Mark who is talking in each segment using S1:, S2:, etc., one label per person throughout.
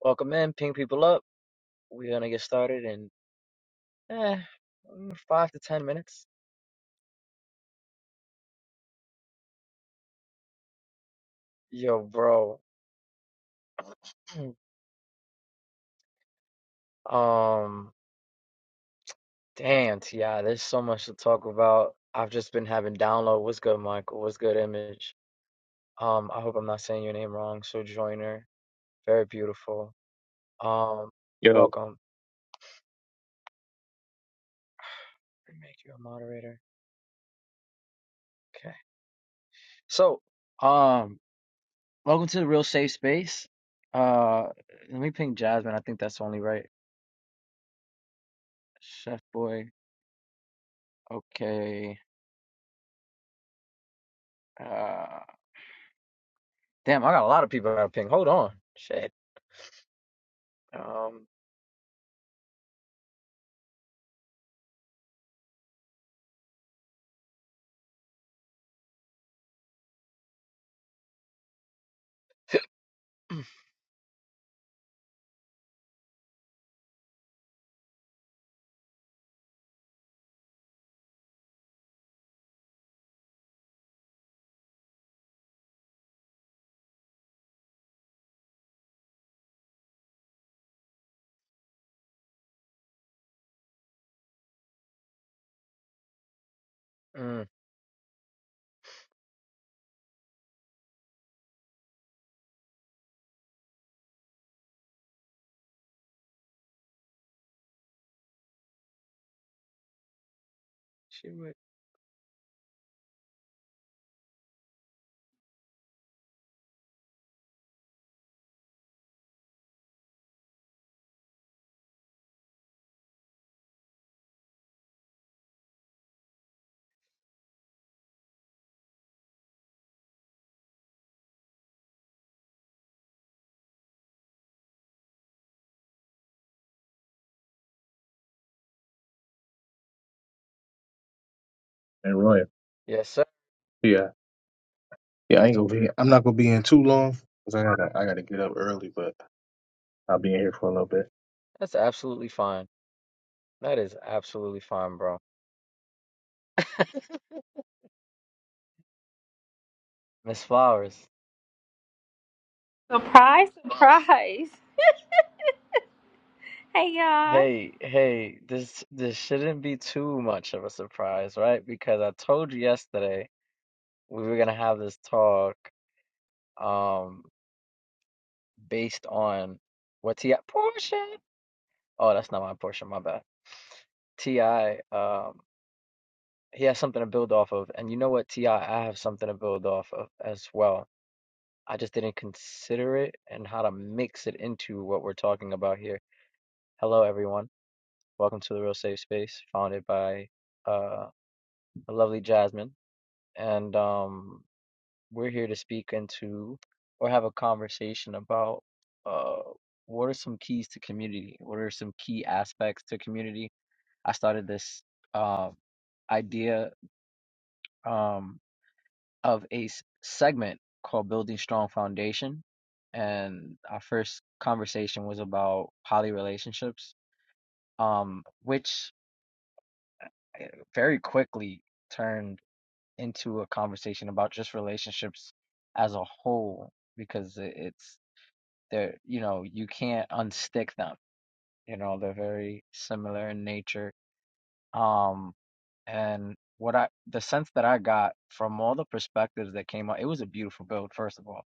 S1: Welcome in, ping people up. We're gonna get started in eh, mm, five to ten minutes. Yo, bro. Um, damn, Ti, there's so much to talk about. I've just been having download. What's good, Michael? What's good, Image? Um, I hope I'm not saying your name wrong. So Joiner, very beautiful. Um,
S2: Yo,
S1: welcome. Let me Make you a moderator. Okay. So, um, welcome to the real safe space. Uh, let me ping Jasmine. I think that's only right. Chef Boy. Okay. Uh, damn, I got a lot of people I gotta ping. Hold on. Shit. Um, mm, she would.
S2: And Roy,
S1: Yes, sir.
S2: yeah, yeah, I ain't gonna be. I'm not gonna be in too long because I gotta, I gotta get up early, but I'll be in here for a little bit.
S1: That's absolutely fine. That is absolutely fine, bro. Miss Flowers.
S3: Surprise, surprise. Hey y'all.
S1: Hey, hey, this this shouldn't be too much of a surprise, right? Because I told you yesterday we were gonna have this talk, um, based on what T.I. Portia. Oh, that's not my Portia, my bad. T.I. Um. He has something to build off of. And you know what, T.I., I I have something to build off of as well. I just didn't consider it and how to mix it into what we're talking about here. Hello, everyone. Welcome to the Real Safe Space, founded by uh, the lovely Jasmine. And um, we're here to speak into or have a conversation about uh, what are some keys to community? What are some key aspects to community? I started this uh, idea. Um, of a s- segment called Building Strong Foundation. And our first conversation was about poly relationships, um, which eh, very quickly turned into a conversation about just relationships as a whole, because it- it's they're you know, you can't unstick them. You know, they're very similar in nature. Um, and what I, the sense that I got from all the perspectives that came out, it was a beautiful build, first of all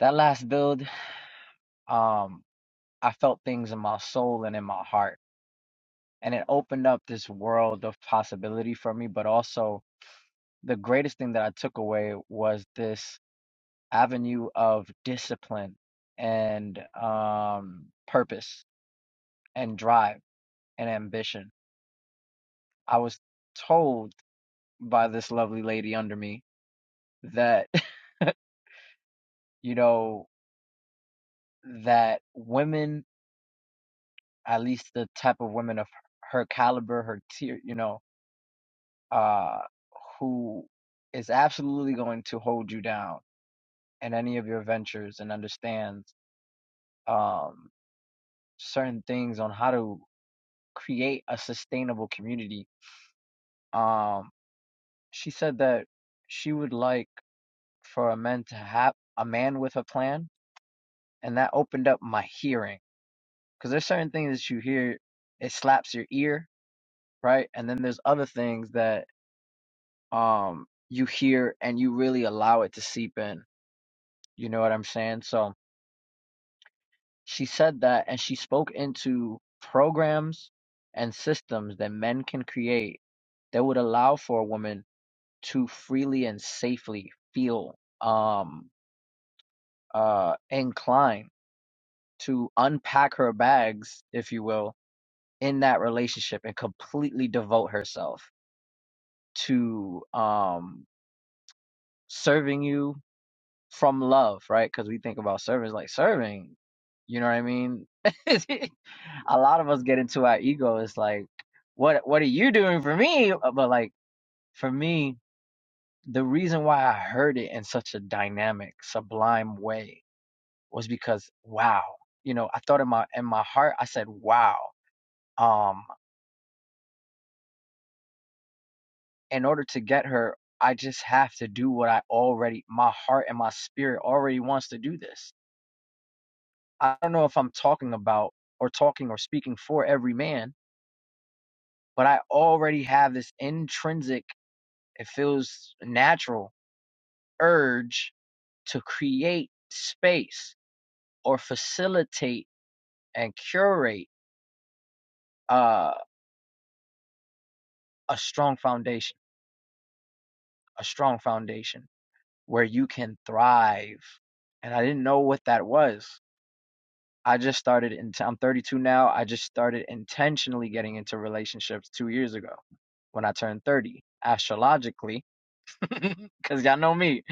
S1: that last build um, I felt things in my soul and in my heart. And it opened up this world of possibility for me. But also, the greatest thing that I took away was this avenue of discipline and um, purpose and drive and ambition. I was told by this lovely lady under me that, you know, that women, at least the type of women of her caliber, her tier, you know, uh, who is absolutely going to hold you down in any of your ventures and understands um, certain things on how to create a sustainable community. Um, she said that she would like for a man to have a man with a plan, and that opened up my hearing because there's certain things that you hear it slaps your ear, right? And then there's other things that um you hear and you really allow it to seep in. You know what I'm saying? So She said that and she spoke into programs and systems that men can create that would allow for a woman to freely and safely feel um uh inclined to unpack her bags, if you will, in that relationship and completely devote herself to um serving you from love, right? Because we think about service like serving. You know what I mean? a lot of us get into our ego. It's like, what what are you doing for me? Uh, But like for me, the reason why I heard it in such a dynamic, sublime way was because wow, you know, I thought in my in my heart, I said, wow. Um, in order to get her, I just have to do what I already, my heart and my spirit already wants to do this I don't know if I'm talking about or talking or speaking for every man, but I already have this intrinsic, it feels natural urge to create space or facilitate and curate uh, a strong foundation, a strong foundation where you can thrive. And I didn't know what that was. I just started in I'm 32 now. I just started intentionally getting into relationships 2 years ago when I turned 30 astrologically cuz y'all know me.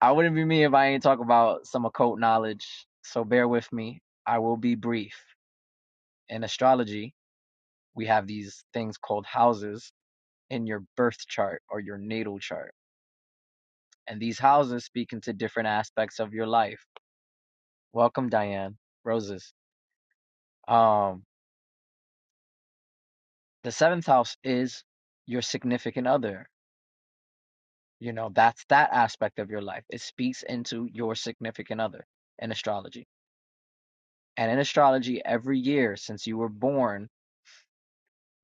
S1: I wouldn't be me if I ain't talk about some occult knowledge. So bear with me. I will be brief. In astrology, we have these things called houses in your birth chart or your natal chart. And these houses speak into different aspects of your life. Welcome Diane. Roses. Um The seventh house is your significant other. You know, that's that aspect of your life. It speaks into your significant other in astrology. And in astrology, every year since you were born,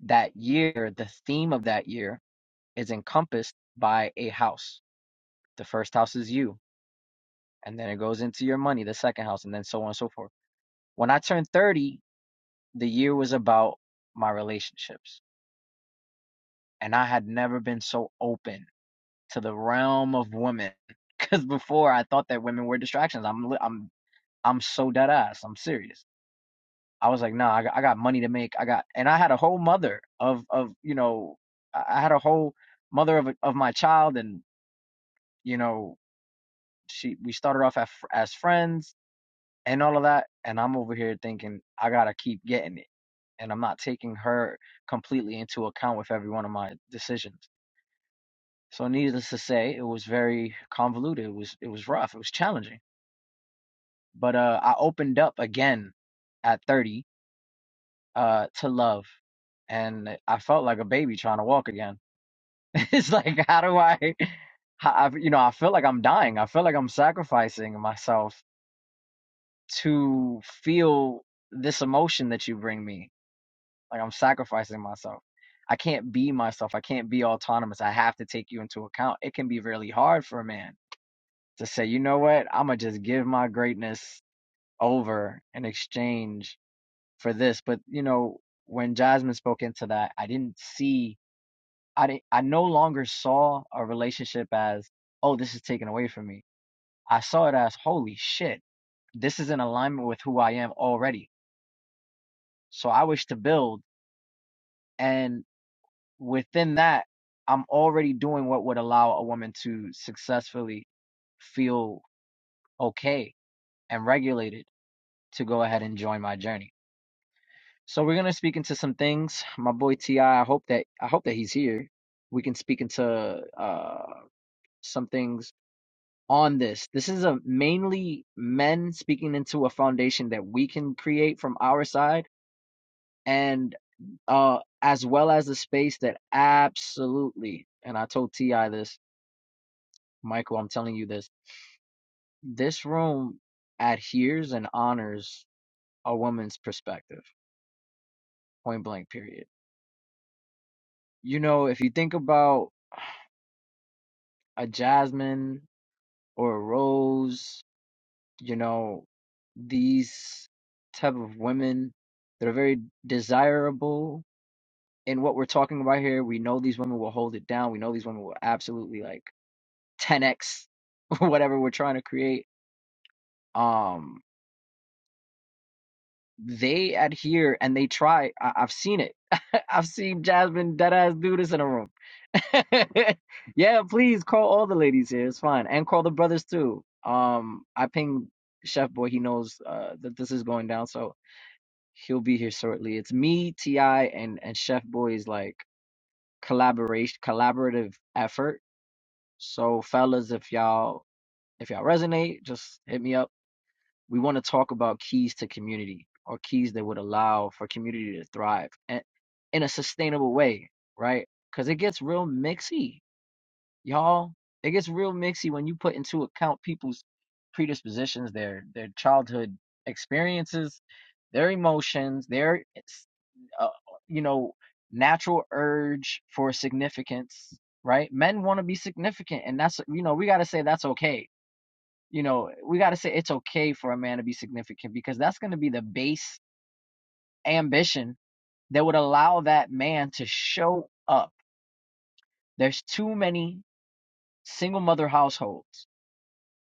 S1: that year, the theme of that year is encompassed by a house. The first house is you, and then it goes into your money, the second house, and then so on and so forth. When I turned 30, the year was about my relationships. And I had never been so open to the realm of women because before I thought that women were distractions. I'm I'm I'm so dead ass. I'm serious. I was like, no, nah, I got, I got money to make. I got, and I had a whole mother of of you know, I I had a whole mother of of my child, and you know, she we started off as, as friends and all of that, and I'm over here thinking I gotta keep getting it, and I'm not taking her completely into account with every one of my decisions. So needless to say, it was very convoluted. It was it was rough. It was challenging but uh I opened up again at 30 uh to love and I felt like a baby trying to walk again. it's like how do I how, I you know I feel like I'm dying. I feel like I'm sacrificing myself to feel this emotion that you bring me. Like I'm sacrificing myself. I can't be myself. I can't be autonomous. I have to take you into account. It can be really hard for a man to say, "You know what? I'm going to just give my greatness over in exchange for this. But you know, when Jasmine spoke into that, I didn't see. I didn't. I no longer saw a relationship as, oh, this is taken away from me. I saw it as, holy shit, this is in alignment with who I am already. So I wish to build, and within that, I'm already doing what would allow a woman to successfully feel okay and regulated to go ahead and join my journey. So we're gonna speak into some things. My boy Ti, I I hope that I hope that he's here. We can speak into uh some things on this. This is a mainly men speaking into a foundation that we can create from our side and uh as well as a space that absolutely and I told Ti this, Michael, I'm telling you this. This room adheres and honors a woman's perspective. Point blank period. You know, if you think about a Jasmine or Rose, you know, these type of women that are very desirable in what we're talking about here. We know these women will hold it down. We know these women will absolutely like 10x whatever we're trying to create. Um, they adhere and they try. I- I've seen it. I've seen Jasmine deadass do this in a room. yeah, please call all the ladies here. It's fine, and call the brothers too. Um, I pinged Chef Boy. He knows uh, that this is going down, so he'll be here shortly. It's me, Ti, and and Chef Boy's like collaboration, collaborative effort. So, fellas, if y'all if y'all resonate, just hit me up we want to talk about keys to community or keys that would allow for community to thrive and in a sustainable way, right? Because it gets real mixy, y'all. It gets real mixy when you put into account people's predispositions, their their childhood experiences, their emotions, their uh, you know natural urge for significance, right? Men want to be significant, and that's you know we got to say that's okay you know, we got to say it's okay for a man to be significant because that's going to be the base ambition that would allow that man to show up. There's too many single mother households.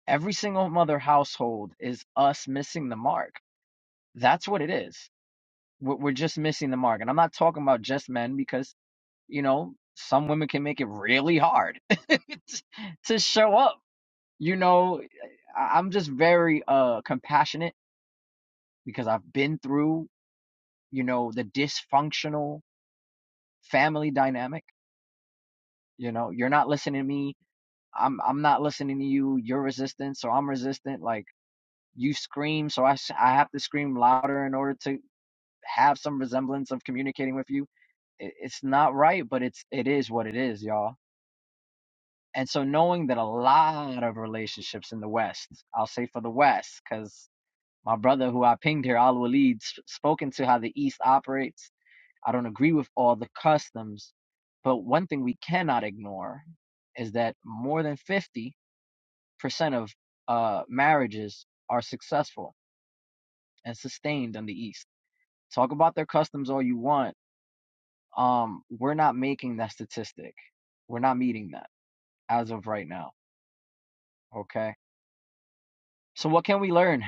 S1: Every single mother household is us missing the mark. That's what it is. We're just missing the mark. And I'm not talking about just men because, you know, some women can make it really hard to show up. You know, I'm just very uh compassionate because I've been through you know, the dysfunctional family dynamic. You know, you're not listening to me. I'm I'm not listening to you. You're resistant, so I'm resistant. Like you scream, so I I have to scream louder in order to have some resemblance of communicating with you. It, it's not right, but it's it is what it is, y'all. And so knowing that a lot of relationships in the West, I'll say for the West, because my brother who I pinged here, Al Walid, spoken to how the East operates I don't agree with all the customs, but one thing we cannot ignore is that more than 50% of uh, marriages are successful and sustained in the East. Talk about their customs all you want. Um, we're not making that statistic. We're not meeting that as of right now. Okay. So, what can we learn?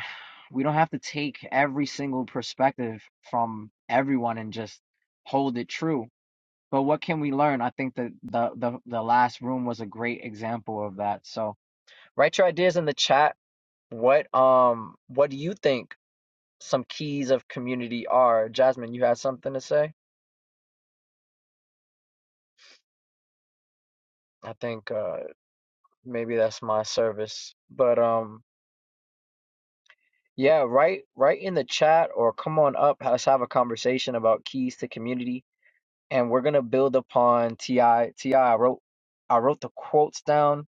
S1: We don't have to take every single perspective from everyone and just hold it true but what can we learn? I think that the, the the last room was a great example of that. So write your ideas in the chat. What um what do you think some keys of community are? Jasmine, you had something to say? I think uh maybe that's my service. But um yeah, write write in the chat or come on up. Let's have a conversation about keys to community. And we're gonna build upon TI TI I I wrote I wrote the quotes down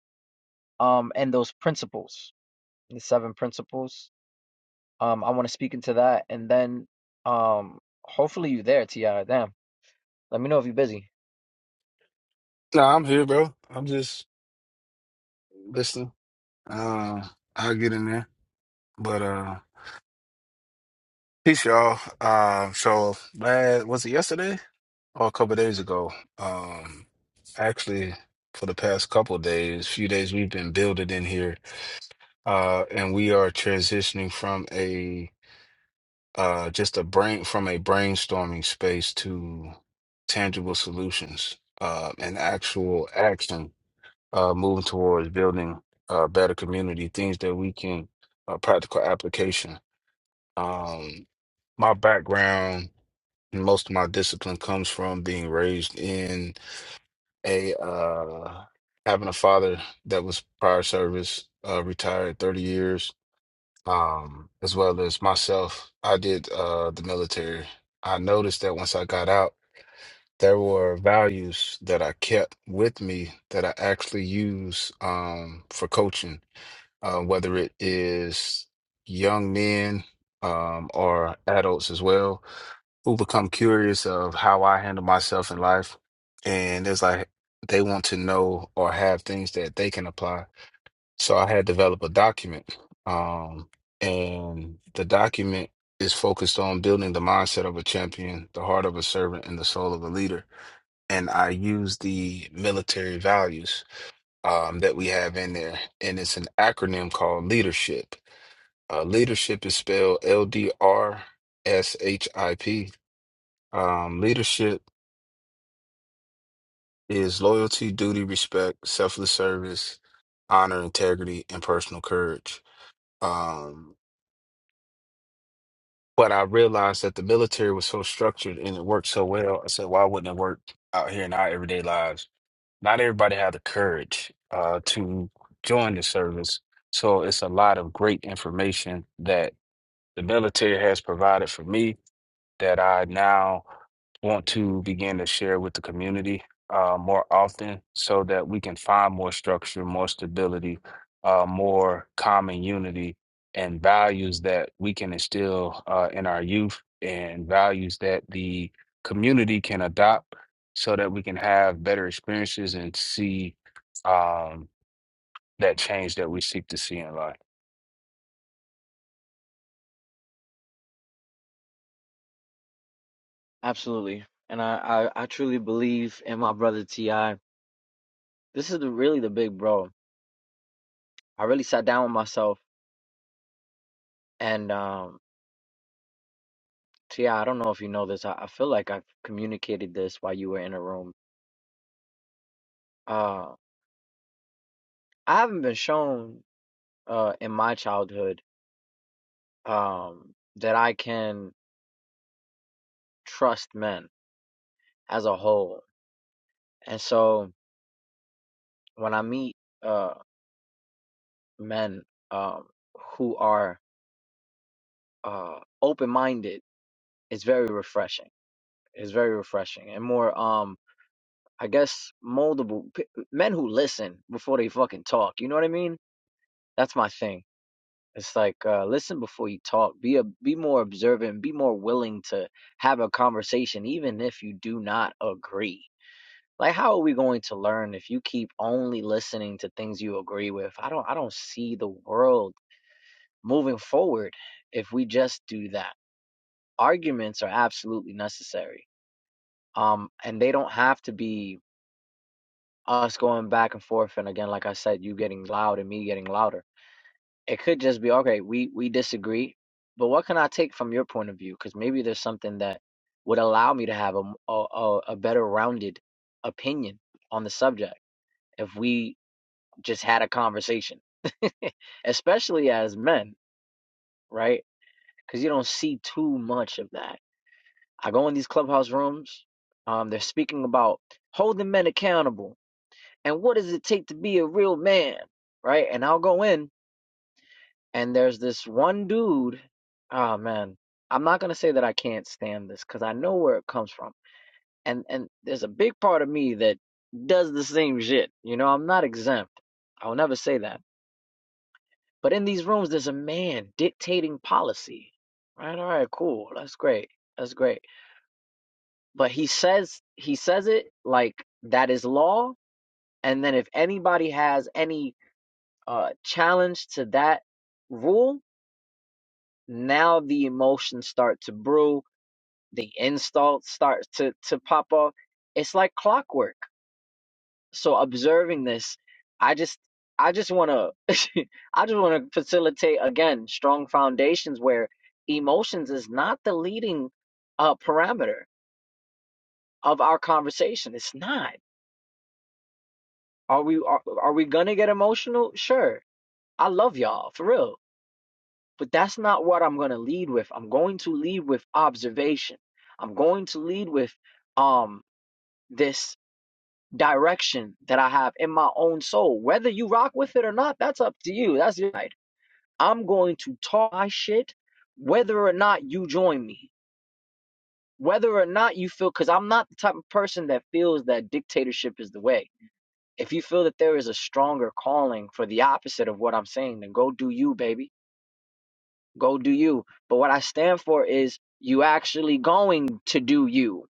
S1: um and those principles, the seven principles Um, I want to speak into that, and then um, hopefully you there, Ti. Damn, let me know if you're busy.
S4: No, I'm here, bro. I'm just listening. Uh, I'll get in there. But uh, peace, y'all. Uh, so last was it yesterday or a couple of days ago? Um, actually, for the past couple of days, few days, we've been building in here, uh, and we are transitioning from a uh just a brain from a brainstorming space to tangible solutions, uh, and actual action uh, moving towards building a better community, things that we can, uh, practical application. Um, my background, most of my discipline comes from being raised in a, uh, having a father that was prior service, uh, retired 30 years, um, as well as myself. I did, uh, the military. I noticed that once I got out, there were values that I kept with me that I actually use um, for coaching uh, whether it is young men um, or adults as well, who become curious of how I handle myself in life. And it's like they want to know or have things that they can apply. So I had developed a document, um, and the document is focused on building the mindset of a champion, the heart of a servant, and the soul of a leader. And I use the military values um, that we have in there, and it's an acronym called leadership uh, leadership is spelled L D R S H I P. Um, leadership is loyalty, duty, respect, selfless service, honor, integrity, and personal courage. Um, but I realized that the military was so structured and it worked so well. I said, why wouldn't it work out here in our everyday lives? Not everybody had the courage uh, to join the service. So it's a lot of great information that the military has provided for me that I now want to begin to share with the community uh, more often so that we can find more structure, more stability, uh, more common unity, and values that we can instill uh, in our youth and values that the community can adopt so that we can have better experiences and see um, that change that we seek to see in life.
S1: Absolutely. And I, I, I truly believe in my brother T.I. This is the, really the big bro. I really sat down with myself and um T.I., I I don't know if you know this. I, I feel like I communicated this while you were in a room. Uh I haven't been shown uh in my childhood um that I can trust men as a whole. And so when I meet uh. men um, who are uh, open-minded is very refreshing. It's very refreshing and more, um, I guess, moldable. P- men who listen before they fucking talk. You know what I mean? That's my thing. It's like uh, listen before you talk. Be a be more observant. Be more willing to have a conversation, even if you do not agree. Like, how are we going to learn if you keep only listening to things you agree with? I don't. I don't see the world moving forward if we just do that. arguments are absolutely necessary. Um, and they don't have to be us going back and forth. And again, like I said, you getting loud and me getting louder. It could just be okay. We we disagree, but what can I take from your point of view? Because maybe there's something that would allow me to have a a a better rounded opinion on the subject if we just had a conversation, especially as men, right? Because you don't see too much of that I go in these clubhouse rooms. Um, they're speaking about holding men accountable and what does it take to be a real man, right? And I'll go in, and there's this one dude. Oh man, I'm not gonna say that I can't stand this because I know where it comes from, and and there's a big part of me that does the same shit. You know, I'm not exempt. I'll never say that. But in these rooms, there's a man dictating policy. Right? All right, cool. That's great. That's great but he says he says it like that is law and then if anybody has any uh challenge to that rule now the emotions start to brew the insults start to to pop up it's like clockwork so observing this i just i just want to i just want to facilitate again strong foundations where emotions is not the leading uh parameter of our conversation it's not Are we are, are we gonna get emotional? Sure. I love y'all for real. But that's not what I'm gonna lead with. I'm going to lead with observation. I'm going to lead with um this direction that I have in my own soul. Whether you rock with it or not, that's up to you. That's your right. I'm going to talk my shit whether or not you join me. Whether or not you feel cuz I'm not the type of person that feels that dictatorship is the way. If you feel that there is a stronger calling for the opposite of what I'm saying, then go do you, baby. Go do you. But what I stand for is you actually going to do you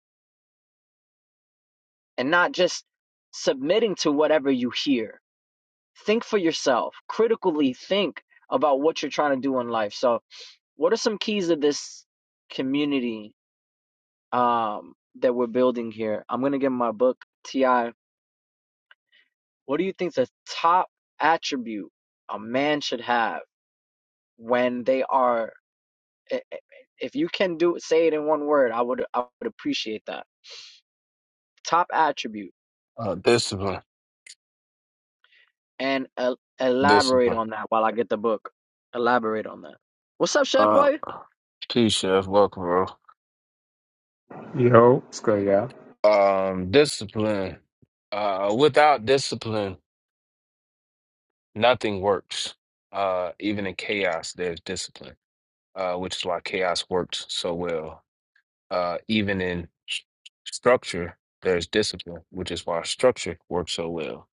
S1: and not just submitting to whatever you hear. Think for yourself, critically think about what you're trying to do in life. So, what are some keys of this community um, that we're building here? I'm going to give my book, T.I. What do you think the top attribute a man should have when they are I- I- If you can do say it in one word, I would I would appreciate that. Top attribute
S4: Uh, discipline,
S1: and el- elaborate
S4: discipline.
S1: on that while I get the book. Elaborate on that. What's up, Chef
S4: Uh,
S1: Boy?
S4: peace, Chef. Welcome, bro.
S5: Yo, it's good, yeah.
S4: Um, discipline. Uh, without discipline, nothing works. Uh, even in chaos, there's discipline, uh, which is why chaos worked so well. Uh, even in s- structure, there's discipline, which is why structure works so well.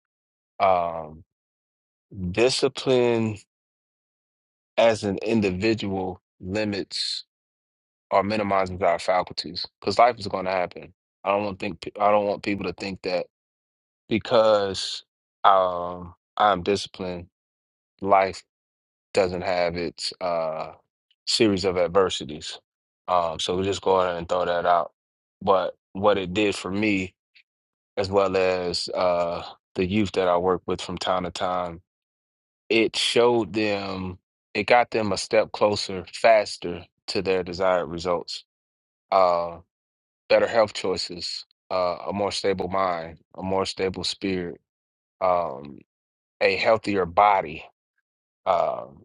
S4: Um, discipline as an individual limits or minimizes our faculties because life is going to happen. I don't want think I don't want people to think that because um, I'm disciplined, life doesn't have its uh, series of adversities. Um, so we just go ahead and throw that out. But what it did for me, as well as uh, the youth that I work with from time to time, it showed them, it got them a step closer, faster to their desired results, uh, better health choices, uh, a more stable mind, a more stable spirit. um, a healthier body. Um,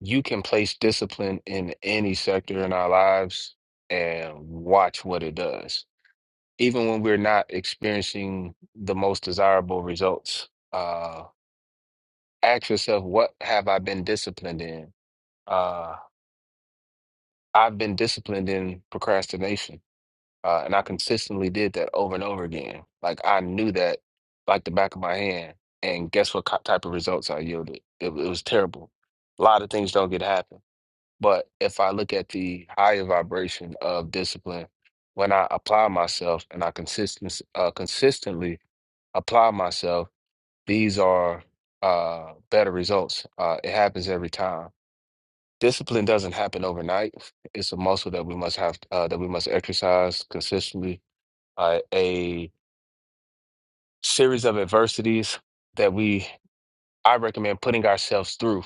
S4: you can place discipline in any sector in our lives and watch what it does, even when we're not experiencing the most desirable results. Uh, ask yourself, what have I been disciplined in? Uh, I've been disciplined in procrastination, uh, and I consistently did that over and over again. Like I knew that like the back of my hand, and guess what co- type of results I yielded? It, it was terrible. A lot of things don't get happen But if I look at the higher vibration of discipline, when I apply myself and I consistent, uh, consistently apply myself, these are uh, better results. Uh, it happens every time. Discipline doesn't happen overnight. It's a muscle that we must have uh, that we must exercise consistently. Uh, a series of adversities that we I recommend putting ourselves through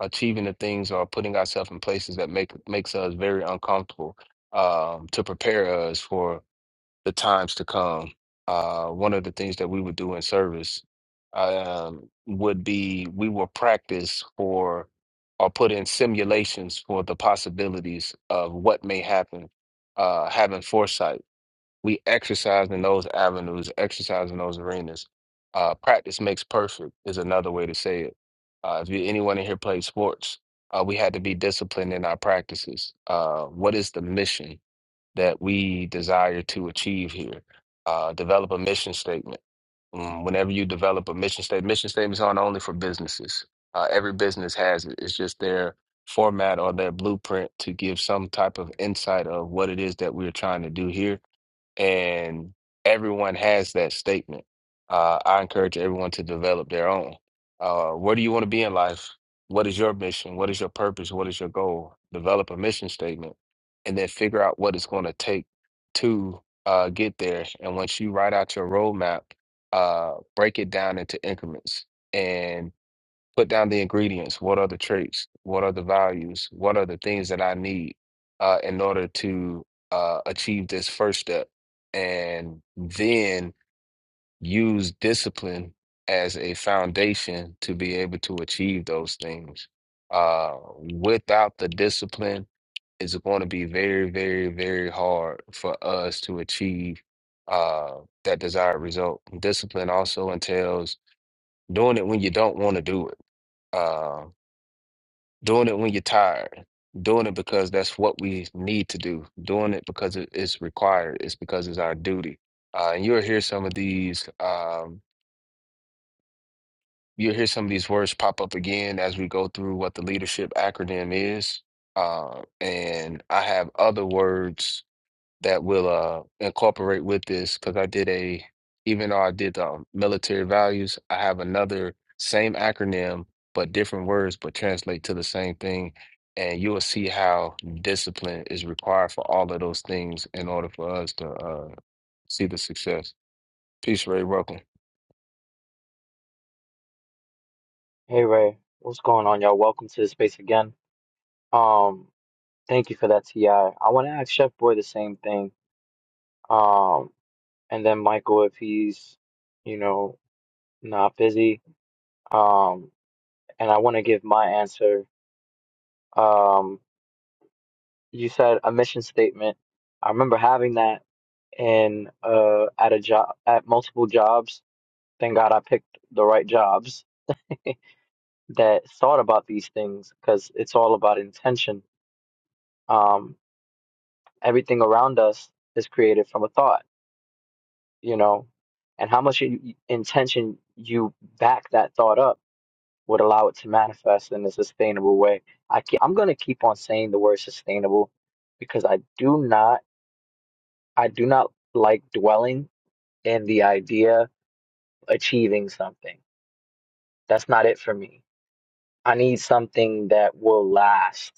S4: achieving the things or putting ourselves in places that make makes us very uncomfortable um, to prepare us for the times to come. Uh, one of the things that we would do in service um, would be we will practice for or put in simulations for the possibilities of what may happen, uh, having foresight we exercise in those avenues, exercise in those arenas. Uh, practice makes perfect is another way to say it. Uh, if you, anyone in here plays sports, uh, we had to be disciplined in our practices. Uh, what is the mission that we desire to achieve here? Uh, develop a mission statement. Mm, Whenever you develop a mission statement, mission statements aren't only for businesses. Uh, every business has it. It's just their format or their blueprint to give some type of insight of what it is that we're trying to do here and everyone has that statement. Uh, I encourage everyone to develop their own. Uh, where do you want to be in life? What is your mission? What is your purpose? What is your goal? Develop a mission statement, and then figure out what it's going to take to uh, get there. And once you write out your roadmap, uh, break it down into increments. and put down the ingredients. What are the traits? What are the values? What are the things that I need uh, in order to uh, achieve this first step? And then use discipline as a foundation to be able to achieve those things. Uh, without the discipline, it's going to be very, very, very hard for us to achieve uh, that desired result. Discipline also entails doing it when you don't want to do it Um, Doing it when you're tired. Doing it because that's what we need to do. Doing it because it is required. It's because it's our duty. Uh, and you'll hear some of these. Um, you'll hear some of these words pop up again as we go through what the leadership acronym is. Uh, and I have other words that will uh incorporate with this because I did a even though I did the military values, I have another same acronym but different words but translate to the same thing. And you will see how discipline is required for all of those things in order for us to uh see the success. Peace, Ray. Welcome.
S1: Hey Ray, what's going on, y'all? Welcome to the space again. Um, thank you for that, Ti. I I want to ask Chef Boy the same thing. Um, and then Michael if he's, you know, not busy. Um, and I want to give my answer. Um, you said a mission statement. I remember having that. and uh at a job at multiple jobs. Thank God I picked the right jobs that thought about these things because it's all about intention. Um, everything around us is created from a thought, you know, and how much you, intention you back that thought up would allow it to manifest in a sustainable way. I keep, I'm going to keep on saying the word sustainable because I do not I do not like dwelling in the idea of achieving something That's not it for me. I need something that will last.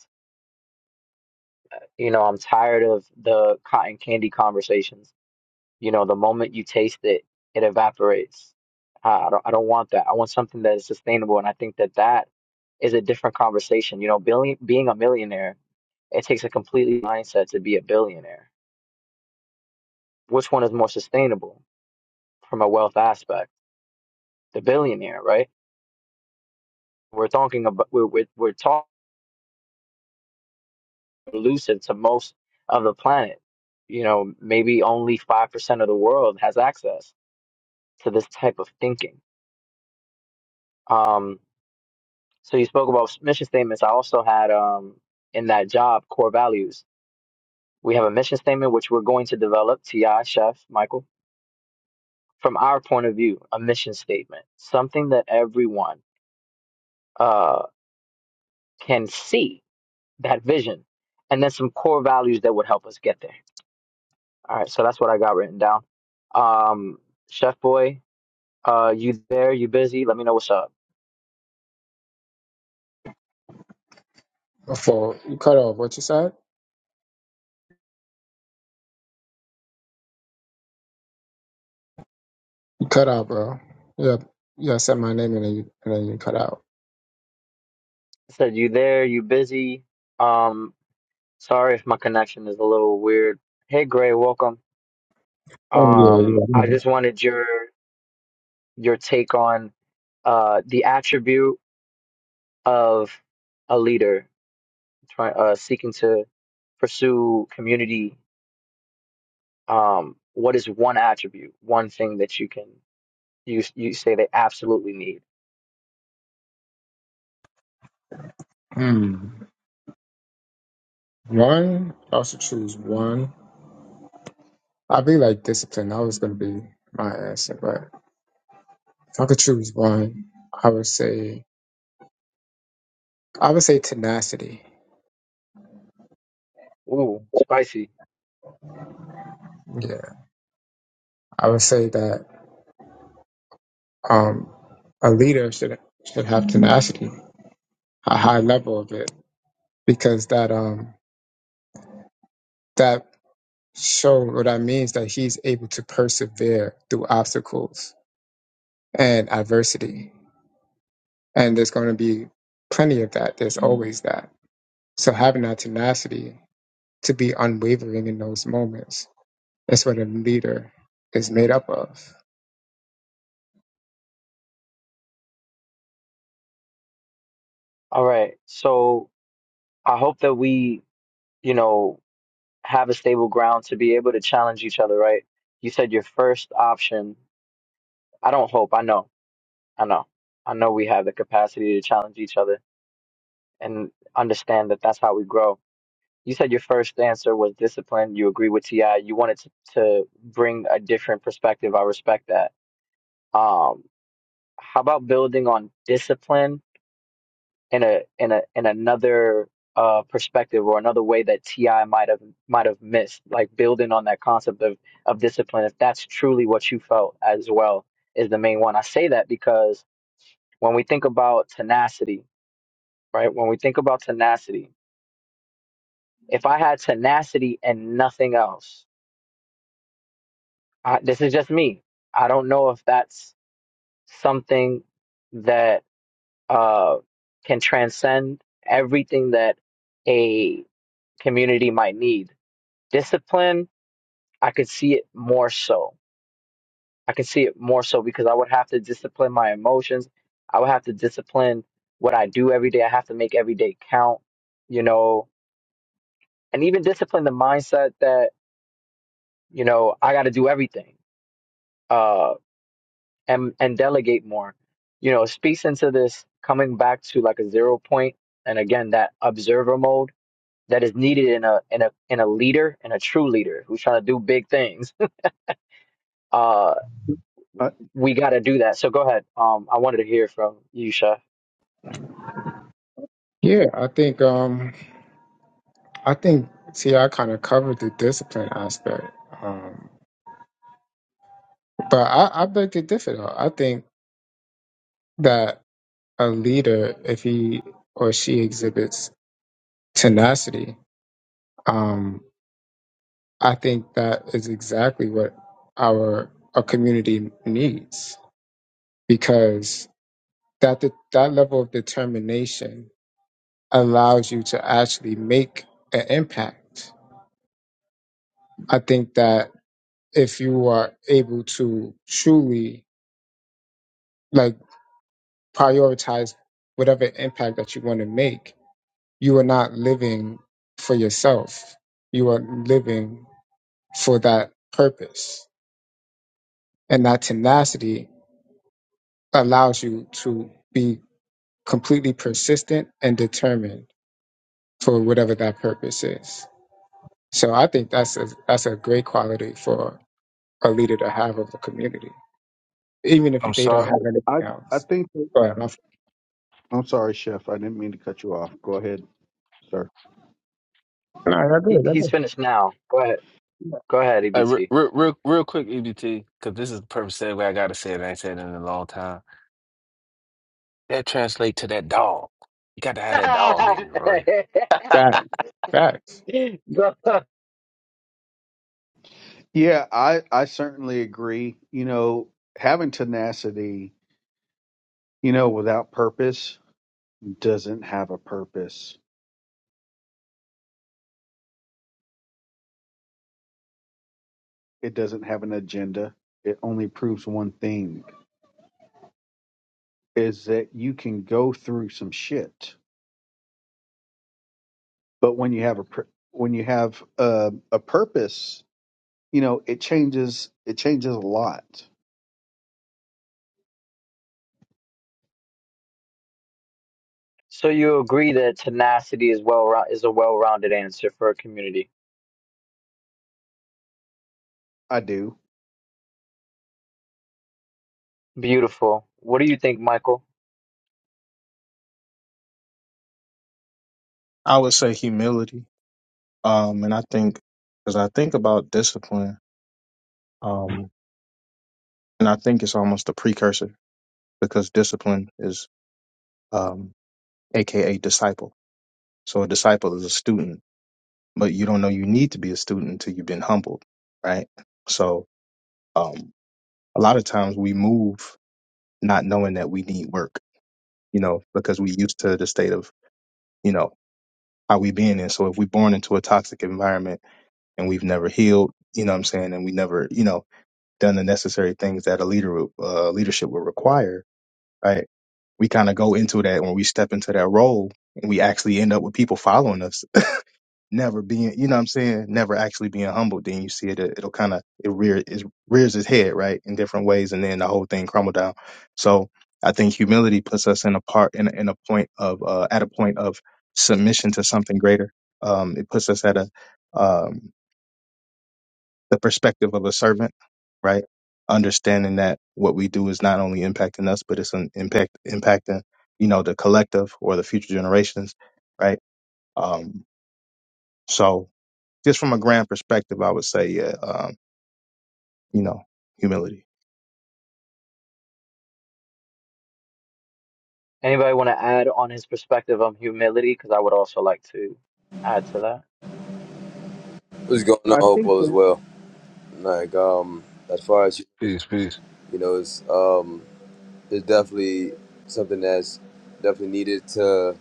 S1: You know, I'm tired of the cotton candy conversations. You know, the moment you taste it, it evaporates. I I don't, I don't want that. I want something that is sustainable. And I think that that is a different conversation. You know, billion, being a millionaire, it takes a completely mindset to be a billionaire. Which one is more sustainable from a wealth aspect? The billionaire, right? We're talking about, we're, we're, we're talking. elusive to most of the planet. You know, maybe only 5% of the world has access to this type of thinking. Um, so you spoke about mission statements. I also had um, in that job core values. We have a mission statement, which we're going to develop, TI, Chef, Michael, from our point of view, a mission statement, something that everyone uh, can see that vision, and then some core values that would help us get there. All right, so that's what I got written down. Um, Chef Boy, Uh, you there? You busy? Let me know what's up.
S5: Before you cut off, what you said? You cut out, bro. Yeah, yeah. I said my name and then you, and then you cut out.
S1: I said you there? You busy? Um, sorry if my connection is a little weird. Hey, Gray, welcome.
S5: Oh, yeah,
S1: Um, I just
S5: yeah.
S1: wanted your your take on uh the attribute of a leader trying uh seeking to pursue community. Um, what is one attribute, one thing that you can you you say they absolutely need?
S5: Hmm. One, I should choose one. I'd be like discipline. That was gonna be my answer, but if I could choose one, I would say I would say tenacity.
S1: Ooh, spicy.
S5: Yeah, I would say that um a leader should should have tenacity, a high level of it, because that um that So what that means that he's able to persevere through obstacles and adversity. And there's going to be plenty of that. There's always that. So having that tenacity to be unwavering in those moments, that's what a leader is made up of.
S1: All right. So I hope that we, you know. have a stable ground to be able to challenge each other, right? You said your first option. I don't hope. I know. I know. I know we have the capacity to challenge each other and understand that that's how we grow. You said your first answer was discipline. You agree with Ti. You wanted to, to bring a different perspective. I respect that. Um, how about building on discipline in a in a in another uh perspective or another way that TI might have might have missed, like building on that concept of of discipline, if that's truly what you felt as well, is the main one. I say that because when we think about tenacity, right? When we think about tenacity, if I had tenacity and nothing else, I, this is just me. I don't know if that's something that uh can transcend everything that a community might need discipline, I could see it more so. I could see it more so because I would have to discipline my emotions. I would have to discipline what I do every day. I have to make every day count, you know, and even discipline the mindset that, you know, I got to do everything uh, and, and delegate more. You know, it speaks into this coming back to like a zero point and again, that observer mode that is needed in a, in a, in a leader and a true leader who's trying to do big things. Uh.
S6: I,
S1: we got to do that. So go ahead. Um, I wanted to hear from you, Chef.
S5: Yeah, I think um I think see I kind of covered the discipline aspect. Um but I, I beg to differ though. I think that a leader, if he or she exhibits tenacity, um, I think that is exactly what our our community needs because that de- that level of determination allows you to actually make an impact. I think that if you are able to truly like prioritize whatever impact that you want to make, you are not living for yourself. You are living for that purpose. And that tenacity allows you to be completely persistent and determined for whatever that purpose is. So I think that's a that's a great quality for a leader to have of the community, even if
S4: I'm
S5: they
S6: you
S5: don't
S4: sorry.
S6: know,
S5: have anything
S6: I, I
S5: else.
S6: think. that-
S5: Go ahead. my f-
S6: I'm sorry, Chef. I didn't mean to cut you off. Go ahead, sir.
S5: No, that's
S1: He,
S5: good. That's
S1: he's
S5: good.
S1: finished now. Go ahead. Go ahead,
S4: Uh, re
S1: EBT.
S4: re real, real quick, EBT, because this is the perfect segue. I gotta say it. I ain't said it in a long time. That translate to that dog. You got to have that dog in you, Roy.
S5: Facts. Facts.
S1: Go-
S6: Yeah, I, I certainly agree. You know, having tenacity, you know, without purpose doesn't have a purpose. It doesn't have an agenda. It only proves one thing is that you can go through some shit. But when you have a pur- when you have a, a purpose, you know, it changes it changes a lot.
S1: so you agree that tenacity is well rou- is a well-rounded answer for a community.
S6: I do.
S1: Beautiful. What do you think, Michael?
S2: I would say humility, um, and I think because I think about discipline, um, and I think it's almost a precursor because discipline is, um, aka disciple. So a disciple is a student, but you don't know you need to be a student until you've been humbled, right? So, um, a lot of times we move not knowing that we need work, you know, because we used to the state of you know, are we being in? So if we're born into a toxic environment and we've never healed, you know what I'm saying, and we never, you know, done the necessary things that a leader, would- uh, leadership would require, right? We kind of go into that when we step into that role and we actually end up with people following us never being, you know what I'm saying, never actually being humbled, then you see it, it- it'll kind of, it, rear, it rears its head, right, in different ways, and then the whole thing crumble down. So I think humility puts us in a part, in a, in a point of, uh, at a point of submission to something greater. Um, it puts us at a, um, the perspective of a servant, right? Understanding that what we do is not only impacting us, but it's an impact, impacting, you know, the collective or the future generations, right? Um, so, just from a grand perspective, I would say, yeah, um, you know, humility.
S1: Anybody want to add on his perspective on humility? Because I would also like to add to that.
S7: What's going on,
S6: I think
S7: Hopewell,
S6: that
S7: as well? Like, um, as far as you,
S4: Peace, peace.
S7: you know, it's um, it's definitely something that's definitely needed to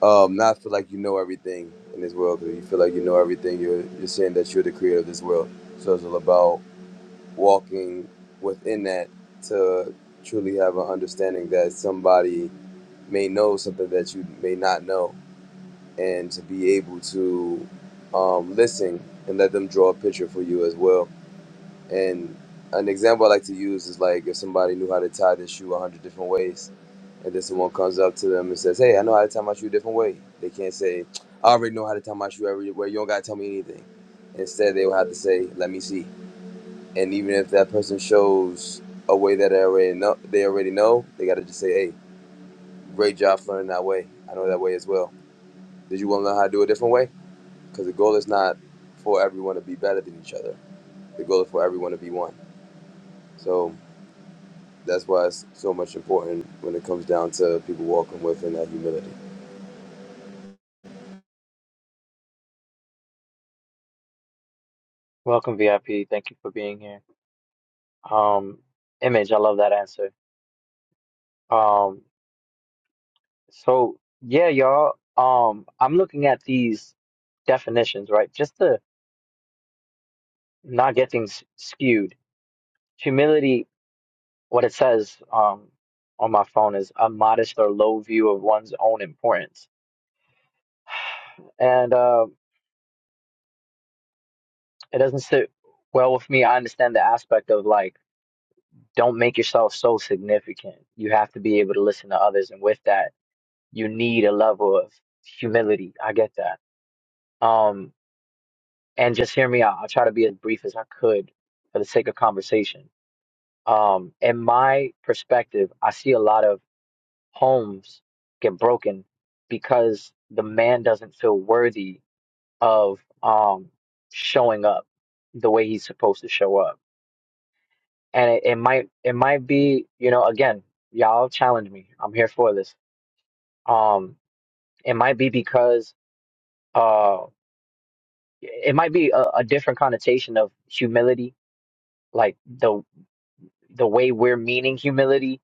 S7: um, not feel like you know everything in this world. Because you feel like you know everything, you're you're saying that you're the creator of this world. So it's all about walking within that to truly have an understanding that somebody may know something that you may not know, and to be able to um, listen and let them draw a picture for you as well And an example I like to use is like if somebody knew how to tie their shoe a hundred different ways, and then someone comes up to them and says, "Hey, I know how to tie my shoe a different way." They can't say, "I already know how to tie my shoe every way. You don't gotta tell me anything." Instead, they will have to say, "Let me see." And even if that person shows a way that they already know, they already know, they gotta just say, "Hey, great job for learning that way. I know that way as well. Did you want to learn how to do it a different way?" Because the goal is not for everyone to be better than each other. The goal is for everyone to be one. So That's why it's so much important when it comes down to people walking with in that humility.
S1: Welcome, VIP. Thank you for being here. Um, Image, I love that answer. Um, So yeah, y'all. Um, I'm looking at these definitions, right? Just to not get things skewed. Humility, what it says um on my phone is a modest or low view of one's own importance, and uh, it doesn't sit well with me. I understand the aspect of like, don't make yourself so significant. You have to be able to listen to others, and with that, you need a level of humility. I get that. Um, and just hear me out. I'll try to be as brief as I could for the sake of conversation. Um, in my perspective, I see a lot of homes get broken because the man doesn't feel worthy of um, showing up the way he's supposed to show up. And it, it might it might be, you know, again, y'all challenge me. I'm here for this. Um, it might be because uh, it might be a, a different connotation of humility like the the way we're meaning humility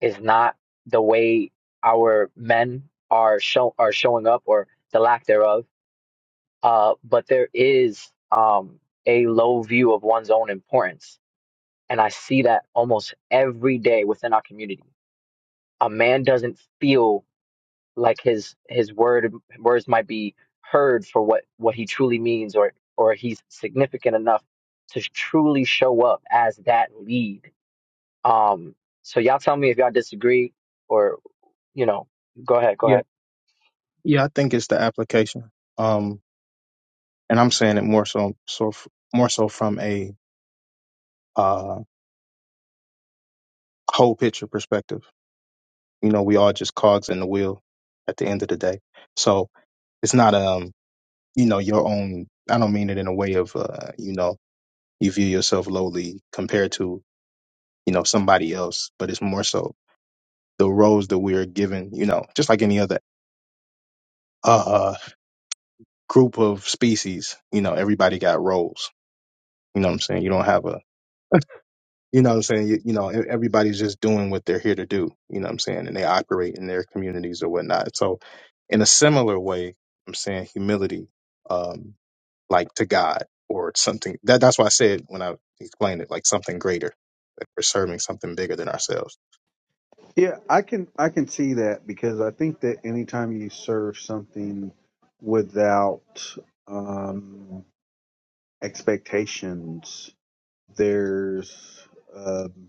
S1: is not the way our men are show are showing up or the lack thereof. Uh, but there is um, a low view of one's own importance, and I see that almost every day within our community. A man doesn't feel like his his word words might be heard for what what he truly means, or or he's significant enough to truly show up as that lead um, so y'all tell me if y'all disagree or, you know, go ahead, go
S2: Yeah,
S1: ahead.
S2: yeah, I think it's the application. Um, and I'm saying it more so, so f- more so from a uh, whole picture perspective. You know, we all just cogs in the wheel at the end of the day. So it's not um, you know, your own. I don't mean it in a way of uh, you know, you view yourself lowly compared to you know somebody else, but it's more so the roles that we are given. You know, just like any other. uh group of species, you know, everybody got roles. You know what I'm saying? You don't have a, you know what I'm saying? You, you know, e- everybody's just doing what they're here to do. You know what I'm saying? And they operate in their communities or whatnot. So, in a similar way, I'm saying humility, um, like to God or something. That that's why I said when I explained it, like something greater. Like we're serving something bigger than ourselves.
S6: Yeah, I can I can see that because I think that anytime you serve something without um, expectations, there's um,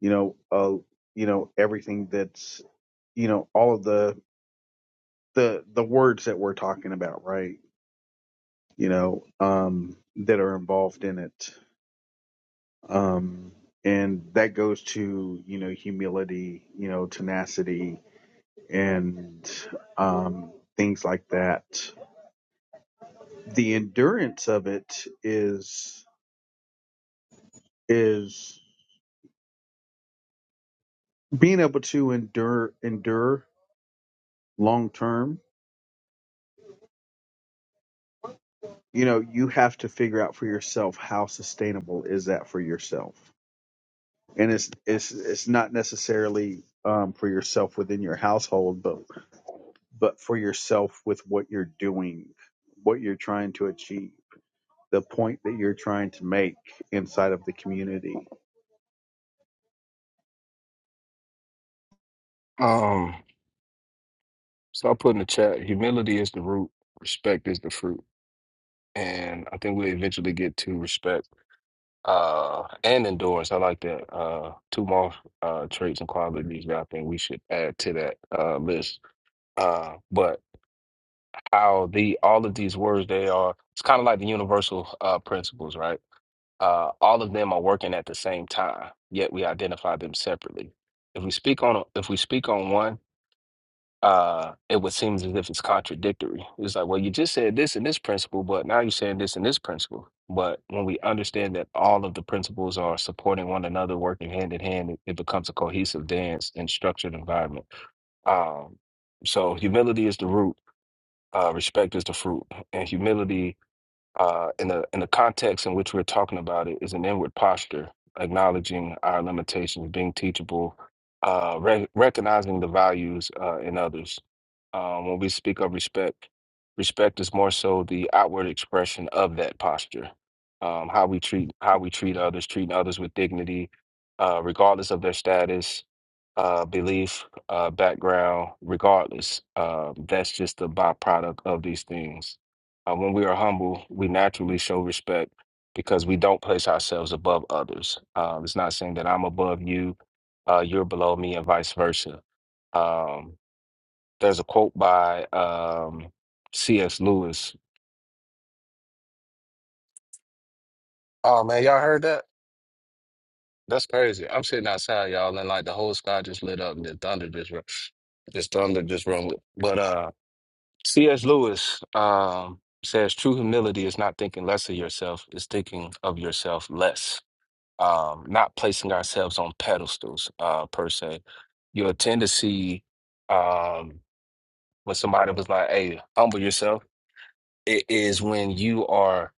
S6: you know uh, you know everything that's you know all of the the the words that we're talking about, right? You know um, that are involved in it, um, and that goes to you know humility, you know tenacity, and um, things like that. The endurance of it is is being able to endure endure long term. You know, you have to figure out for yourself how sustainable is that for yourself, and it's it's it's not necessarily um, for yourself within your household, but but for yourself with what you're doing, what you're trying to achieve, the point that you're trying to make inside of the community
S4: Um. So I put in the chat, humility is the root, respect is the fruit. And I think we eventually get to respect uh, and endurance. I like that. Uh, two more uh, traits and qualities that I think we should add to that uh, list. Uh, but how the all of these words they are, it's kind of like the universal uh, principles, right? Uh, all of them are working at the same time, yet we identify them separately. If we speak on if we speak on one, uh, it would seem as if it's contradictory. It's like, well, you just said this and this principle, but now you're saying this and this principle. But when we understand that all of the principles are supporting one another, working hand in hand, it, it becomes a cohesive dance and structured environment. Um, so humility is the root, uh, respect is the fruit, and humility uh, in the in the context in which we're talking about it is an inward posture, acknowledging our limitations, being teachable, uh, re- recognizing the values uh, in others. Um, when we speak of respect, respect is more so the outward expression of that posture, um, how we treat how we treat others, treating others with dignity, uh, regardless of their status. Uh, belief, uh, background, regardless, uh, that's just the byproduct of these things uh, when we are humble, we naturally show respect because we don't place ourselves above others. Uh, it's not saying that I'm above you, uh, you're below me, and vice versa. Um, there's a quote by um, C.S. Lewis. Oh man, y'all heard that? That's crazy. I'm sitting outside, y'all, and like the whole sky just lit up and the thunder just ru- this thunder just rung. But uh, C.S. Lewis um, says true humility is not thinking less of yourself; it's thinking of yourself less um, not placing ourselves on pedestals uh, per se. You'll tend to see um, when somebody was like, "Hey, humble yourself." It is when you are,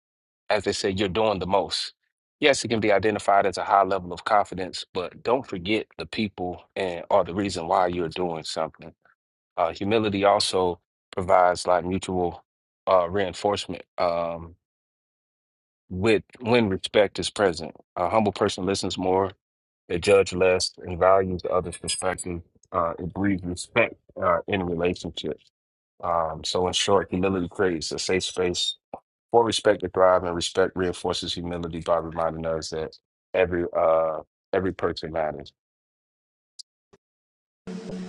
S4: as they say, you're doing the most. Yes, it can be identified as a high level of confidence, but don't forget the people and or the reason why you're doing something. Uh, humility also provides like mutual uh, reinforcement. Um, with when respect is present. A humble person listens more, they judge less, and values the other's perspective. Uh, it breeds respect uh, in relationships. Um, so, in short, humility creates a safe space for respect to thrive, and respect reinforces humility by reminding us that every uh, every person matters.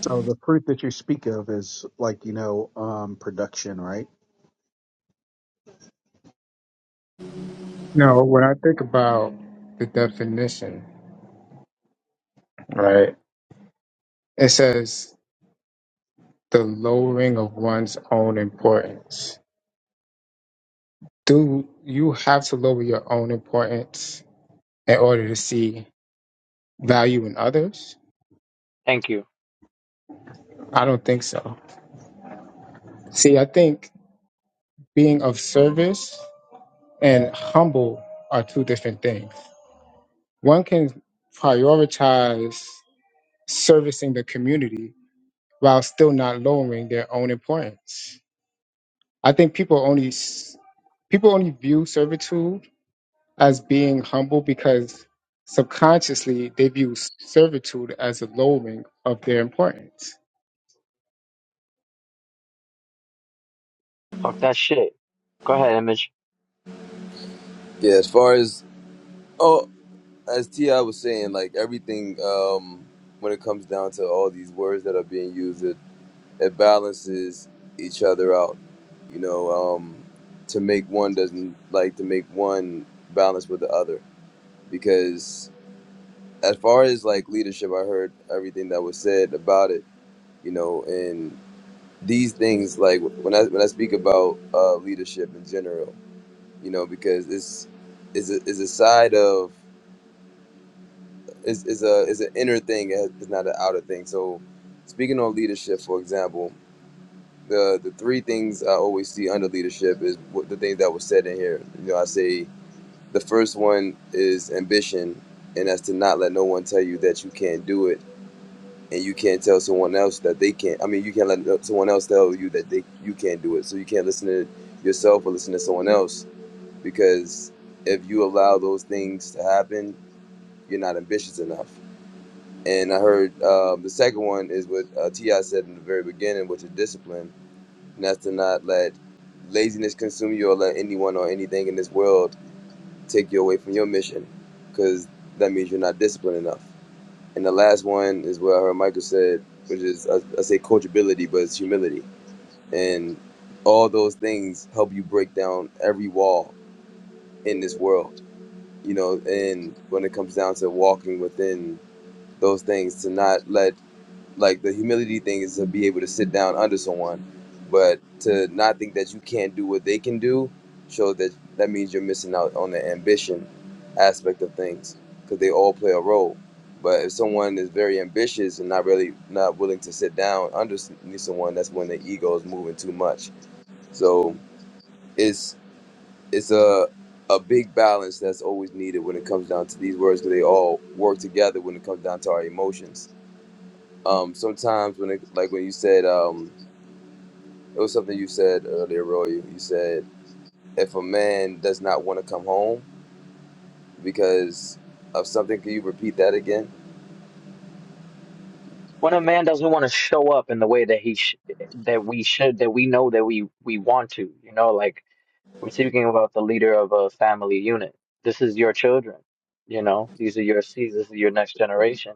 S6: So the fruit that you speak of is like you know um, production, right?
S5: No, when I think about the definition, right, it says the lowering of one's own importance. Do you have to lower your own importance in order to see value in others?
S1: Thank you.
S5: I don't think so. See, I think being of service and humble are two different things. One can prioritize servicing the community while still not lowering their own importance. I think people only s- people only view servitude as being humble because subconsciously they view servitude as a lowering of their importance.
S1: Talk that shit. Go ahead, Image.
S7: Yeah, as far as oh, as Ti was saying, like everything um, when it comes down to all these words that are being used, it, it balances each other out. You know, um, to make one doesn't like to make one balance with the other because as far as like leadership, I heard everything that was said about it. You know, these things like when I when I speak about uh, leadership in general, you know, because it's is a, is a side of is is a is an inner thing. It- It's not an outer thing. So, speaking on leadership, for example, the the three things I always see under leadership is what the things that were said in here. You know, I say the first one is ambition, and that's to not let no one tell you that you can't do it and you can't tell someone else that they can't. I mean, you can't let no, someone else tell you that they you can't do it. So you can't listen to yourself or listen to someone else because if you allow those things to happen, you're not ambitious enough. And I heard um, the second one is what uh, Ti said in the very beginning, which is discipline, and that's to not let laziness consume you or let anyone or anything in this world take you away from your mission, because that means you're not disciplined enough. And the last one is what I heard Michael said, which is I, I say coachability, but it's humility. And all those things help you break down every wall in this world, you know. And when it comes down to walking within those things, to not let like the humility thing is to be able to sit down under someone, but to not think that you can't do what they can do shows that that means you're missing out on the ambition aspect of things because they all play a role. But if someone is very ambitious and not really not willing to sit down under s- someone, that's when the ego is moving too much. So it's it's a a big balance that's always needed when it comes down to these words because they all work together when it comes down to our emotions um, sometimes when it like when you said um, it was something you said earlier, Roy. You said if a man does not want to come home because of something, can you repeat that again?
S1: When a man doesn't want to show up in the way that he sh- that we should, that we know that we we want to, you know, like we're speaking about the leader of a family unit. This is your children, you know. These are your seeds. This is your next generation.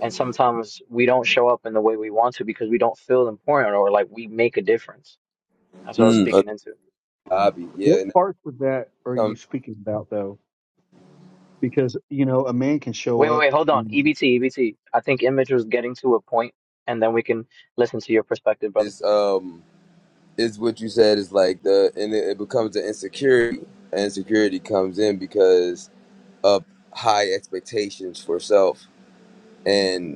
S1: And sometimes we don't show up in the way we want to because we don't feel important or like we make a difference. That's what I was
S7: Mm, a
S1: speaking into.
S7: hobby, yeah.
S6: What
S7: And that
S6: parts of that are you
S7: becomes
S6: speaking about though? Because you know a man can show
S1: Wait, wait, wait,
S6: up.
S1: hold on.
S6: and,
S1: EBT, EBT. I think Image was getting to a point, and then we can listen to your perspective, brother.
S7: is um is what you said is like the and it, it becomes the insecurity. And Insecurity comes in because of high expectations for self, and.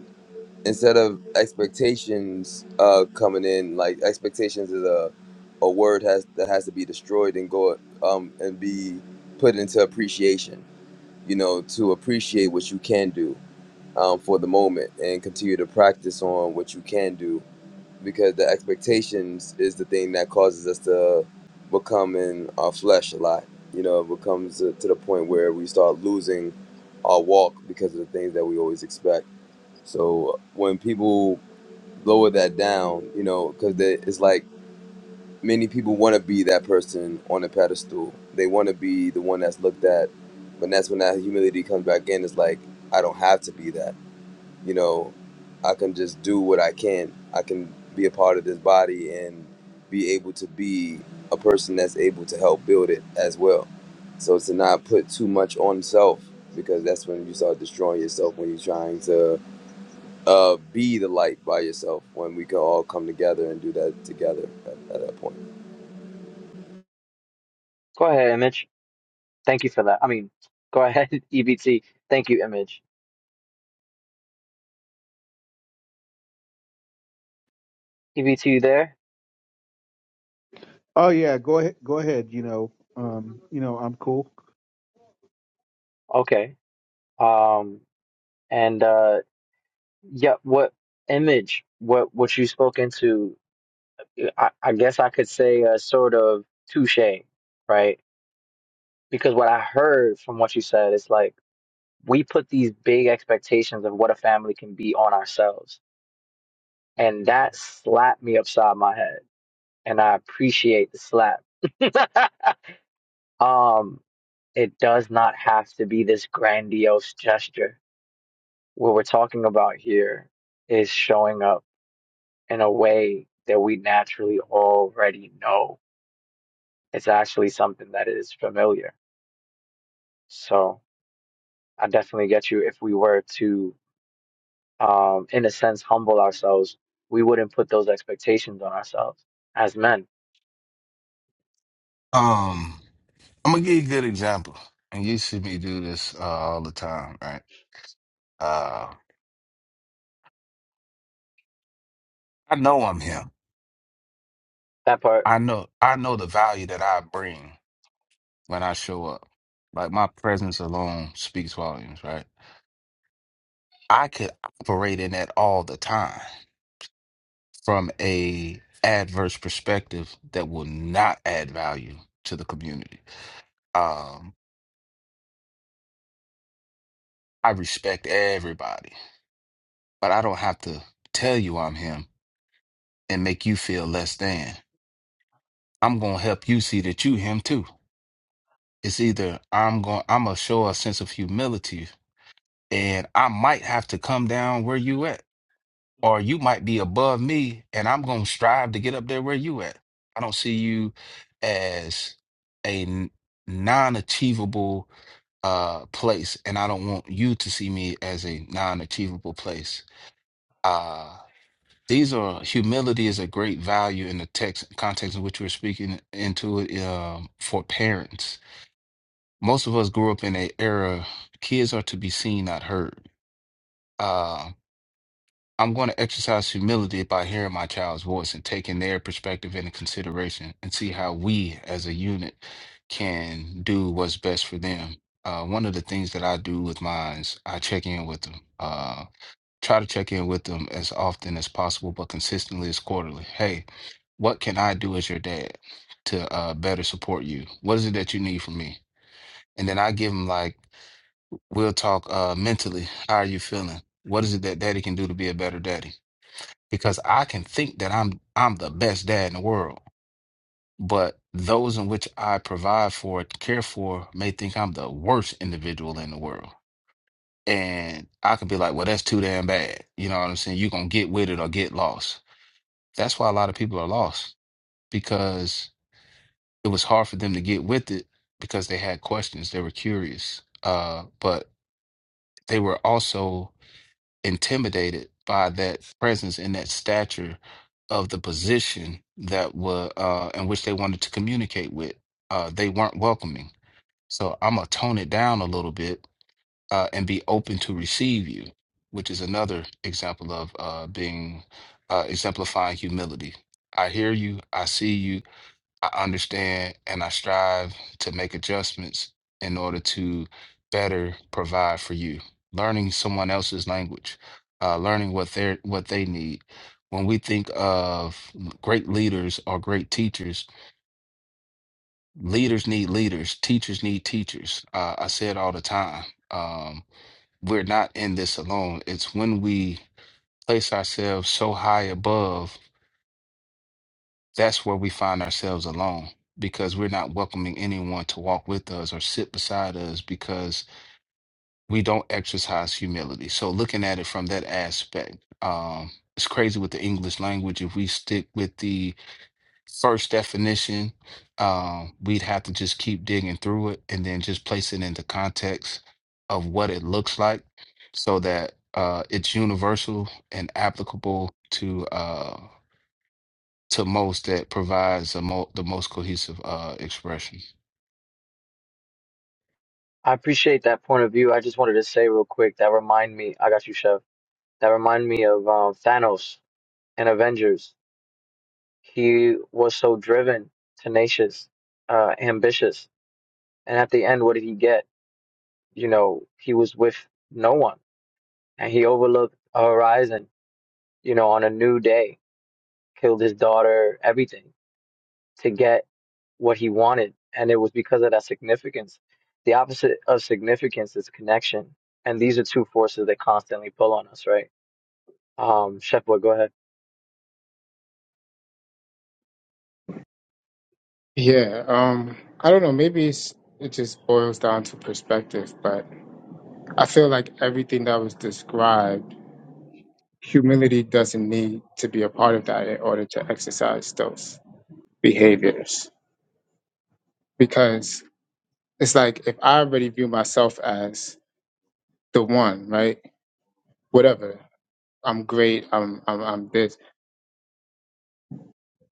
S7: instead of expectations uh, coming in, like expectations is a a word has that has to be destroyed and go um, and be put into appreciation. You know, to appreciate what you can do um, for the moment and continue to practice on what you can do because the expectations is the thing that causes us to become in our flesh a lot. You know, it becomes to, to the point where we start losing our walk because of the things that we always expect. So when people lower that down, you know, because it's like many people want to be that person on a pedestal. They want to be the one that's looked at, but that's when that humility comes back in. It's like I don't have to be that, you know. I can just do what I can. I can be a part of this body and be able to be a person that's able to help build it as well. So to not put too much on self because that's when you start destroying yourself when you're trying to uh, be the light by yourself when we can all come together and do that together at, at that point.
S1: Go ahead, Image. Thank you for that. I mean, go ahead, EBT. Thank you, Image. EBT, you there?
S6: Oh yeah, go ahead, go ahead. You know, um, you know I'm cool.
S1: Okay. Um, and uh, yeah, what Image? What what you spoke into? I, I guess I could say a sort of touche, right? Because what I heard from what you said is like we put these big expectations of what a family can be on ourselves And that slapped me upside my head. And I appreciate the slap. um, it does not have to be this grandiose gesture. What we're talking about here is showing up in a way that we naturally already know. It's actually something that is familiar. So I definitely get you. If we were to, um, in a sense, humble ourselves, we wouldn't put those expectations on ourselves as men.
S4: Um, I'm gonna give you a good example, and you see me do this uh, all the time, right? Uh, I know I'm him.
S1: That part
S4: I know I know the value that I bring when I show up. Like my presence alone speaks volumes, right? I could operate in that all the time from a adverse perspective that will not add value to the community. Um, I respect everybody, but I don't have to tell you I'm him and make you feel less than. I'm gonna help you see that you him too. It's either I'm going I'm gonna show a sense of humility and I might have to come down where you at or you might be above me and I'm going to strive to get up there where you at. I don't see you as a n- non-achievable uh place and I don't want you to see me as a non-achievable place. Uh these are humility is a great value in the text context in which we're speaking into it um, for parents. Most of us grew up in an era kids are to be seen, not heard. Um, I'm going to exercise humility by hearing my child's voice and taking their perspective into consideration and see how we as a unit can do what's best for them. Uh, one of the things that I do with mine is I check in with them. Uh, try to check in with them as often as possible, but consistently as quarterly. Hey, what can I do as your dad to uh, better support you? What is it that you need from me? And then I give them like, we'll talk uh, mentally. How are you feeling? What is it that daddy can do to be a better daddy? because I can think that I'm I'm the best dad in the world, but those in which I provide for, care for, may think I'm the worst individual in the world. And I could be like, well, that's too damn bad. You know what I'm saying? You're gonna get with it or get lost. That's why a lot of people are lost because it was hard for them to get with it because they had questions, they were curious, uh, but they were also intimidated by that presence and that stature of the position that were uh, in which they wanted to communicate with. Uh, they weren't welcoming. So I'm gonna tone it down a little bit uh, and be open to receive you, which is another example of uh, being uh, exemplifying humility. I hear you. I see you. I understand and I strive to make adjustments in order to better provide for you. Learning someone else's language, uh, learning what they are what they need. When we think of great leaders or great teachers, leaders need leaders, teachers need teachers. Uh, I say it all the time. Um, we're not in this alone. It's when we place ourselves so high above that's where we find ourselves alone because we're not welcoming anyone to walk with us or sit beside us because we don't exercise humility. So looking at it from that aspect, um, it's crazy with the English language. If we stick with the first definition, um, we'd have to just keep digging through it and then just place it into context of what it looks like so that uh, it's universal and applicable to uh, to most that provides the, mo- the most cohesive uh, expression.
S1: I appreciate that point of view. I just wanted to say real quick that remind me. I got you, Chef. That remind me of um, Thanos and Avengers. He was so driven, tenacious, uh, ambitious, and at the end, what did he get? You know, he was with no one, and he overlooked a horizon. You know, on a new day, killed his daughter, everything. to get what he wanted. And it was because of that significance. The opposite of significance is connection. And these are two forces that constantly pull on us, right? Um, Chef Boy, go ahead.
S5: Yeah, um, I don't know. Maybe it's, it just boils down to perspective, but I feel like everything that was described, humility doesn't need to be a part of that in order to exercise those behaviors. Because it's like if I already view myself as the one, right? Whatever. I'm great, I'm I'm I'm this.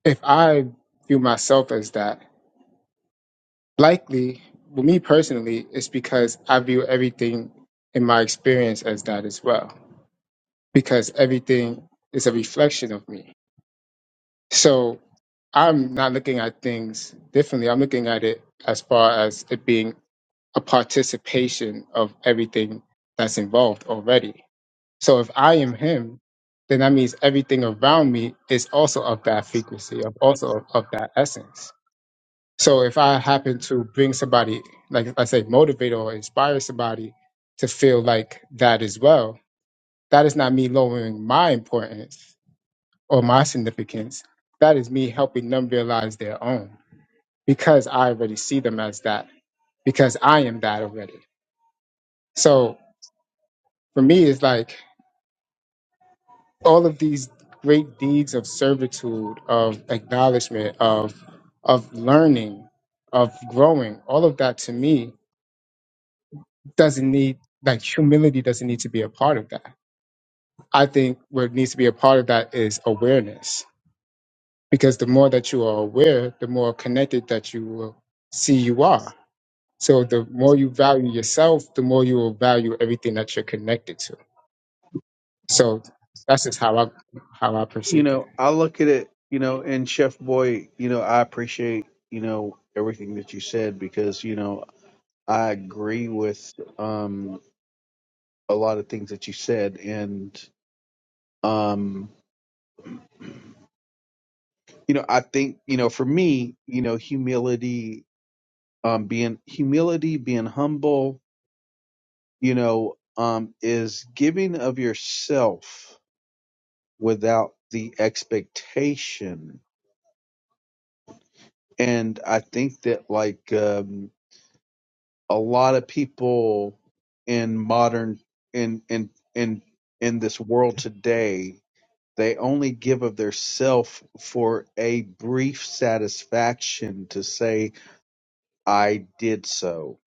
S5: If I view myself as that, likely for me personally, it's because I view everything in my experience as that as well. Because everything is a reflection of me So I'm not looking at things differently. I'm looking at it as far as it being a participation of everything that's involved already. So if I am him, then that means everything around me is also of that frequency, of also of, of that essence. So if I happen to bring somebody, like I say, motivate or inspire somebody to feel like that as well, that is not me lowering my importance or my significance, that is me helping them realize their own because I already see them as that, because I am that already. So for me, it's like all of these great deeds of servitude, of acknowledgement, of of learning, of growing, all of that to me doesn't need like humility doesn't need to be a part of that. I think what needs to be a part of that is awareness. Because the more that you are aware, the more connected that you will see you are So the more you value yourself, the more you will value everything that you're connected to. So that's just how I how I
S6: You
S5: perceive it.
S6: know I look at it. You know, and Chef Boy, you know I appreciate you know everything that you said because you know I agree with um, a lot of things that you said, and um you know i think you know for me you know humility um being humility being humble you know um is giving of yourself without the expectation and i think that like um a lot of people in modern in in in in this world today they only give of their self for a brief satisfaction to say I did so.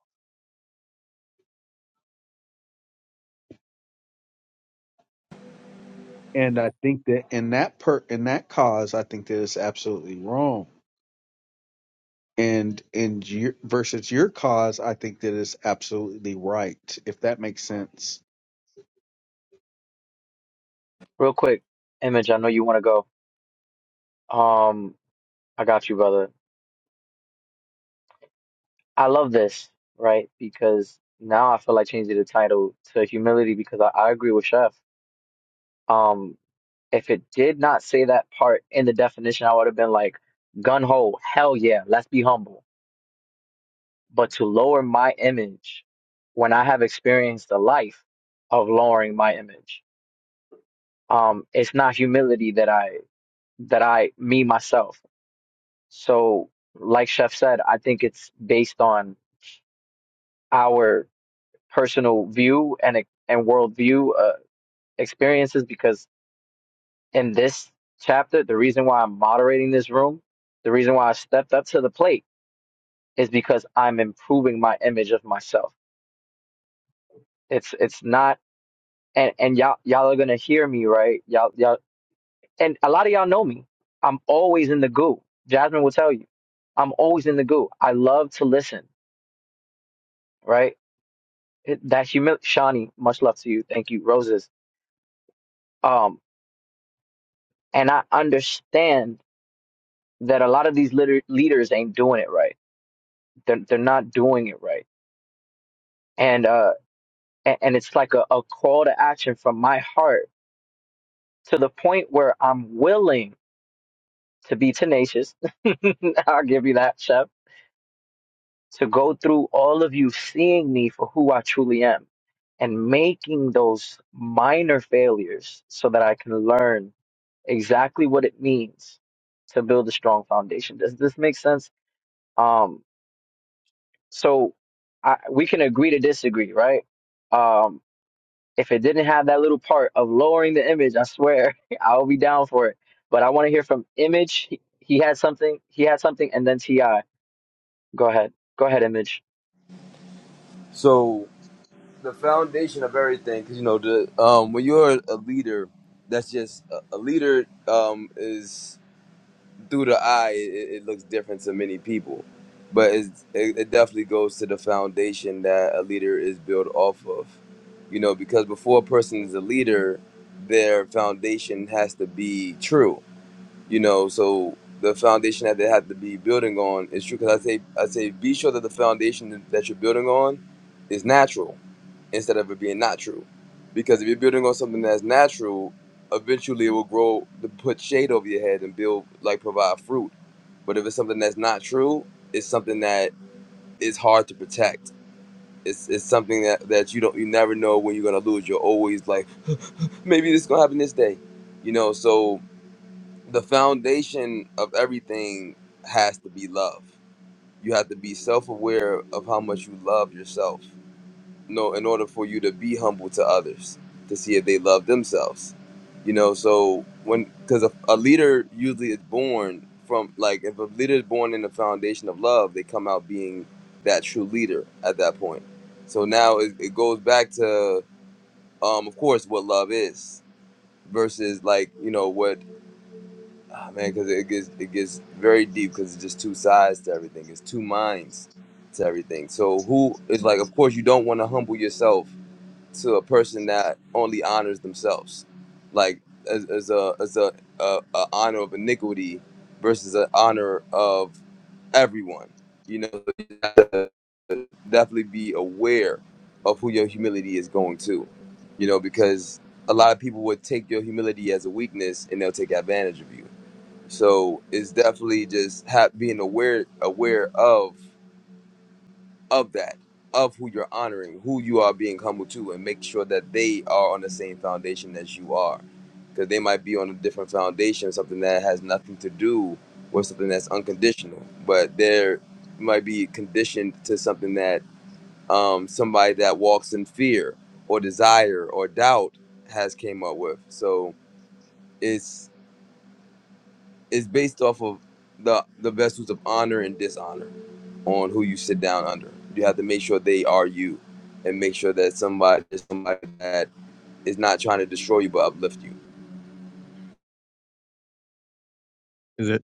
S6: And I think that in that per in that cause, I think that is absolutely wrong. And in your, versus your cause, I think that is absolutely right. If that makes sense.
S1: Real quick, Image, I know you want to go. Um, I got you, brother. I love this, right? Because now I feel like changing the title to humility because I, I agree with Chef. Um, if it did not say that part in the definition, I would have been like, gun ho, hell yeah, let's be humble But to lower my image when I have experienced the life of lowering my image, um, it's not humility that I that I me myself. So, like Chef said, I think it's based on our personal view and and worldview uh, experiences. Because in this chapter, the reason why I'm moderating this room, the reason why I stepped up to the plate is because I'm improving my image of myself. It's it's not and and y'all y'all are gonna hear me, right? Y'all y'all and a lot of y'all know me. I'm always in the goo. Jasmine will tell you, I'm always in the goo. I love to listen, right? It- That humility, Shawnee. Much love to you. Thank you, roses. Um, and I understand that a lot of these liter- leaders ain't doing it right. They're they're not doing it right, and uh, and, and it's like a, a call to action from my heart to the point where I'm willing to be tenacious. I'll give you that, Chef to go through all of you seeing me for who I truly am and making those minor failures so that I can learn exactly what it means to build a strong foundation. Does this make sense? Um, so I, we can agree to disagree, right? Um, if it didn't have that little part of lowering the image, I swear I'll be down for it. But I want to hear from Image. He, he had something. He had something, and then Ti. Go ahead. Go ahead, Image.
S7: So the foundation of everything, because you know, the um, when you're a leader, that's just a, a leader um, is through the eye. It, it looks different to many people, but it's, it, it definitely goes to the foundation that a leader is built off of. You know, because before a person is a leader, their foundation has to be true you know so the foundation that they have to be building on is true because i say i say be sure that the foundation that you're building on is natural instead of it being not true because if you're building on something that's natural eventually it will grow to put shade over your head and build like provide fruit but if it's something that's not true it's something that is hard to protect it's, it's something that, that you don't you never know when you're gonna lose you're always like maybe this is gonna happen this day you know so the foundation of everything has to be love. You have to be self-aware of how much you love yourself. No, in order for you to be humble to others, to see if they love themselves. You know, so when because a, a leader usually is born from like if a leader is born in the foundation of love, they come out being that true leader at that point. So now it, it goes back to, um, of course, what love is versus like you know what Ah, man, because it gets it gets very deep because it's just two sides to everything. It's two minds to everything. So who is like? Of course, you don't want to humble yourself to a person that only honors themselves, like as, as a as a, a, a honor of iniquity versus an honor of everyone. You know, you have to definitely be aware of who your humility is going to. You know, because a lot of people would take your humility as a weakness and they'll take advantage of you so it's definitely just ha- being aware aware of of that of who you're honoring, who you are being humble to, and make sure that they are on the same foundation as you are, because they might be on a different foundation, something that has nothing to do with something that's unconditional, but they might be conditioned to something that um, somebody that walks in fear or desire or doubt has came up with. So it's. Is based off of the the vessels of honor and dishonor on who you sit down under. You have to make sure they are you, and make sure that somebody is somebody that is not trying to destroy you but uplift you.
S2: Is it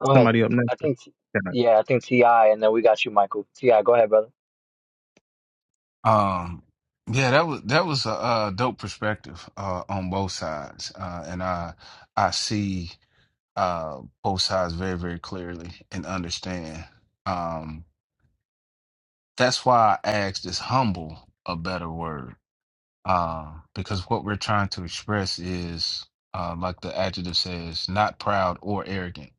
S2: is
S1: Go ahead.
S2: somebody up next?
S1: I think, T-
S2: Can I-
S1: yeah, I think Ti, and then we got you, Michael. Ti, go ahead, brother.
S4: Um, yeah, that was that was a, uh dope perspective uh, on both sides, uh, and I I see uh, both sides very very clearly and understand. Um, that's why I asked is humble a better word? Uh, because what we're trying to express is, uh, like the adjective says, not proud or arrogant,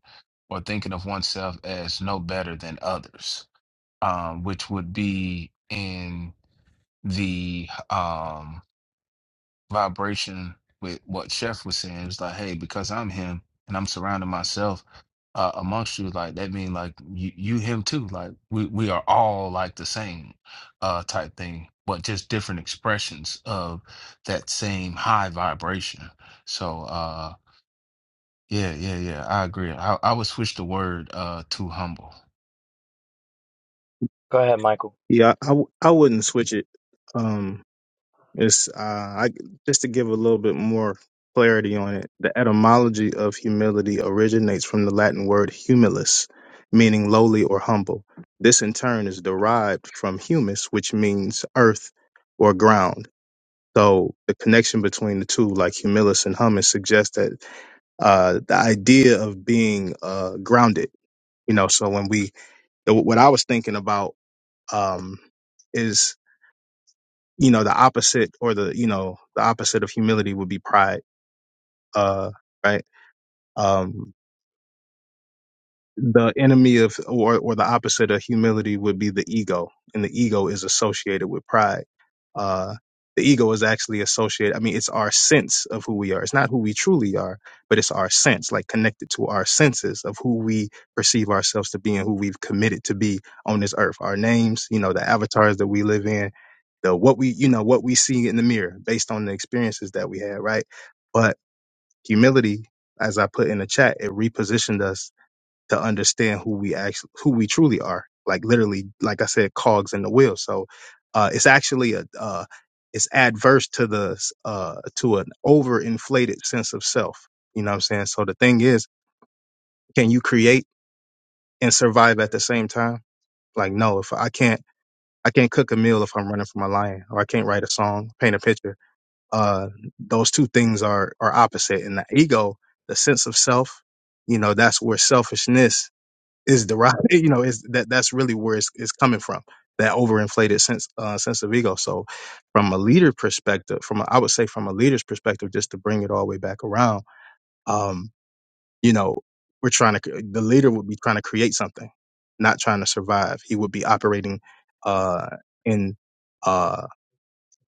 S4: or thinking of oneself as no better than others um, which would be in the um, vibration with what Chef was saying. It was like, hey, because I'm him and I'm surrounding myself uh, amongst you, like that mean like you, you him too. Like we, we are all like the same uh, type thing, but just different expressions of that same high vibration. So uh, yeah, yeah, yeah, I agree. I, I would switch the word uh, to humble.
S1: Go ahead, Michael.
S2: Yeah, I, w- I wouldn't switch it. Um, It's uh, I, just to give a little bit more clarity on it. The etymology of humility originates from the Latin word humilis, meaning lowly or humble. This in turn is derived from humus, which means earth or ground. So the connection between the two, like humilis and humus, suggests that uh, the idea of being uh, grounded. You know, so when we the, what I was thinking about um, is you know the opposite or the you know the opposite of humility would be pride uh right um the enemy of or, or the opposite of humility would be the ego and the ego is associated with pride uh the ego is actually associated i mean it's our sense of who we are it's not who we truly are but it's our sense like connected to our senses of who we perceive ourselves to be and who we've committed to be on this earth our names you know the avatars that we live in the what we you know what we see in the mirror based on the experiences that we had right but humility as i put in the chat it repositioned us to understand who we actually who we truly are like literally like i said cogs in the wheel so uh it's actually a uh it's adverse to the uh to an overinflated sense of self you know what i'm saying so the thing is can you create and survive at the same time like no if i can't i can't cook a meal if i'm running from a lion or i can't write a song paint a picture uh those two things are are opposite and the ego the sense of self you know that's where selfishness is derived. You know, is that that's really where it's, it's coming from that overinflated sense uh, sense of ego. So, from a leader perspective, from a, I would say from a leader's perspective, just to bring it all the way back around, um, you know, we're trying to cre- the leader would be trying to create something, not trying to survive. He would be operating uh, in uh,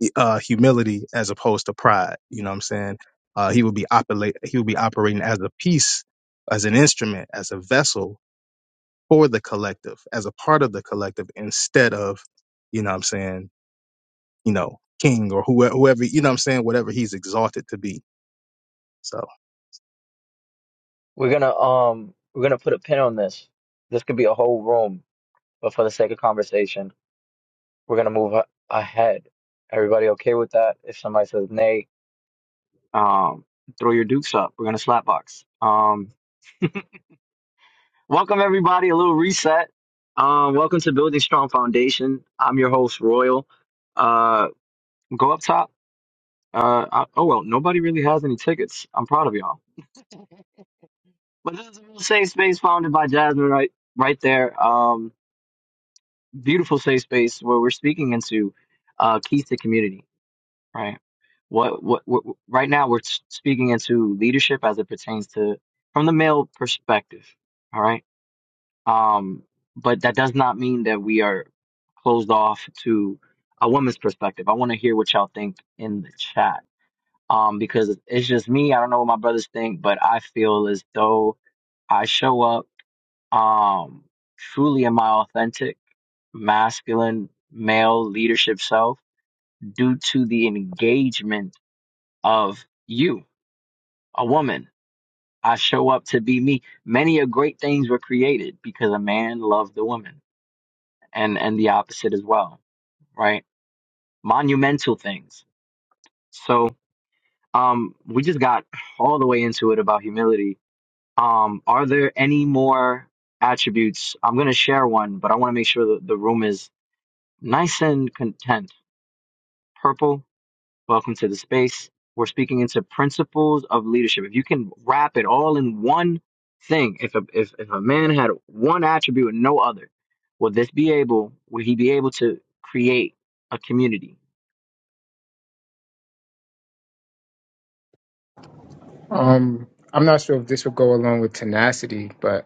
S2: hu- uh, humility as opposed to pride. You know what I'm saying? Uh, he would be operate. He would be operating as a piece, as an instrument, as a vessel for the collective as a part of the collective instead of you know what i'm saying you know king or whoever, whoever you know what i'm saying whatever he's exalted to be so
S1: We're gonna um, we're gonna put a pin on this. This could be a whole room, but for the sake of conversation, we're gonna move a- ahead. Everybody okay with that? If somebody says nay, um, throw your dukes up. We're gonna slap box. Um, welcome everybody. A little reset. Um, welcome to Building Strong Foundation. I'm your host, Royal. Uh, go up top. Uh, I, oh well, nobody really has any tickets. I'm proud of y'all. But this is a real safe space founded by Jasmine right right there. Um beautiful safe space where we're speaking into uh keys to community, right? What, what what right now we're s- speaking into leadership as it pertains to from the male perspective, all right? Um but that does not mean that we are closed off to a woman's perspective. I want to hear what y'all think in the chat. Um because it's just me, I don't know what my brothers think, but I feel as though I show up um truly in my authentic, masculine, male leadership self due to the engagement of you, a woman. I show up to be me. Many of great things were created because a man loved the woman and and the opposite as well, right? Monumental things. So um we just got all the way into it about humility. Um are there any more attributes? I'm going to share one, but I want to make sure that the room is nice and content Purple, welcome to the space. We're speaking into principles of leadership. If you can wrap it all in one thing, if a, if, if a man had one attribute and no other, would this be able, would he be able to create a community?
S5: Um, I'm not sure if this will go along with tenacity, but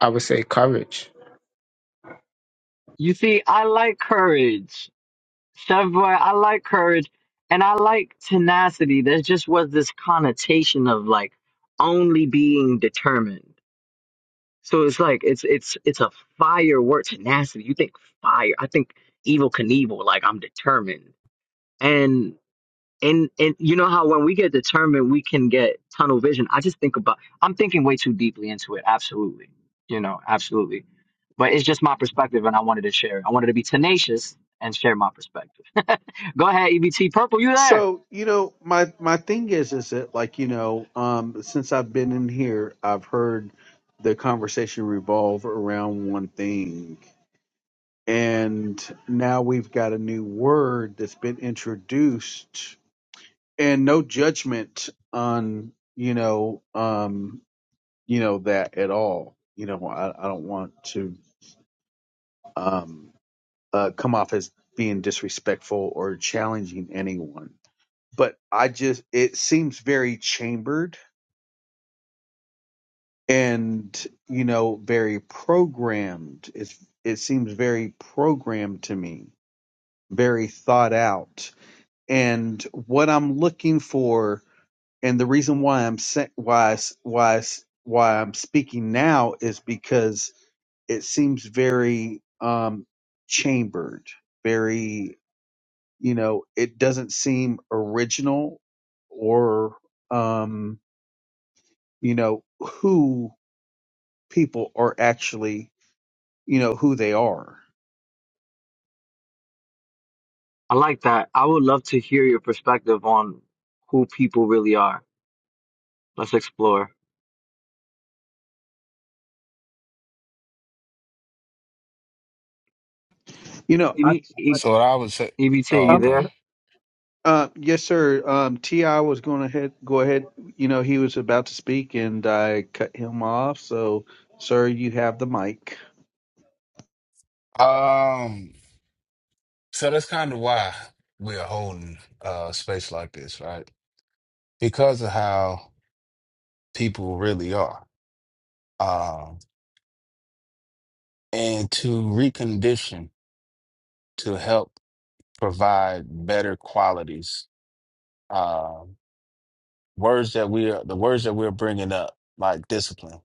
S5: I would say courage.
S1: You see, I like courage. Chef Boy, I like courage and I like tenacity. There just was this connotation of like only being determined. So it's like it's it's it's a fire word tenacity. You think fire? I think evil Knievel. Like I'm determined, and and and you know how when we get determined, we can get tunnel vision. I just think about. I'm thinking way too deeply into it. Absolutely, you know, absolutely. But it's just my perspective, and I wanted to share. I wanted to be tenacious and share my perspective. Go ahead, EBT Purple. You there?
S6: So you know, my my thing is, is that like you know, um, since I've been in here, I've heard the conversation revolve around one thing, and now we've got a new word that's been introduced and no judgment on you know um you know that at all you know i, I don't want to um uh come off as being disrespectful or challenging anyone but i just it seems very chambered and you know very programmed it's it seems very programmed to me very thought out and what i'm looking for and the reason why I'm sa- why I s- why I s- why I'm speaking now is because it seems very um chambered, very you know, it doesn't seem original or um you know who people are actually you know who they are.
S1: I like that. I would love to hear your perspective on who people really are. Let's explore.
S6: You know, I, I-
S4: So what I would say,
S1: EBT, you
S4: oh,
S6: I'm
S1: there?
S6: Uh, yes, sir. Um, Ti was going ahead. Go ahead. You know, he was about to speak, and I cut him off. So, sir, you have the mic.
S4: okay. So that's kind of why we're holding uh space like this, right? Because of how people really are. Um, and to recondition to help provide better qualities. Um, words that we are, the words that we're bringing up, like discipline.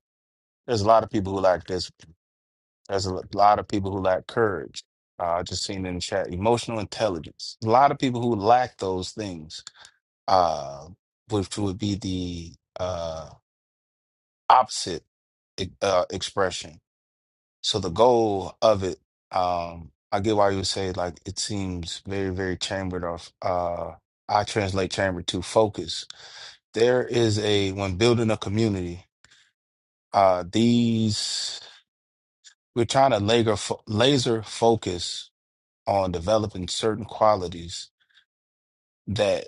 S4: There's a lot of people who lack this. There's a lot of people who lack courage. Uh, I just seen in the chat, emotional intelligence. A lot of people who lack those things, uh, which would be the uh, opposite e- uh, expression. So the goal of it, um, I get why you would say like it seems very, very chambered off. Uh, I translate chamber to focus. There is a when building a community, uh, these we're trying to laser fo- laser focus on developing certain qualities that.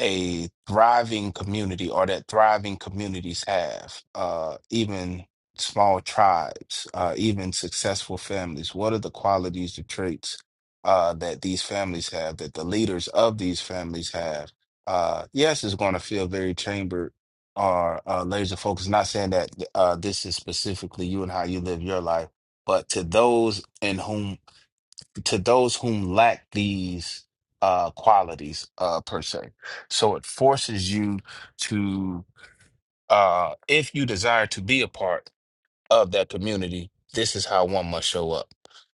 S4: a thriving community or that thriving communities have, uh, even small tribes, uh, even successful families? What are the qualities, the traits uh, that these families have, that the leaders of these families have? Uh, yes, it's going to feel very chambered or uh, laser focused. Not saying that uh, this is specifically you and how you live your life, but to those in whom to those whom lack these uh, qualities uh, per se. So it forces you to, uh, if you desire to be apart of that community, this is how one must show up.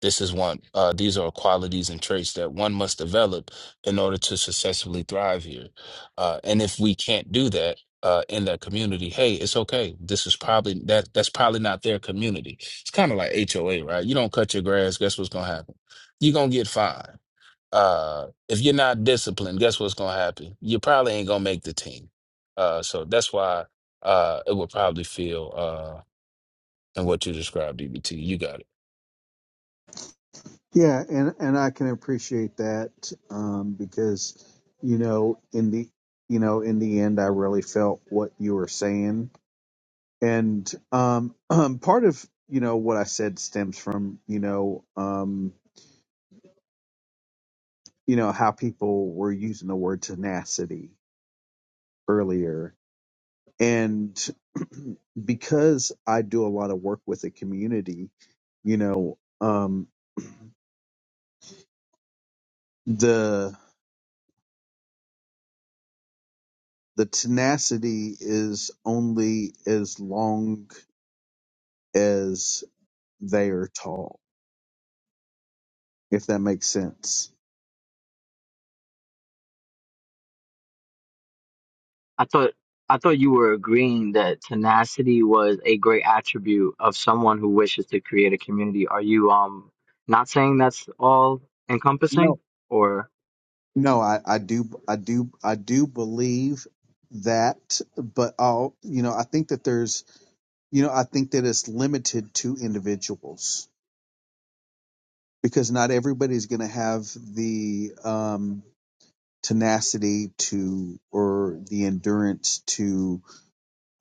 S4: This is one. Uh, these are qualities and traits that one must develop in order to successfully thrive here. Uh, and if we can't do that uh, in that community, hey, it's okay. This is probably that. That's probably not their community. It's kind of like HOA, right? You don't cut your grass. Guess what's gonna happen? You're gonna get fined. Uh, if you're not disciplined, guess what's gonna happen? You probably ain't gonna make the team. Uh, so that's why uh, it would probably feel. uh, and what you described, DBT. You got it.
S6: Yeah, and and I can appreciate that um, because you know in the you know in the end I really felt what you were saying, and um, um, part of you know what I said stems from you know um, you know how people were using the word tenacity earlier, And because I do a lot of work with the community, you know, um, the the tenacity is only as long as they are tall, if that makes sense.
S1: I thought I thought you were agreeing that tenacity was a great attribute of someone who wishes to create a community. Are you um not saying that's all
S6: No,
S1: encompassing? Or
S6: no, I, I do, I do, I do believe that, but I'll, you know, I think that there's, you know, I think that it's limited to individuals because not everybody's going to have the um, tenacity to or the endurance to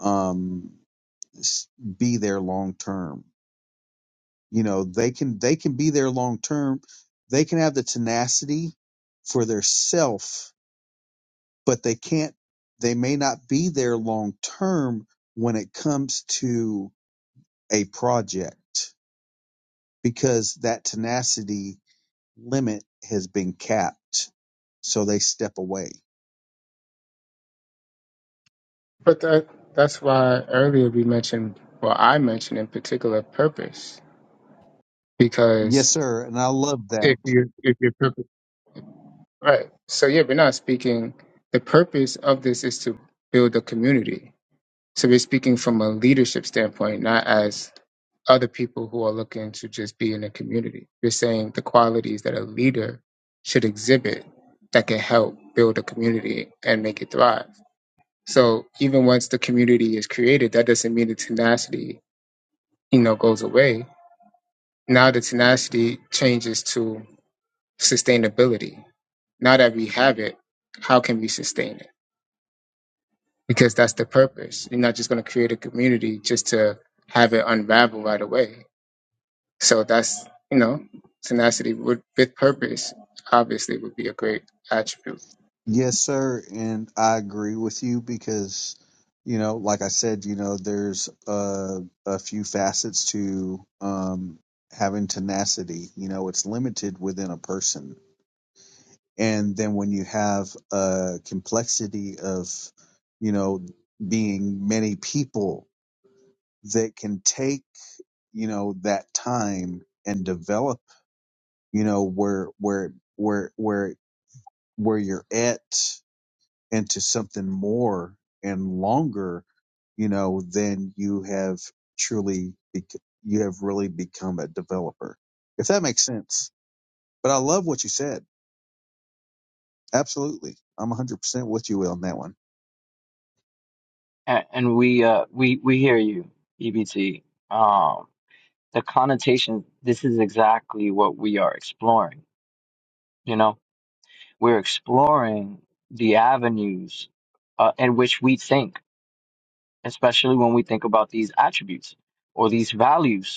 S6: um be there long term you know they can they can be there long term they can have the tenacity for their self but they can't they may not be there long term when it comes to a project because that tenacity limit has been capped so they step away
S5: But that that's why earlier we mentioned, well, I mentioned in particular purpose,
S6: yes
S5: because
S6: sir and i love that
S5: if you if your purpose Right. So yeah, we're not speaking. The purpose of this is to build a community. So we're speaking from a leadership standpoint, not as other people who are looking to just be in a community. We're saying the qualities that a leader should exhibit that can help build a community and make it thrive. So even once the community is created, that doesn't mean the tenacity, you know, goes away. Now the tenacity changes to sustainability. Now that we have it, how can we sustain it? because that's the purpose. You're not just going to create a community just to have it unravel right away. So that's, you know, tenacity with, with purpose obviously would be a great attribute.
S6: Yes, sir, and I agree with you because, you know, like I said, you know, there's a a few facets to um, having tenacity. You know, it's limited within a person, and then when you have a complexity of, you know, being many people that can take, you know, that time and develop, you know, where where where where where you're at into something more and longer, you know, then you have truly, bec- you have really become a developer, if that makes sense. But I love what you said. Absolutely. I'm 100% with you on that one.
S1: a- and we uh we we hear you, EBT. Um the connotation this is exactly what we are exploring, you know? We're exploring the avenues uh, in which we think, especially when we think about these attributes or these values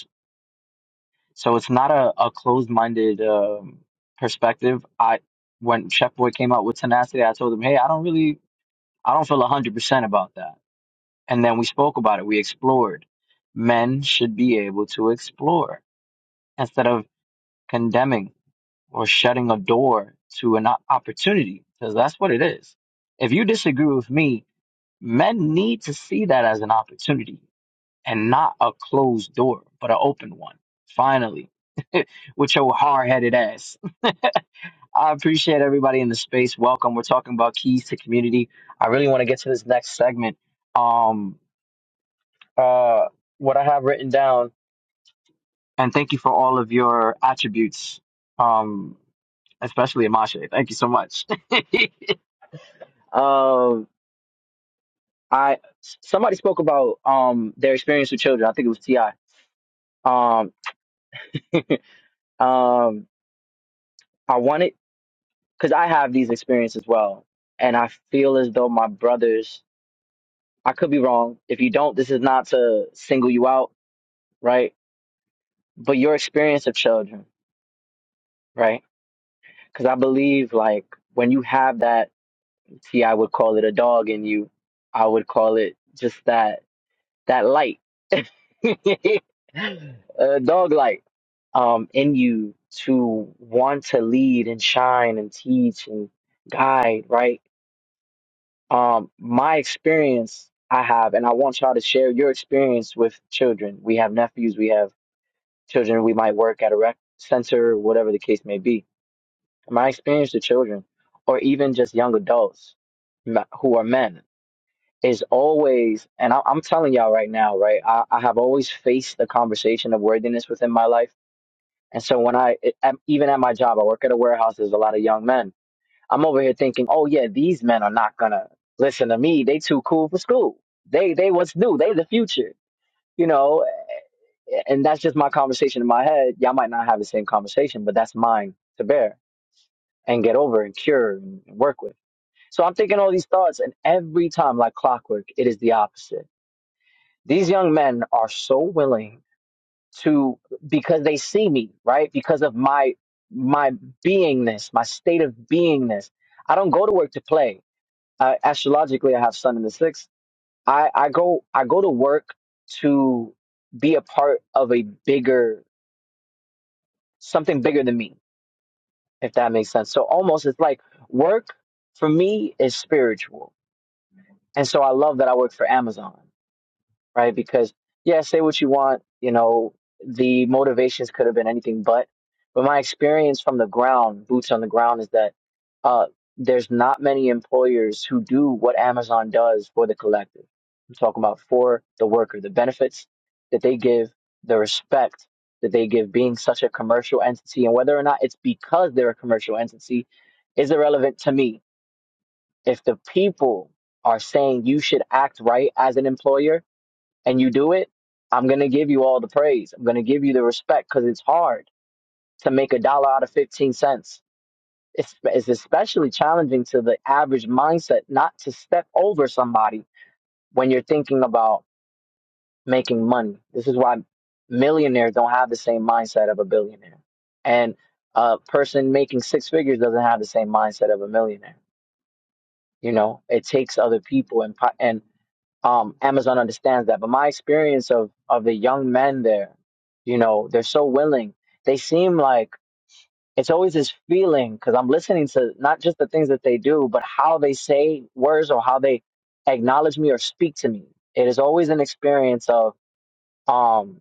S1: So it's not a, a closed-minded um, perspective. I when Chef Boy came out with Tenacity, I told him, "Hey, I don't really, I don't feel one hundred percent about that." And then we spoke about it. We explored. Men should be able to explore instead of condemning or shutting a door to an o- opportunity, because that's what it is. If you disagree with me, men need to see that as an opportunity and not a closed door, but an open one. Finally, with your hard-headed ass. I appreciate everybody in the space. Welcome. We're talking about keys to community. I really want to get to this next segment. Um, uh, what I have written down, and thank you for all of your attributes. Um, especially Amashe. Thank you so much. um, I somebody spoke about um their experience with children. I think it was Ti. Um, um, I wanted because I have these experiences as well, and I feel as though my brothers I could be wrong. If you don't, this is not to single you out, right? But your experience of children, right? Because I believe like when you have that, see, I would call it a dog in you. I would call it just that that light, a dog light, um, in you to want to lead and shine and teach and guide, right? Um, my experience I have, and I want y'all to share your experience with children. We have nephews, we have children we might work at a rec center, whatever the case may be. In My experience with children, or even just young adults m- who are men, is always, and I, I'm telling y'all right now, right? I, I have always faced the conversation of worthiness within my life. And so when I, it- at- even at my job, I work at a warehouse, there's a lot of young men. I'm over here thinking, oh yeah, these men are not gonna listen to me. They too cool for school. They, they what's new. They the future, you know? and that's just my conversation in my head. Y'all might not have the same conversation, but that's mine to bear and get over and cure and work with. So I'm thinking all these thoughts, and every time, like clockwork, it is the opposite. These young men are so willing to because they see me, right? Because of my my beingness, my state of beingness. I don't go to work to play. Uh, astrologically, I have Sun in the sixth. I, I go I go to work to be a part of a bigger something bigger than me if that makes sense. So almost it's like work for me is spiritual. And so I love that I work for Amazon right? Because yeah, say what you want, you know, the motivations could have been anything but. But my experience from the ground, boots on the ground, is that uh, there's not many employers who do what Amazon does for the collective. I'm talking about for the worker, the benefits that they give, the respect that they give being such a commercial entity, and whether or not it's because they're a commercial entity is irrelevant to me. If the people are saying you should act right as an employer, and you do it, I'm going to give you all the praise. I'm going to give you the respect because it's hard to make a dollar out of 15 cents. It's, it's especially challenging to the average mindset not to step over somebody when you're thinking about making money. This is why millionaires don't have the same mindset of a billionaire. And a person making six figures doesn't have the same mindset of a millionaire You know, it takes other people and po- and um, Amazon understands that. But my experience of of the young men there, you know, they're so willing. They seem like it's always this feeling because I'm listening to not just the things that they do, but how they say words or how they acknowledge me or speak to me. It is always an experience of um,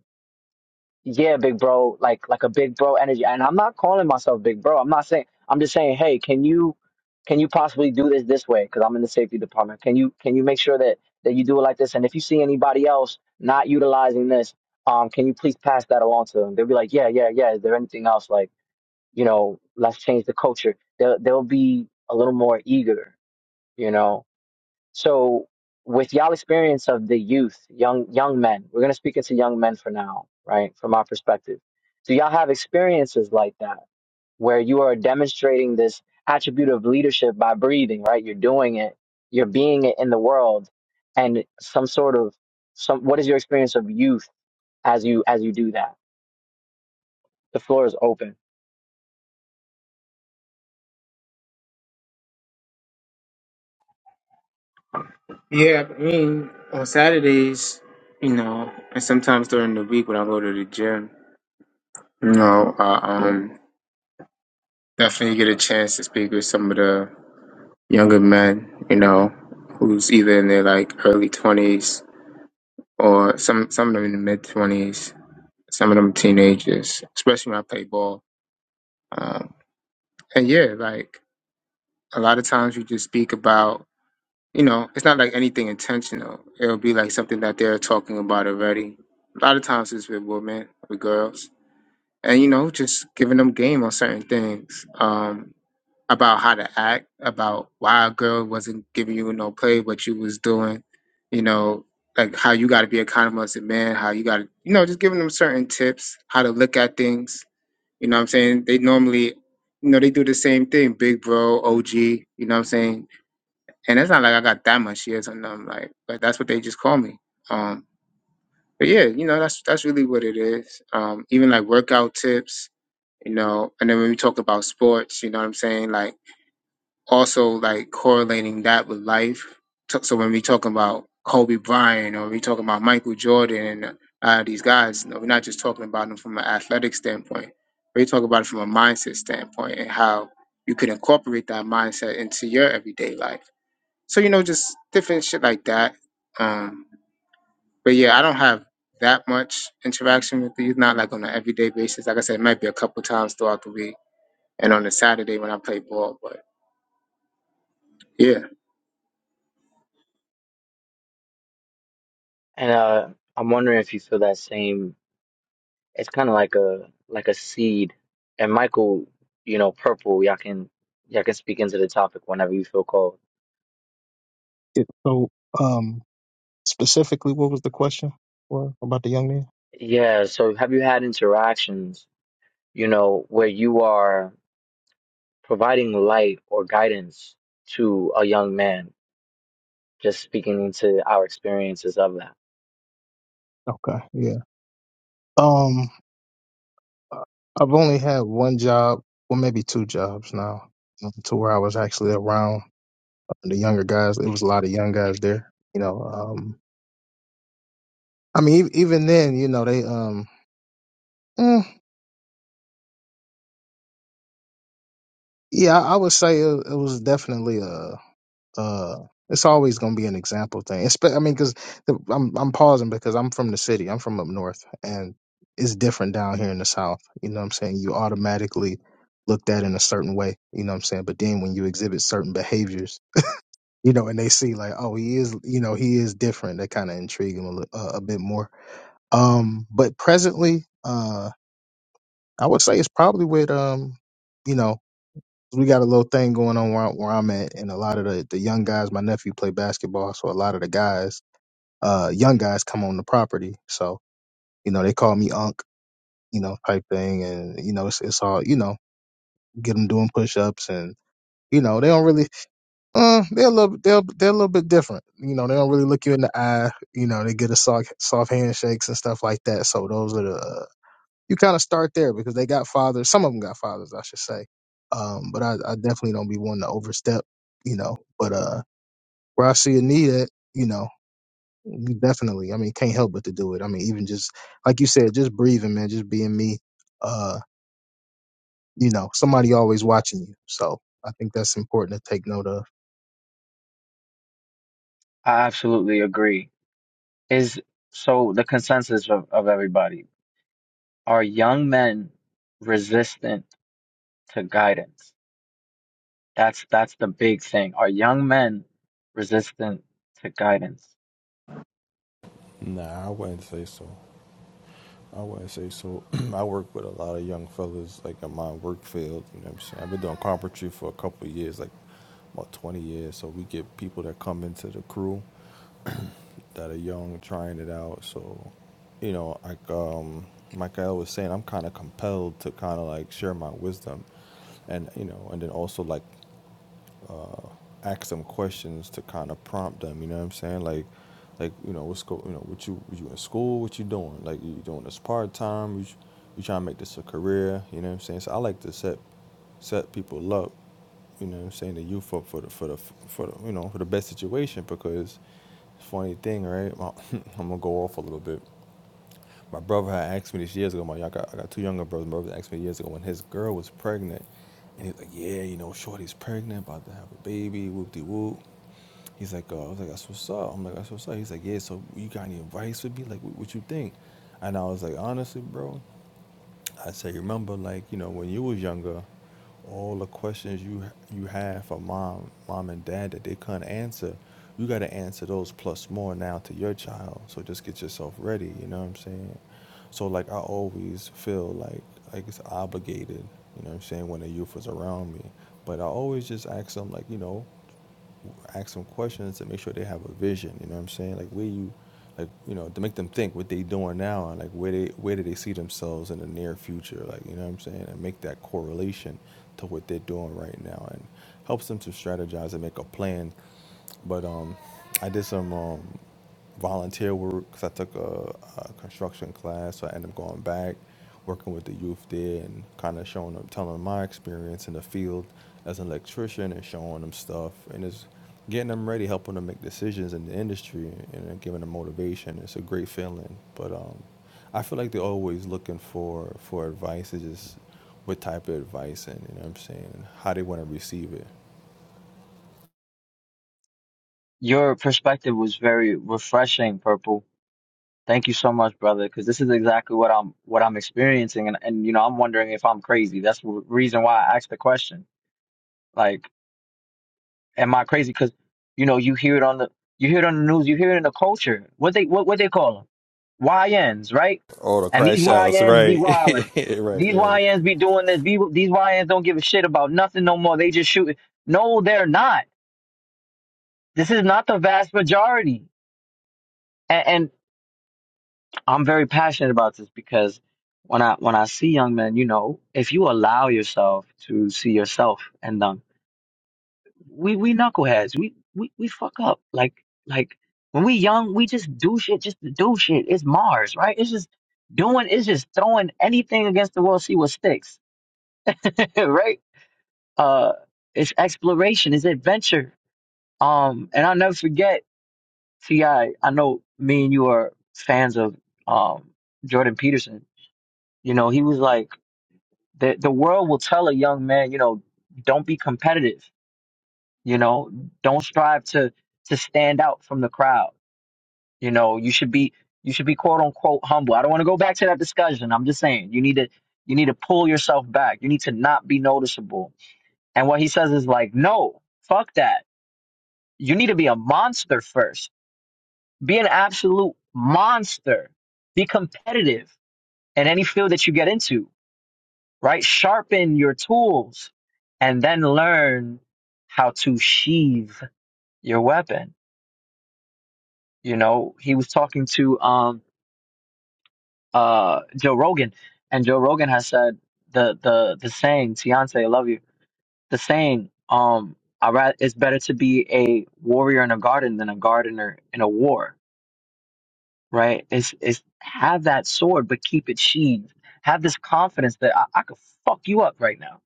S1: yeah, big bro, like like a big bro energy. And I'm not calling myself big bro. I'm not saying. I'm just saying, hey, can you can you possibly do this this way? Because I'm in the safety department. Can you can you make sure that that you do it like this? And if you see anybody else not utilizing this, um, can you please pass that along to them? They'll be like, yeah, yeah, yeah. Is there anything else? Like, you know, let's change the culture. They'll they'll be a little more eager, you know. So with y'all experience of the youth, young young men, we're gonna speak into young men for now, right? From our perspective. Do y'all have experiences like that where you are demonstrating this attribute of leadership by breathing, right? You're doing it, you're being it in the world, and some sort of some what is your experience of youth as you as you do that? The floor is open.
S5: Yeah, I mean, on Saturdays, you know, and sometimes during the week when I go to the gym, you know, I um, definitely get a chance to speak with some of the younger men, you know, who's either in their like early 20s or some, some of them in the mid 20s. some of them teenagers, especially when I play ball. Um, and yeah, like a lot of times you just speak about, you know, it's not like anything intentional. It'll be like something that they're talking about already. A lot of times it's with women, with girls, and you know, just giving them game on certain things um, about how to act, about why a girl wasn't giving you no play, what you was doing, you know, like how you got to be accountable as a man, how you got to, you know, just giving them certain tips, how to look at things You know what I'm saying? They normally, you know, they do the same thing. Big bro, OG, you know what I'm saying? And it's not like I got that much years on them, like, but that's what they just call me. Um, but yeah, you know, that's that's really what it is. Um, even like workout tips, you know, and then when we talk about sports, you know what I'm saying? Like also like correlating that with life. So so when we talk about Kobe Bryant or we talking about Michael Jordan and uh, these guys, you know, we're not just talking about them from an athletic standpoint. We talk about it from a mindset standpoint and how you could incorporate that mindset into your everyday life. So you know, just different shit like that. Um, but yeah, I don't have that much interaction with these, not like on an everyday basis. Like I said, it might be a couple times throughout the week and on a Saturday when I play ball. But yeah.
S1: And uh I'm wondering if you feel that same It's kind of like a like a seed. And Michael, you know, purple. Y'all can y'all can speak into the topic whenever you feel called.
S2: So, um, specifically, what was the question for about the young man?
S1: Yeah. So have you had interactions, you know, where you are providing light or guidance to a young man? Just speaking into our experiences of that.
S2: Okay, yeah. Um, I've only had one job, well, maybe two jobs now, um, to where I was actually around uh, the younger guys. There was a lot of young guys there. You know, um, I mean, ev- even then, you know, they, um, mm, yeah, I would say it, it was definitely a uh it's always going to be an example thing. Espe- I mean, because I'm I'm pausing because I'm from the city. I'm from up north, and it's different down here in the south. You know what I'm saying? You automatically looked at in a certain way. You know what I'm saying? But then when you exhibit certain behaviors, you know, and they see like, oh, he is, you know, he is different. That kind of intrigue them a, li- uh, a bit more. Um, but presently, uh, I would say it's probably with um, you know we got a little thing going on where, I- where I'm at, and a lot of the, the young guys, my nephew play basketball, so a lot of the guys, uh, young guys come on the property. So, you know, they call me Unc, you know, type thing, and, you know, it's, it's all, you know, get them doing push ups and, you know, they don't really, uh, they're a little, they're, they're a little bit different. You know, they don't really look you in the eye. You know, they get a soft, soft handshakes and stuff like that. So those are the uh, you kind of start there because they got fathers. Some of them got fathers, I should say. Um, but I, I definitely don't be one to overstep, you know. But uh, where I see a need at, you know, you definitely. I mean, can't help but to do it. I mean, even just like you said, just breathing, man, just being me. Uh, you know, somebody always watching you. So I think that's important to take note of.
S1: I absolutely agree. Is so the consensus of, of everybody are young men resistant to guidance? That's that's the big thing. Are young men resistant to guidance?
S8: Nah, I wouldn't say so. I wouldn't say so. I work with a lot of young fellas, like in my work field. You know what I'm saying? I've been doing carpentry for a couple of years, like about 20 years. So we get people that come into the crew that are young, trying it out. So, you know, like um, Michael was saying, I'm kind of compelled to kind of like share my wisdom, and you know, and then also like ask them questions to kind of prompt them. You know what I'm saying? Like, like you know what's go, you know what you you in school? What you doing? Like you doing this part time? You you trying to make this a career? You know what I'm saying? So I like to set set people up. You know what I'm saying? The youth up for the for the for the you know for the best situation because funny thing, right? I'm gonna go off a little bit. My brother had asked me this years ago. My I got, I got two younger brothers. My brother asked me years ago when his girl was pregnant, and he's like, "Yeah, you know, Shorty's pregnant, about to have a baby, whoop de whoop." He's like, uh, "I was like, that's what's up." I'm like, "That's what's up." He's like, "Yeah, so you got any advice for me? Like, what, what you think?" And I was like, "Honestly, bro, I say, remember, like you know, when you was younger, all the questions you you had for mom, mom and dad that they couldn't answer, you got to answer those plus more now to your child. So just get yourself ready. You know what I'm saying? So like I always feel like like it's obligated. You know what I'm saying when the youth was around me, but I always just ask them like you know, ask them questions to make sure they have a vision. You know what I'm saying? Like where you, like you know, to make them think what they doing now and like where they where do they see themselves in the near future? Like you know what I'm saying? And make that correlation to what they're doing right now and helps them to strategize and make a plan. But um, I did some um volunteer work because I took a, a construction class, so I ended up going back, working with the youth there, and kind of showing them, telling them my experience in the field as an electrician, and showing them stuff, and it's getting them ready, helping them make decisions in the industry, and then giving them motivation. It's a great feeling, but um, I feel like they're always looking for for advice. It's just what type of advice, and you know what I'm saying, how they want to receive it.
S1: Your perspective was very refreshing, Purple. Thank you so much, brother, because this is exactly what I'm what I'm experiencing, and and you know I'm wondering if I'm crazy. That's the reason why I asked the question. Like. Am I crazy? Because you know you hear it on the you hear it on the news, you hear it in the culture. What they what what they call them? YNs, right?
S8: Oh, the
S1: And these
S8: crash outs,
S1: YNs be
S8: right,
S1: wilding.
S8: right,
S1: These
S8: right.
S1: YNs be doing this. Be, these YNs don't give a shit about nothing no more. They just shoot. No, they're not. This is not the vast majority. And, and I'm very passionate about this because when I when I see young men, you know, if you allow yourself to see yourself and them we we knuckleheads. We we we fuck up. Like like when we young, we just do shit just to do shit. It's Mars, right? It's just doing. It's just throwing anything against the wall, see what sticks, right? Uh, it's exploration. It's adventure. Um, and I'll never forget Ti. I know me and you are fans of um Jordan Peterson. You know, he was like the the world will tell a young man, you know, don't be competitive. You know, don't strive to to stand out from the crowd You know, you should be you should be quote unquote humble. I don't want to go back to that discussion. I'm just saying you need to you need to pull yourself back. You need to not be noticeable. And what he says is like, no, fuck that. You need to be a monster first. Be an absolute monster. Be competitive in any field that you get into, right? Sharpen your tools and then learn how to sheathe your weapon. You know, he was talking to um uh Joe Rogan, and Joe Rogan has said the the the saying, "Fiance, I love you." The saying, um, I ra- it's better to be a warrior in a garden than a gardener in a war. Right? It's it's have that sword, but keep it sheathed. Have this confidence that I, I could fuck you up right now,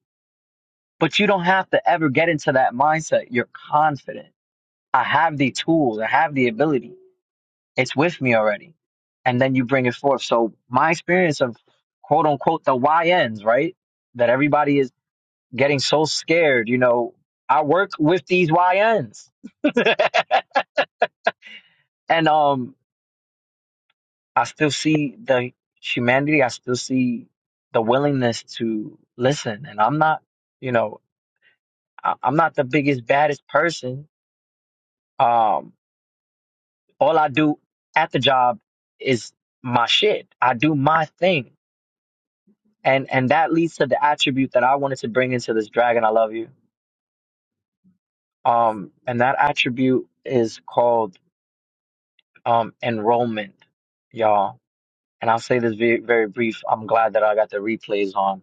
S1: but you don't have to ever get into that mindset. You're confident. I have the tools. I have the ability. It's with me already. And then you bring it forth. So my experience of quote unquote the YNs, right? That everybody is getting so scared, you know, I work with these YNs. and um I still see the humanity, I still see the willingness to listen. And I'm not, you know, I- I'm not the biggest, baddest person. Um all I do at the job is my shit. I do my thing and and that leads to the attribute that I wanted to bring into this dragon. I love you. Um, and that attribute is called um enrollment, y'all. And I'll say this very very brief. I'm glad that I got the replays on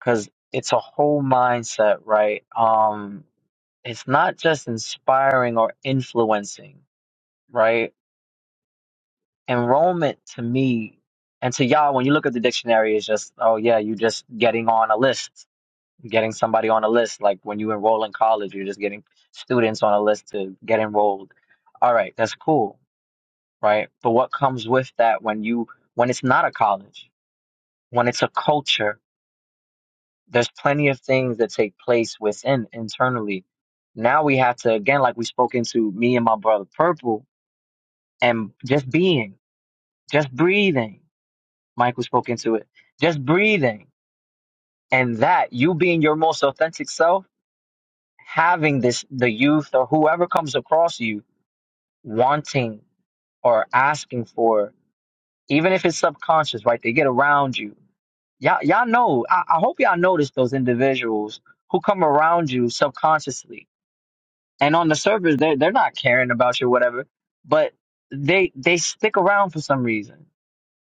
S1: because it's a whole mindset, right? Um, it's not just inspiring or influencing, right? Enrollment to me and to y'all, when you look at the dictionary, is just oh yeah, you just getting on a list getting somebody on a list. Like when you enroll in college, you're just getting students on a list to get enrolled. All right, that's cool, right? But what comes with that when you when it's not a college, when it's a culture, there's plenty of things that take place within internally. Now we have to again, like we spoke into me and my brother Purple, and just being, just breathing. Michael spoke into it. Just breathing. And that, you being your most authentic self having this the youth or whoever comes across you wanting or asking for even if it's subconscious right they get around you y'all, y'all know I, I hope y'all notice those individuals who come around you subconsciously and on the surface they're, they're not caring about you or whatever but they they stick around for some reason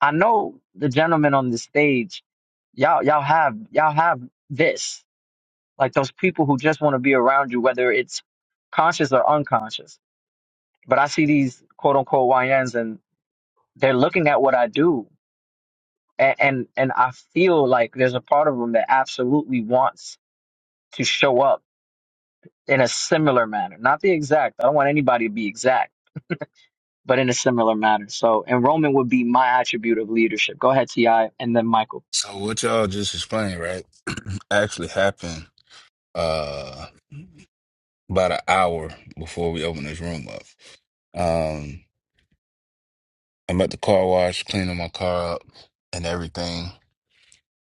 S1: i know the gentlemen on the stage y'all y'all have y'all have this like those people who just want to be around you whether it's conscious or unconscious but I see these quote unquote YNs and they're looking at what I do. And, and, and I feel like there's a part of them that absolutely wants to show up in a similar manner, not the exact. I don't want anybody to be exact, but in a similar manner. So enrollment would be my attribute of leadership. Go ahead, Ti, and then Michael.
S4: So what y'all just explained, right? Actually happened uh about an hour before we opened this room up. Um I'm at the car wash cleaning my car up and everything.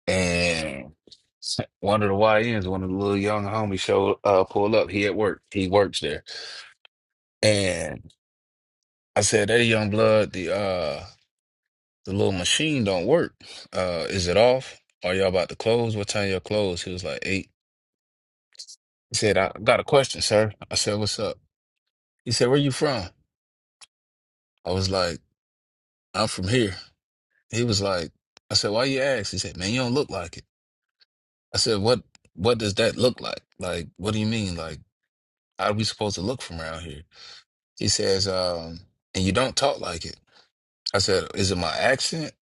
S4: And one of the YNs, one of the little young homies showed uh pulled up. He at work. He works there. And I said, Hey young blood, the uh the little machine don't work. Uh is it off? Are y'all about to close? What time y'all close? He was like eight. He said, I got a question, sir. I said, What's up? He said, Where you from? I was like, I'm from here. He was like, I said, Why you ask? He said, Man, you don't look like it. I said, What what does that look like? Like, what do you mean? Like, how are we supposed to look from around here? He says, um, and you don't talk like it. I said, Is it my accent?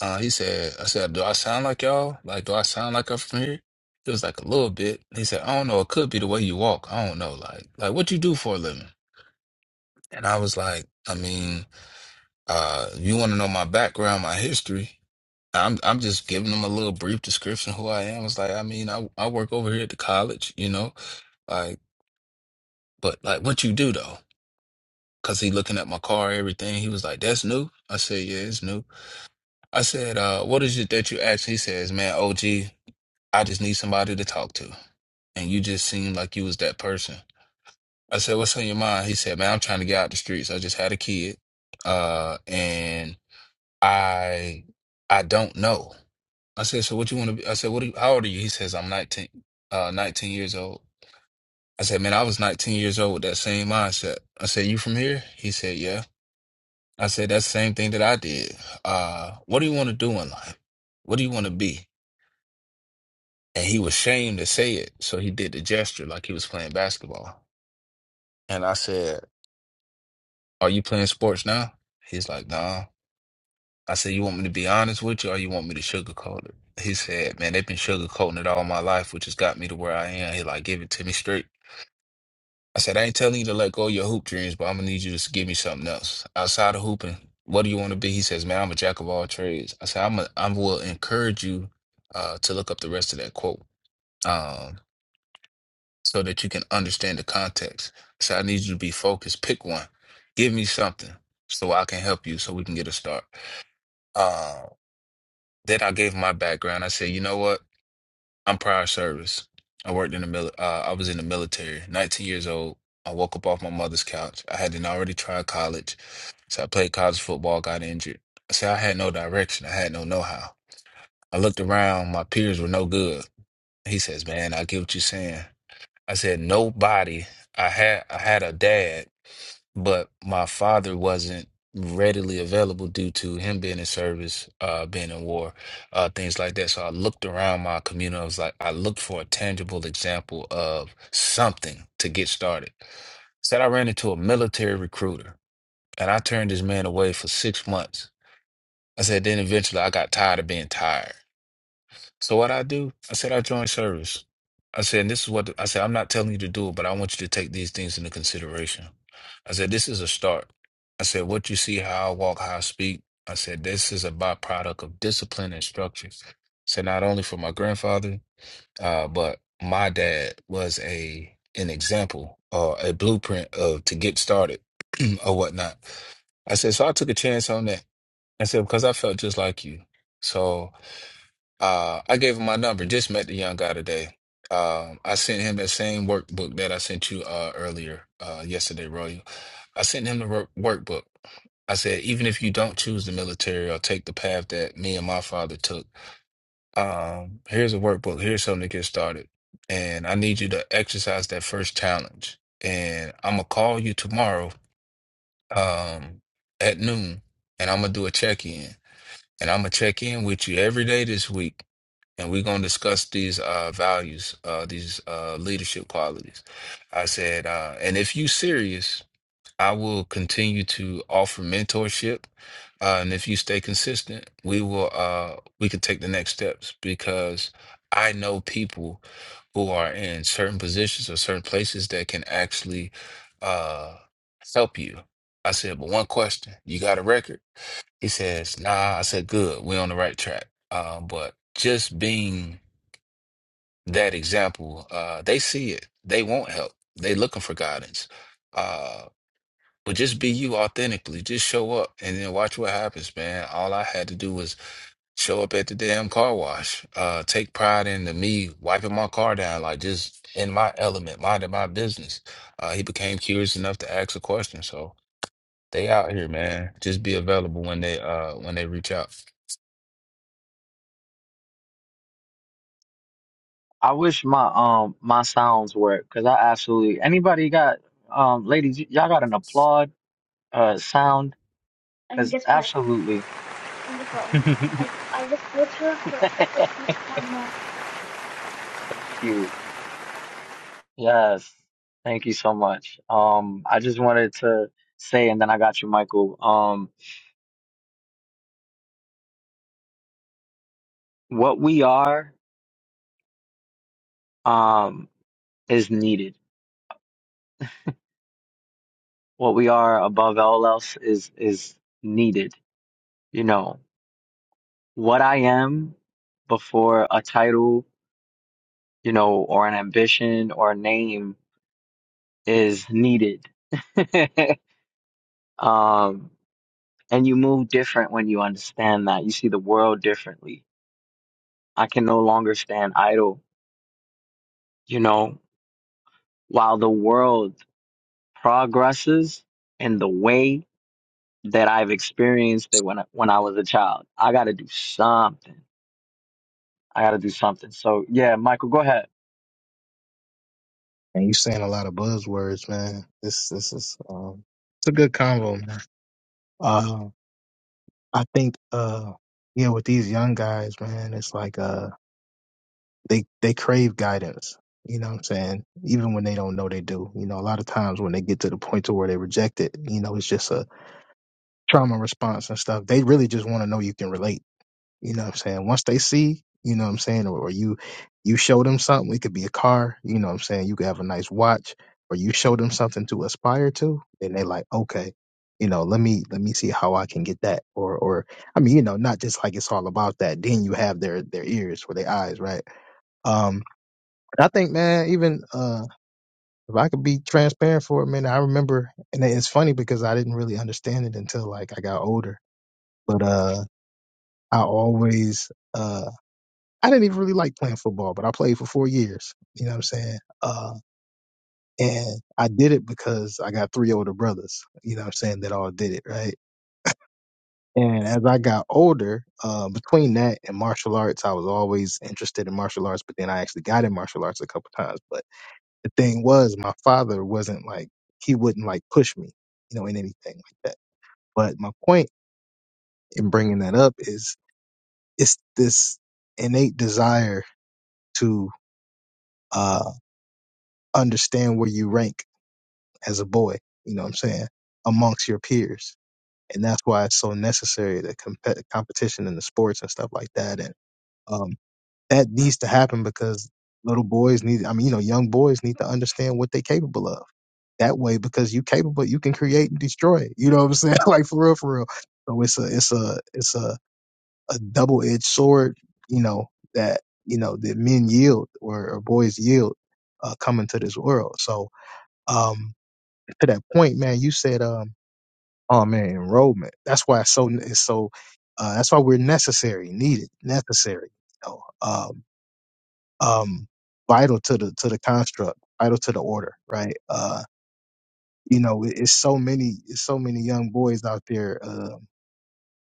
S4: Uh, he said, I said, Do I sound like y'all? Like, do I sound like I'm from here? He was like a little bit. He said, I don't know, it could be the way you walk. I don't know. Like, like what you do for a living? And I was like, I mean, Uh, you want to know my background, my history? I'm I'm just giving them a little brief description of who I am. It's like I mean, I I work over here at the college, you know, like but like what you do though? Cause he looking at my car, everything. He was like, "That's new." I said, "Yeah, it's new." I said, uh, "What is it that you ask?" He says, "Man, OG, I just need somebody to talk to, and you just seemed like you was that person." I said, "What's on your mind?" He said, "Man, I'm trying to get out the streets. I just had a kid, uh, and I I don't know." I said, so what you want to be? I said, what? Are you, how old are you? He says, I'm 19, uh, 19 years old. I said, man, I was 19 years old with that same mindset. I said, you from here? He said, yeah. I said, that's the same thing that I did. Uh, what do you want to do in life? What do you want to be? And he was ashamed to say it, so he did the gesture like he was playing basketball. And I said, are you playing sports now? He's like, nah. I said, you want me to be honest with you, or you want me to sugarcoat it? He said, man, they've been sugarcoating it all my life, which has got me to where I am. He like, give it to me straight. I said, I ain't telling you to let go of your hoop dreams, but I'm gonna need you to s- give me something else outside of hooping. What do you want to be? He says, man, I'm a jack of all trades. I said, I'm a, I will encourage you uh, to look up the rest of that quote um, so that you can understand the context. So I need you to be focused. Pick one. Give me something so I can help you so we can get a start. Uh, then I gave my background. I said, you know what? I'm prior service. I worked in the mil- uh, I was in the military. 19 years old. I woke up off my mother's couch. I hadn't already tried college. So I played college football, got injured. I said I had no direction. I had no know-how. I looked around. My peers were no good. He says, "Man, I get what you're saying." I said, "Nobody. I had I had a dad but my father wasn't readily available due to him being in service, uh, being in war, uh, things like that. So I looked around my community. I was like, I looked for a tangible example of something to get started. Said I ran into a military recruiter and I turned this man away for six months. I said, then eventually I got tired of being tired. So what I do, I said I joined service. I said, and this is what I said, I'm not telling you to do it, but I want you to take these things into consideration. I said, this is a start. I said, what you see, how I walk, how I speak. I said, this is a byproduct of discipline and structures. So not only for my grandfather, uh, but my dad was a an example or a blueprint of to get started or whatnot. I said, so I took a chance on that. I said, because I felt just like you. So uh, I gave him my number. Just met the young guy today. Um, I sent him that same workbook that I sent you uh, earlier uh, yesterday, Royal. I sent him the work workbook. I said, even if you don't choose the military or take the path that me and my father took, um, here's a workbook. Here's something to get started. And I need you to exercise that first challenge. And I'm gonna call you tomorrow um, at noon, and I'm gonna do a check in. And I'm gonna check in with you every day this week and we're going to discuss these uh, values, uh, these uh, leadership qualities. I said, uh, and if you serious, I will continue to offer mentorship, uh, and if you stay consistent, we will uh, we can take the next steps because I know people who are in certain positions or certain places that can actually uh, help you. I said, but one question, you got a record? He says, nah. I said, good, we're on the right track. Uh, but just being that example, uh, they see it. They want help. They looking for guidance. Uh, but just be you authentically. Just show up and then watch what happens, man. All I had to do was show up at the damn car wash. Uh, take pride in the me wiping my car down, like just in my element, minding my business. Uh, he became curious enough to ask a question. So they out here, man. Just be available when they uh when they reach out.
S1: I wish my um my sounds work because I absolutely anybody got um ladies y- y'all got an applaud uh sound
S9: And
S1: because
S9: guess what?
S1: absolutely.
S9: And guess what?
S1: Thank
S9: I I just put her for just put her on my
S1: you. Yes, thank you so much. Um, I just wanted to say, and then I got you, Michael. Um, what we are, um, is needed. What we are above all else is is needed. You know, what I am before a title, you know, or an ambition or a name is needed. Um, and you move different when you understand that. You see the world differently. I can no longer stand idle. You know, while the world progresses in the way that I've experienced it when I, when I was a child. I got to do something. I got to do something. So yeah, Michael, go ahead.
S2: And you saying a lot of buzzwords, man. This this is um, it's a good convo, man. Uh, I think uh, yeah, with these young guys, man, it's like uh. they they crave guidance. You know what I'm saying? Even when they don't know they do. You know, a lot of times when they get to the point to where they reject it, you know, it's just a trauma response and stuff. They really just want to know you can relate. You know what I'm saying? Once they see, you know what I'm saying, or, or you you show them something, it could be a car, you know what I'm saying, you could have a nice watch, or you show them something to aspire to, then they like, okay, you know, let me let me see how I can get that. Or or I mean, you know, not just like it's all about that. Then you have their their ears or their eyes, right? Um. And I think, man, even uh, if I could be transparent for a minute, I remember, and it's funny because I didn't really understand it until like I got older. But uh, I always, uh, I didn't even really like playing football, but I played for four years. You know what I'm saying? Uh, and I did it because I got three older brothers. You know what I'm saying? That all did it, right? And as I got older, uh, between that and martial arts, I was always interested in martial arts. But then I actually got in martial arts a couple times, but the thing was my father wasn't like he wouldn't like push me you know in anything like that but my point in bringing that up is it's this innate desire to uh understand where you rank as a boy you know what i'm saying amongst your peers and that's why it's so necessary the comp- competition in the sports and stuff like that and um that needs to happen because little boys need i mean you know young boys need to understand what they're capable of that way because you capable, you can create and destroy. it. You know what I'm saying? like for real, for real. So it's a it's a it's a, a double edged sword, you know, that you know, that men yield or, or boys yield uh coming to this world. So um to that point, man, you said um oh man, enrollment. That's why it's so it's so uh that's why we're necessary, needed, necessary, you know. Um um vital to the to the construct, vital to the order, right? Uh you know, it, it's so many, it's so many young boys out there uh,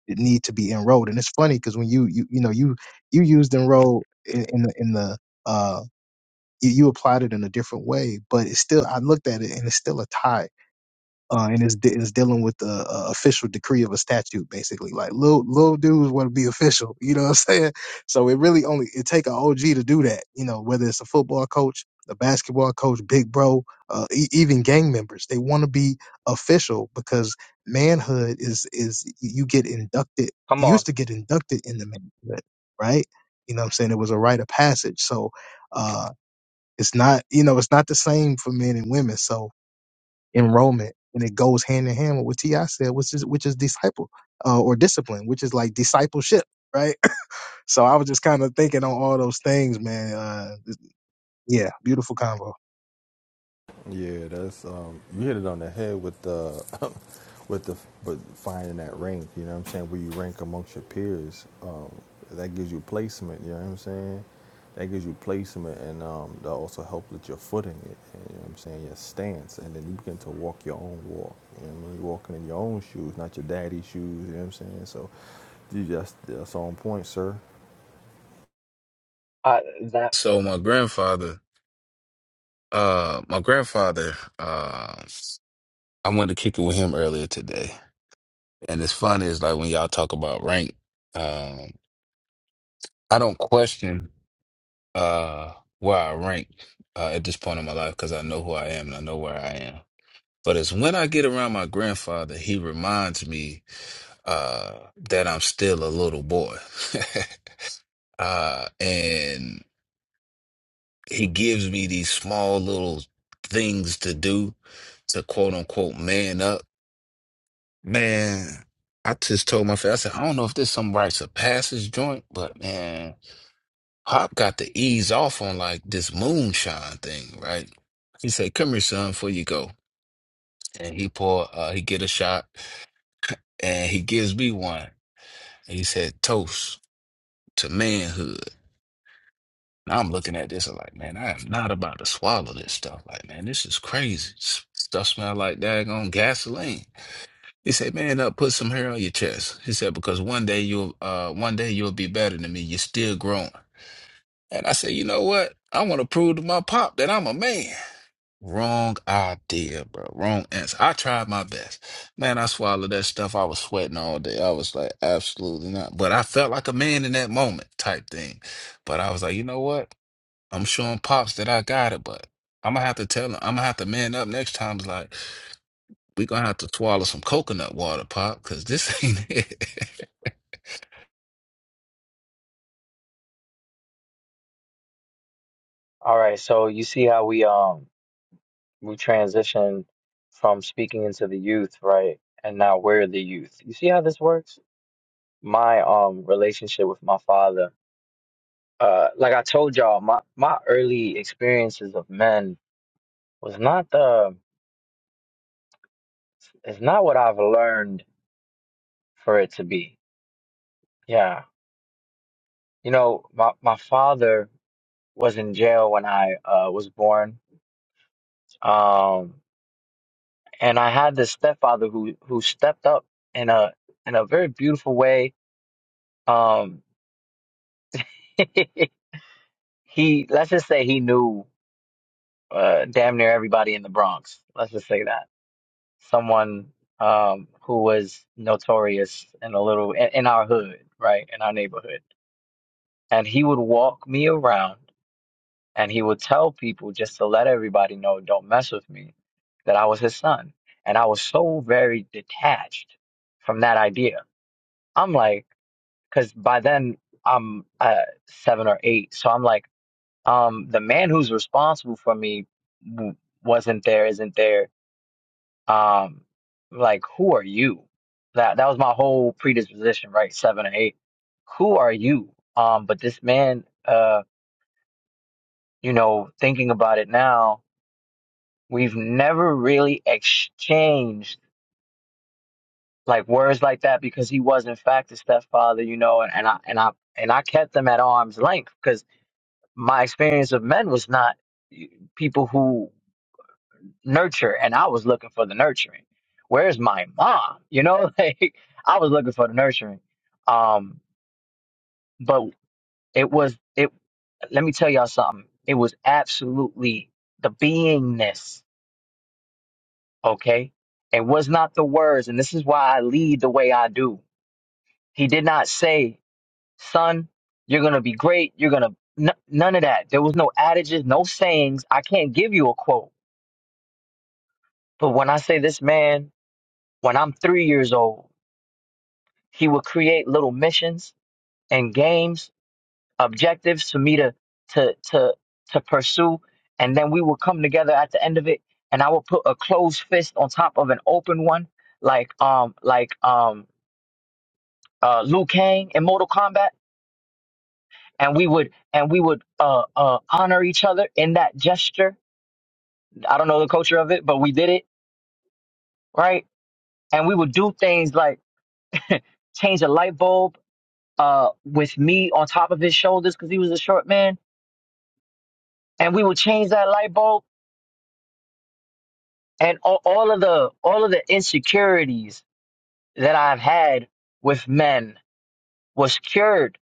S2: that need to be enrolled. And it's funny because when you, you, you know, you you used enroll in, in the in the uh, you, you applied it in a different way, but it's still I looked at it and it's still a tie uh, and it's, de- it's dealing with the uh, official decree of a statute, basically. Like little little dudes want to be official, you know what I'm saying? So it really only it take an OG to do that, you know, whether it's a football coach, a basketball coach, big bro, uh, e- even gang members, they want to be official because manhood is is you get inducted.
S1: Come on.
S2: You used to get inducted in the manhood, right? You know what I'm saying? It was a rite of passage. So uh, it's not you know it's not the same for men and women. So enrollment, and it goes hand in hand with what Ti said, which is which is disciple uh, or discipline, which is like discipleship, right? So I was just kind of thinking on all those things, man. Uh, yeah, beautiful convo.
S8: Yeah, that's um, you hit it on the head with the with the but finding that rank. You know what I'm saying? Where you rank amongst your peers, um, that gives you placement. You know what I'm saying? That gives you placement, and um, that also helps with your footing. You know what I'm saying? Your stance, and then you begin to walk your own walk. You know what I mean? You're walking in your own shoes, not your daddy's shoes. You know what I'm saying? So, you just that's on point, sir.
S1: Uh, that.
S4: So my grandfather, uh, my grandfather, um. I wanted to kick it with him earlier today. And it's funny is like when y'all talk about rank, um, I don't question uh where I rank uh, at this point in my life because I know who I am and I know where I am. But it's when I get around my grandfather, he reminds me uh that I'm still a little boy. uh and he gives me these small little things to do to quote unquote man up Man, I just told my friend, I said, I don't know if this some rites of passage joint, but man, Hop got to ease off on like this moonshine thing, right? He said, Come here, son, before you go. And he pour uh he get a shot and he gives me one. And he said, Toast to manhood. And I'm looking at this, I'm like, man, I am not about to swallow this stuff. Like, man, this is crazy. S- Stuff smell like daggone gasoline. He said, "Man, up, put some hair on your chest." He said, "Because one day you'll, uh, one day you'll be better than me. You're still growing." And I said, "You know what? I want to prove to my pop that I'm a man." Wrong idea, bro. Wrong answer. I tried my best, man. I swallowed that stuff. I was sweating all day. I was like, absolutely not. But I felt like a man in that moment, type thing. But I was like, you know what? I'm showing pops that I got it, but I'm gonna have to tell him. I'm gonna have to man up next time. It's Like we gonna have to swallow some coconut water, Pop, because this ain't it.
S1: All right. So you see how we um we transition from speaking into the youth, right? And now we're the youth. You see how this works? My um relationship with my father. Uh, like I told y'all, my my early experiences of men was not the it's not what I've learned for it to be. Yeah. You know, my, my father was in jail when I uh, was born. Um, and I had this stepfather who, who stepped up in a, in a very beautiful way. Um, he, let's just say he knew, uh, damn near everybody in the Bronx. Let's just say that someone, um, who was notorious in a little, in, in our hood, right? In our neighborhood. And he would walk me around And he would tell people just to let everybody know, don't mess with me, that I was his son. And I was so very detached from that idea. I'm like, because by then I'm uh, seven or eight. So I'm like, um, the man who's responsible for me w- wasn't there, isn't there. Um, like, who are you? That that was my whole predisposition, right? Seven or eight. Who are you? Um, but this man, uh, you know, thinking about it now, We've never really exchanged like words like that because he was in fact a stepfather, you know, and, and I and I and I kept them at arm's length because my experience of men was not people who nurture and I was looking for the nurturing. Where's my mom? You know, like I was looking for the nurturing. Um, but it was it let me tell y'all something. It was absolutely the beingness. okay? And was not the words, and this is why I lead the way I do. He did not say, son, you're going to be great. You're going to, n- none of that. There was no adages, no sayings. I can't give you a quote. But when I say this man, when I'm three years old, he would create little missions and games, objectives for me to, to, to, to pursue. And then we would come together at the end of it and I would put a closed fist on top of an open one. Like, um, like, um, uh, Liu Kang in Mortal Kombat, and we would and we would uh, uh, honor each other in that gesture. I don't know the culture of it, but we did it right, and we would do things like change a light bulb uh, with me on top of his shoulders because he was a short man, and we would change that light bulb, and all, all of the all of the insecurities that I've had with men was cured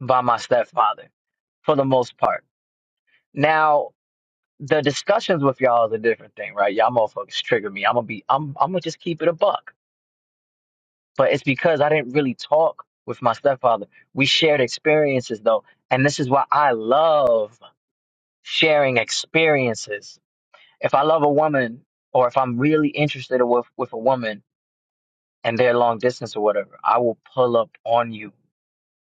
S1: by my stepfather for the most part. Now the discussions with y'all is a different thing, right? Y'all motherfuckers trigger me. I'm gonna be I'm I'm gonna just keep it a buck. But it's because I didn't really talk with my stepfather. We shared experiences though, and this is why I love sharing experiences. If I love a woman or if I'm really interested with with a woman and they're long distance or whatever, I will pull up on you.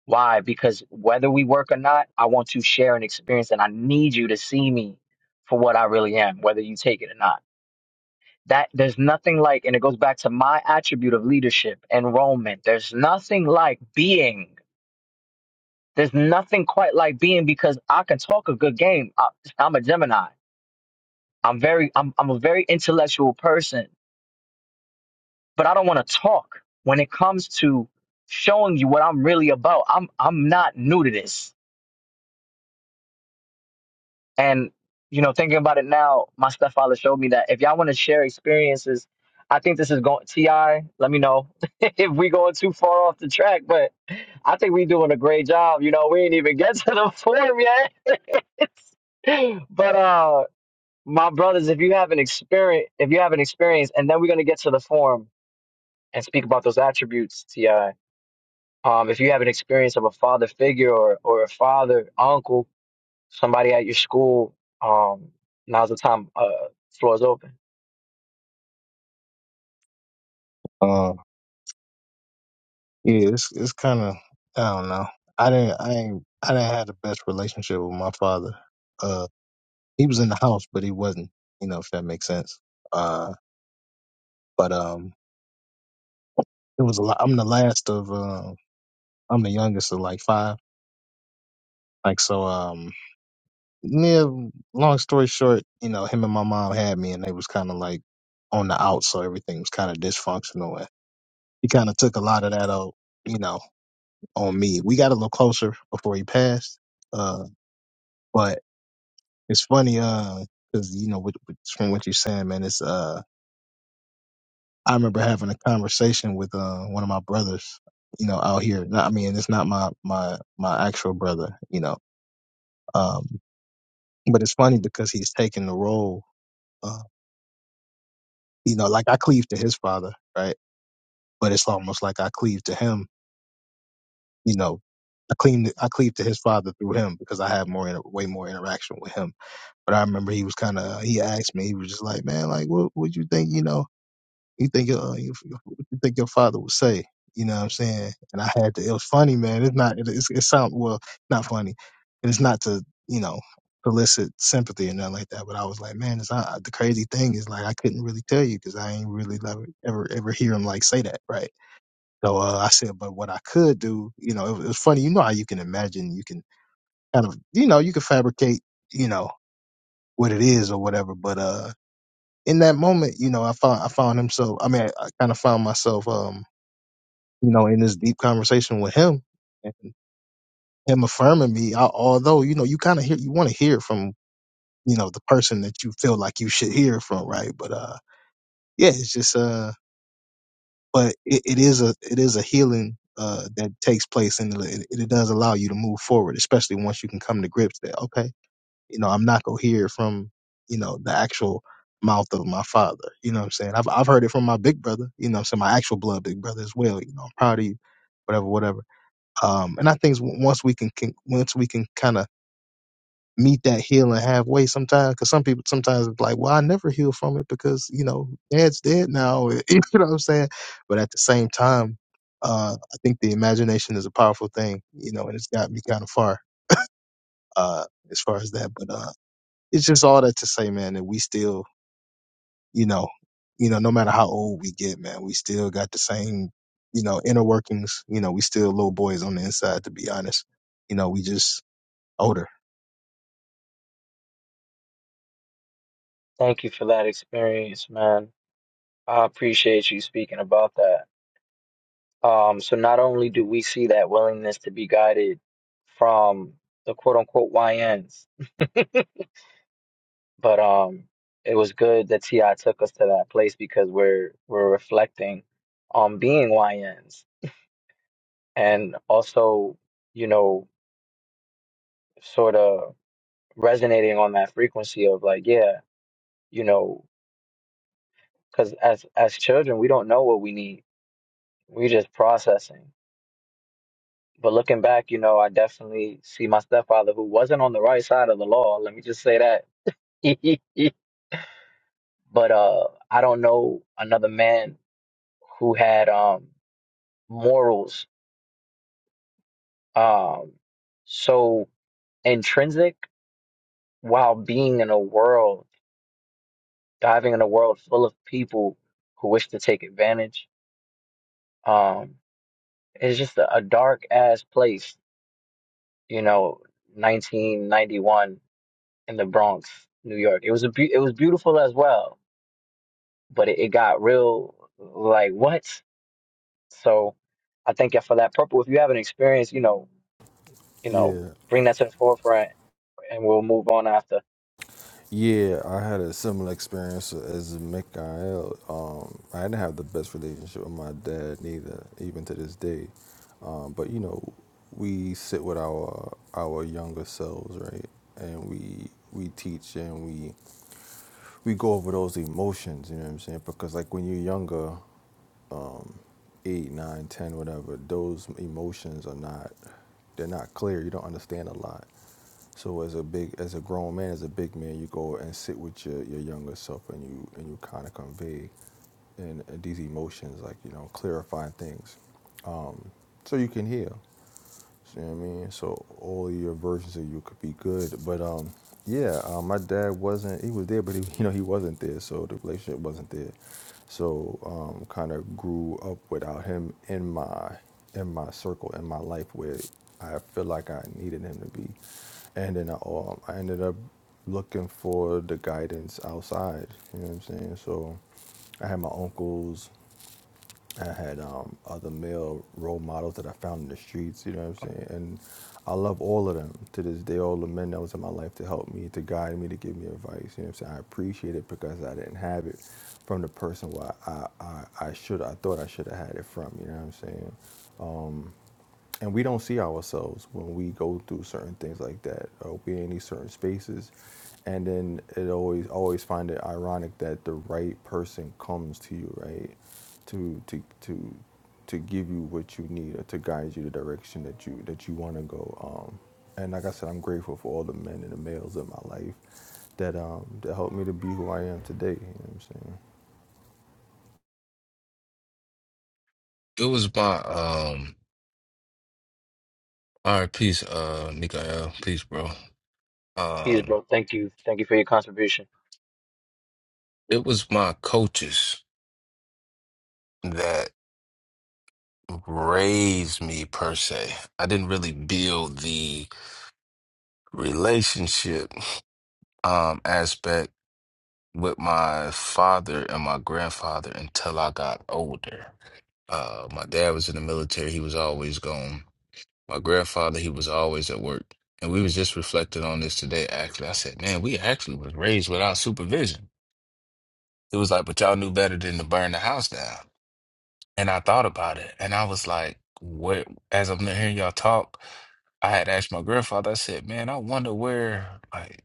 S1: Why? Because whether we work or not, I want to share an experience and I need you to see me for what I really am, whether you take it or not that there's nothing like and it goes back to my attribute of leadership enrollment there's nothing like being there's nothing quite like being because i can talk a good game I, i'm a gemini i'm very I'm, I'm a very intellectual person but i don't want to talk when it comes to showing you what i'm really about i'm i'm not new to this And you know, thinking about it now, my stepfather showed me that if y'all want to share experiences, I think this is going Ti. Let me know if we going too far off the track, but I think we doing a great job. You know, we ain't even get to the form yet. but uh, my brothers, if you have an experience, if you have an experience, and then we're gonna get to the form and speak about those attributes, Ti. Um, if you have an experience of a father figure or, or a father, uncle, somebody at your school, um, now's the time. Uh, floor's open.
S2: Um, yeah, it's it's kind of I don't know. I didn't I ain't I didn't have the best relationship with my father. Uh, he was in the house, but he wasn't. You know if that makes sense. Uh, but um, it was a lot. I'm the last of um, I'm the youngest of like five. Like so, um, yeah, long story short, you know, him and my mom had me, and they was kind of like on the out, so everything was kind of dysfunctional. And he kind of took a lot of that out, you know, on me. We got a little closer before he passed, uh, but it's funny, uh, because you know, with, with, from what you're saying, man, it's uh, I remember having a conversation with uh one of my brothers, you know, out here. Not, I mean, it's not my my my actual brother, you know, um, but it's funny because he's taking the role. uh, you know, like I cleave to his father, right? But it's almost like I cleave to him, you know, I cleave, I cleave to his father through him because I have more, inter- way more interaction with him. But I remember he was kind of, he asked me, he was just like, man, like, what would you think, you know? you think your, uh, you, you think your father would say you know what i'm saying and i had to it was funny man it's not it, it's, it sound well not funny and it's not to you know solicit sympathy or nothing like that but i was like man it's not, the crazy thing is like i couldn't really tell you because i ain't really ever, ever ever hear him like say that right so uh, i said but what i could do you know it, it was funny you know how you can imagine you can kind of you know you can fabricate you know what it is or whatever but uh in that moment, you know, I found I found him so I mean, I, I kind of found myself, um, you know, in this deep conversation with him and him affirming me. al- although, you know, you kind of hear you want to hear from you know the person that you feel like you should hear from, right? But uh, yeah, it's just uh, but it, it is a it is a healing. Uh, that takes place and it, it does allow you to move forward, especially once you can come to grips that okay, You know, I'm not gonna hear it from, you know, the actual mouth of my father. You know what I'm saying? I've I've heard it from my big brother, you know, so my actual blood big brother as well, you know, I'm proud of you, whatever, whatever. Um and I think w- once we can, can once we can kinda meet that healing halfway sometimes because some people sometimes it's like well i never heal from it because you know dad's dead now you know what i'm saying but at the same time uh i think the imagination is a powerful thing you know and it's got me kind of far uh as far as that. but uh it's just all that to say, man, that we still, you know, you know, no matter how old we get, man, we still got the same, you know, inner workings. You know, we still little boys on the inside, to be honest. You know, we just older.
S1: Thank you for that experience, man. I appreciate you speaking about that. Um, so not only do we see that willingness to be guided from the quote unquote YNs, but um, it was good that Ti took us to that place because we're we're reflecting on being YNs and also, you know, sort of resonating on that frequency of like, yeah, you know. Because as as children, we don't know what we need. We're just processing. But looking back, you know, I definitely see my stepfather who wasn't on the right side of the law. Let me just say that. But uh, I don't know another man who had um morals um so intrinsic while being in a world, diving in a world full of people who wish to take advantage. Um, it's just a, a dark ass place you know, 1991 in the Bronx, New York. It was a be- it was beautiful as well, but it, it got real like what? So I thank you for that purple. If you have an experience, you know, you know,
S8: Yeah,
S1: bring that to the forefront and we'll move on after.
S8: Yeah, I had a similar experience as Mikael. Um, I didn't have the best relationship with my dad neither, even to this day. Um, but you know, we sit with our our younger selves, right? And we we teach and we we go over those emotions. You know what I'm saying? Because like when you're younger, eight, nine, ten, whatever, those emotions are not they're not clear. You don't understand a lot. So as a big as a grown man, as a big man, you go and sit with your, your younger self and you and you kinda convey and uh, these emotions, like, you know, clarifying things. So you can heal. You know what I mean? So all your versions of you could be good. But um, yeah, um, my dad wasn't. He was there, but he, you know, he wasn't there. So the relationship wasn't there. So um, kind of grew up without him in my in my circle in my life where I feel like I needed him to be. And then I, um, I ended up looking for the guidance outside. You know what I'm saying? So I had my uncles I had um, other male role models that I found in the streets, you know what I'm saying? And I love all of them to this day, all the men that was in my life to help me, to guide me, to give me advice, you know what I'm saying? I appreciate it because I didn't have it from the person where I, I, I should, I thought I should have had it from, you know what I'm saying? and we don't see ourselves when we go through certain things like that. Uh, we're in these certain spaces, and then it always always find it ironic that the right person comes to you, right, to to to to give you what you need or to guide you the direction that you that you want to go. Um, and like I said, I'm grateful for all the men and the males in my life that um, that helped me to be who I am today. You know what I'm saying?
S4: It was my um all right, peace, uh Mikael, peace, bro.
S1: Peace,
S4: Um
S1: bro. Thank you. Thank you for your contribution.
S4: it was my coaches that raised me per se. I didn't really build the relationship um aspect with my father and my grandfather until I got older. Uh my dad was in the military, he was always gone My grandfather, he was always at work. And we was just reflecting on this today, actually. I said, man, we actually was raised without supervision. It was like, but y'all knew better than to burn the house down. And I thought about it. And I was like, "What?" as I'm hearing y'all talk, I had asked my grandfather, I said, man, I wonder where, like,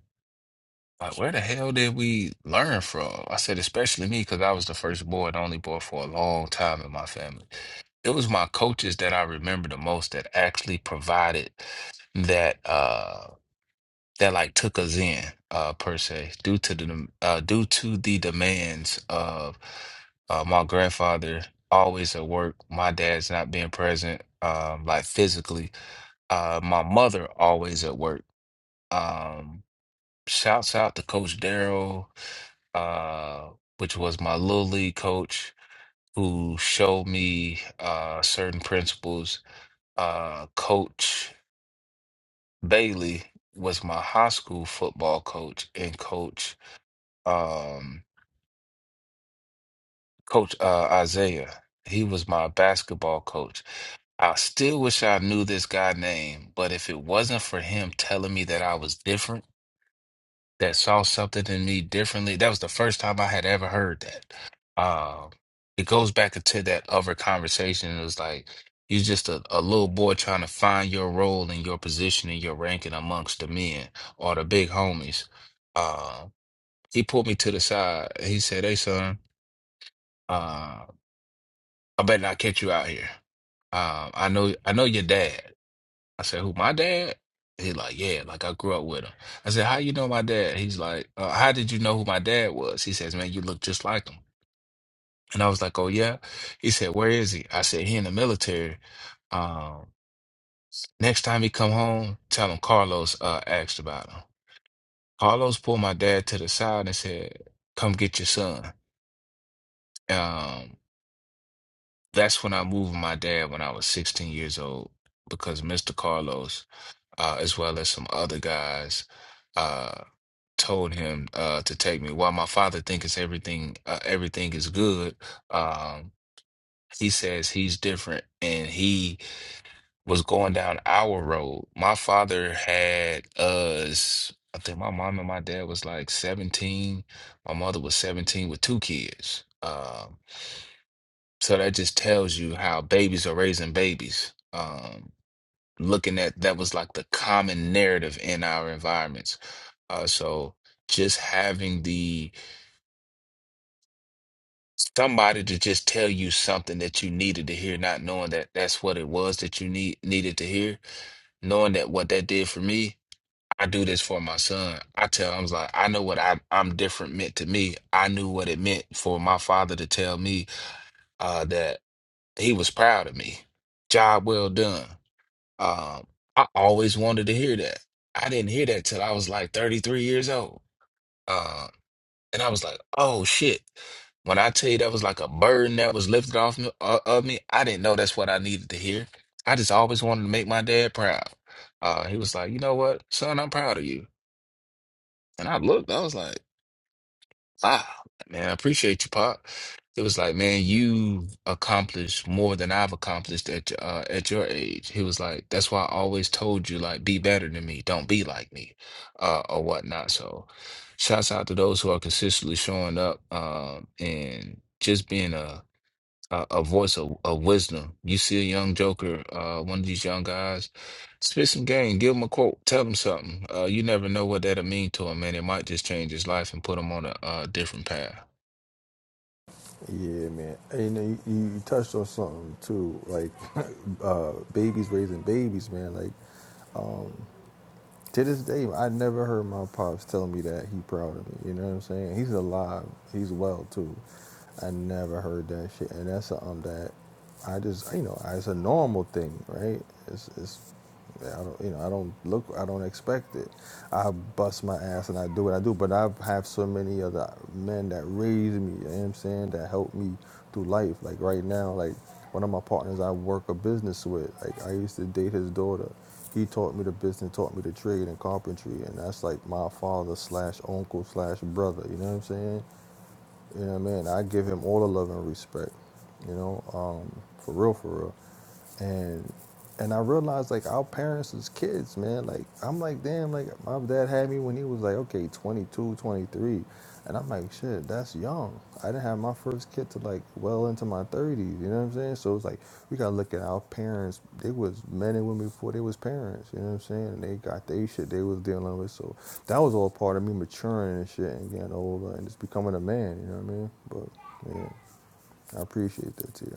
S4: like where the hell did we learn from? I said, especially me, because I was the first boy and only boy for a long time in my family. It was my coaches that I remember the most that actually provided that. Uh, that like took us in uh per se due to the dem- uh due to the demands of uh my grandfather always at work my dad's not being present um like physically uh my mother always at work um shouts out to coach Daryl uh which was my little league coach who showed me uh certain principles uh coach Bailey was my high school football coach and coach um, Coach uh, Isaiah. He was my basketball coach. I still wish I knew this guy's name, but if it wasn't for him telling me that I was different, that saw something in me differently, that was the first time I had ever heard that. Uh, it goes back into that other conversation. It was like, you're just a, a little boy trying to find your role and your position and your ranking amongst the men or the big homies. Uh, he pulled me to the side. He said, Hey, son. uh, I better not catch you out here. Um, I know, I know your dad. I said, who, my dad? He like, yeah, like I grew up with him. I said, how you know my dad? He's like, uh, how did you know who my dad was? He says, man, you look just like him. And I was like, oh yeah. He said, where is he? I said, he in the military. Um, next time he come home, tell him Carlos uh, asked about him. Carlos pulled my dad to the side and said, come get your son. Um, that's when I moved my dad when I was 16 years old because Mr. Carlos uh, as well as some other guys, uh, told him uh, to take me. While my father thinks everything uh, everything is good, um, he says he's different, and he was going down our road. My father had us. I think my mom and my dad was like 17. My mother was 17 with two kids. Um, so that just tells you how babies are raising babies. Um, looking at that was like the common narrative in our environments. Uh, so just having the somebody to just tell you something that you needed to hear, not knowing that that's what it was that you need needed to hear, knowing that what that did for me, I do this for my son. I tell him, I was like, I know what I, I'm different meant to me. I knew what it meant for my father to tell me uh, that he was proud of me. Job well done. Um, I always wanted to hear that. I didn't hear that till I was like 33 years old. Um, and I was like, oh shit. When I tell you that was like a burden that was lifted off me, uh, of me, I didn't know that's what I needed to hear. I just always wanted to make my dad proud. Uh, he was like, you know what, son, I'm proud of you. And I looked, I was like, Wow, man, I appreciate you, Pop. It was like, man, you've accomplished more than I've accomplished at uh, at your age. He was like, that's why I always told you, like, be better than me, don't be like me, uh, or whatnot. So, shouts out to those who are consistently showing up, um, and just being a a, a voice of, of wisdom. You see a young joker, uh, one of these young guys, spit some game, give him a quote, tell him something. Uh, you never know what that'll mean to him, man. It might just change his life and put him on a, uh different path.
S8: Yeah, man. And you, know, you, you touched on something too, like uh, babies raising babies, man. Like to this day, I never heard my pops tell me that he proud of me. You know what I'm saying? He's alive. He's well too. I never heard that shit, and that's something that I just you know it's a normal thing, right? It's it's yeah, I don't, you know, I don't look, I don't expect it. I bust my ass and I do what I do, but I have so many other men that raised me, you know what I'm saying, that helped me through life. Like right now, like one of my partners I work a business with, like I used to date his daughter. He taught me the business, taught me the trade and carpentry, and that's like my father slash uncle slash brother, you know what I'm saying? You know what I mean? I give him all the love and respect, you know, um, for real, for real. And and I realized like our parents as kids, man, like I'm like, damn, like my dad had me when he was like, okay, 22, 23. And I'm like, shit, that's young. I didn't have my first kid to like well into my 30s you know what i'm saying so it's like we gotta look at our parents they was men and women before they was parents you know what i'm saying and they got they shit they was dealing with so that was all part of me maturing and shit and getting older and just becoming a man you know what i mean but yeah i appreciate that too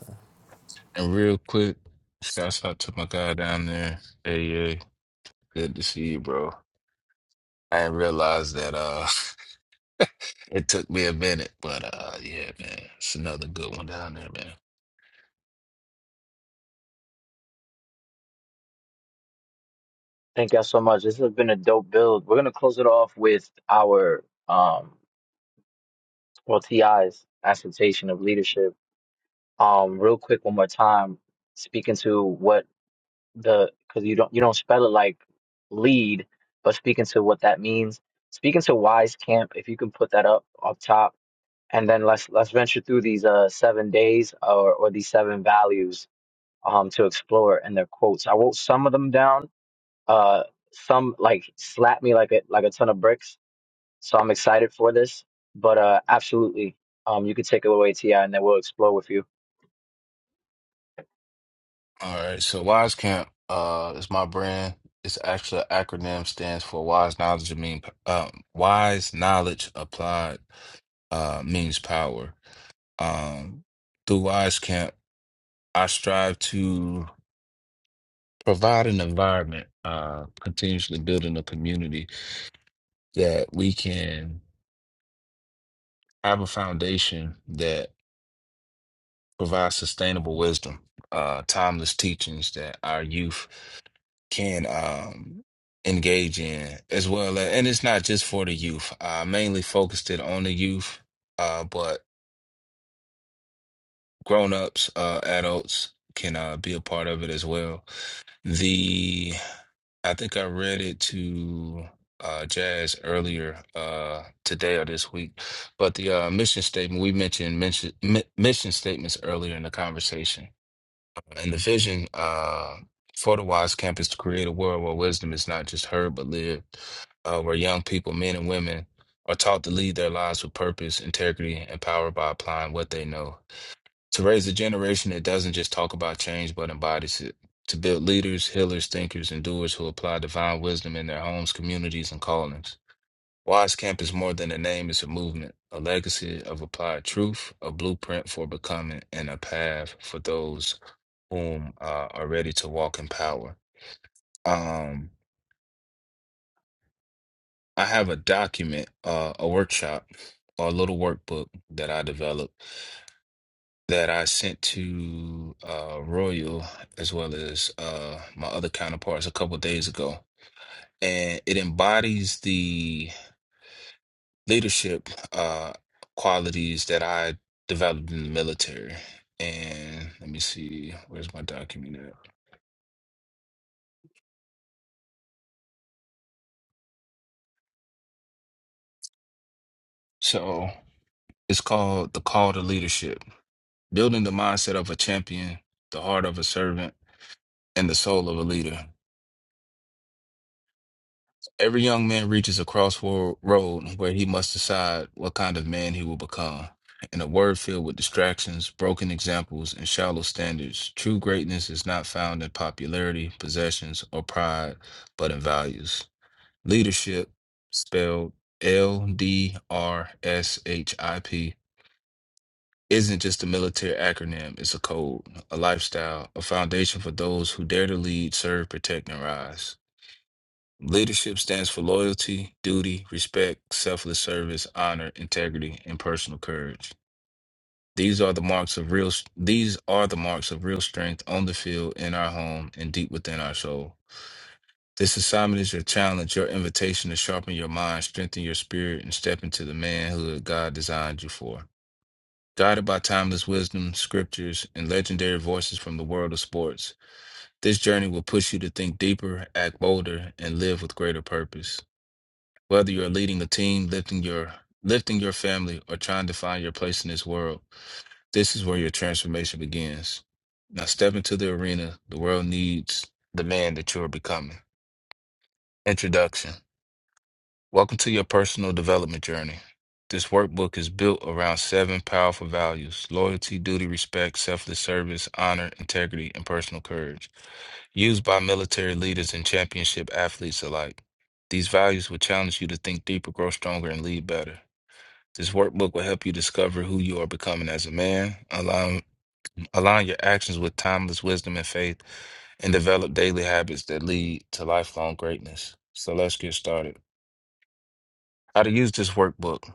S4: And real quick, shouts out to my guy down there. Hey, yeah, good to see you, bro. I didn't realize that uh, it took me a minute, but uh, yeah, man, it's another good one down there, man.
S1: Thank y'all so much. This has been a dope build. We're gonna close it off with our um well TI's assertion of leadership. Um real quick one more time, speaking to what the because you don't you don't spell it like lead, but speaking to what that means, speaking to Wise Camp, if you can put that up up top, and then let's let's venture through these uh seven days or or these seven values um to explore and their quotes. I wrote some of them down. Uh, some like slapped me like a like a ton of bricks. So I'm excited for this, but uh, absolutely. Um, you can take it away, Ti, and then we'll explore with you
S4: All right, so Wise Camp uh, is my brand. It's actually an acronym stands for Wise Knowledge of Mean um, Wise Knowledge Applied uh, Means Power. Um, through Wise Camp, I strive to provide an environment, uh, continuously building a community that we can have a foundation provide sustainable wisdom, uh, timeless teachings that our youth can um, engage in as well. And it's not just for the youth. I mainly focused it on the youth, uh, but grown-ups, uh, adults can uh, be a part of it as well. The I think I read it to uh, Jazz earlier uh, today or this week, but the uh, mission statement we mentioned mention, mi- mission statements earlier in the conversation in the vision uh, for the Wise Campus to create a world where wisdom is not just heard but lived, uh, where young people, men and women, are taught to lead their lives with purpose, integrity, and power by applying what they know. To raise a generation that doesn't just talk about change but embodies it. To build leaders, healers, thinkers, and doers who apply divine wisdom in their homes, communities, and callings. Wise Camp is more than a name, it's a movement, a legacy of applied truth, a blueprint for becoming, and a path for those whom uh, are ready to walk in power. Um, I have a document, uh, a workshop, or a little workbook that I developed that I sent to uh, Royal as well as uh, my other counterparts a couple days ago. And it embodies the leadership uh, qualities that I developed in the military. And let me see, where's my document at? So it's called The Call to Leadership building the mindset of a champion, the heart of a servant, and the soul of a leader. Every young man reaches a crossroad where he must decide what kind of man he will become. In a world filled with distractions, broken examples, and shallow standards, true greatness is not found in popularity, possessions, or pride, but in values. Leadership, spelled L D R S H I P isn't just a military acronym, it's a code, a lifestyle, a foundation for those who dare to lead, serve, protect, and rise. Leadership stands for loyalty, duty, respect, selfless service, honor, integrity, and personal courage. These are the marks of real these are the marks of real strength on the field, in our home, and deep within our soul. This assignment is your challenge, your invitation to sharpen your mind, strengthen your spirit, and step into the manhood God designed you for. Guided by timeless wisdom, scriptures, and legendary voices from the world of sports, this journey will push you to think deeper, act bolder, and live with greater purpose. Whether you're leading a team, lifting your lifting your family, or trying to find your place in this world, this is where your transformation begins. Now step into the arena. The world needs the man that you are becoming. Introduction. Welcome to your personal development journey. This workbook is built around seven powerful values loyalty, duty, respect, selfless service, honor, integrity, and personal courage, used by military leaders and championship athletes alike. These values will challenge you to think deeper, grow stronger, and lead better. This workbook will help you discover who you are becoming as a man, align, align your actions with timeless wisdom and faith, and develop daily habits that lead to lifelong greatness. So let's get started. How to use this workbook.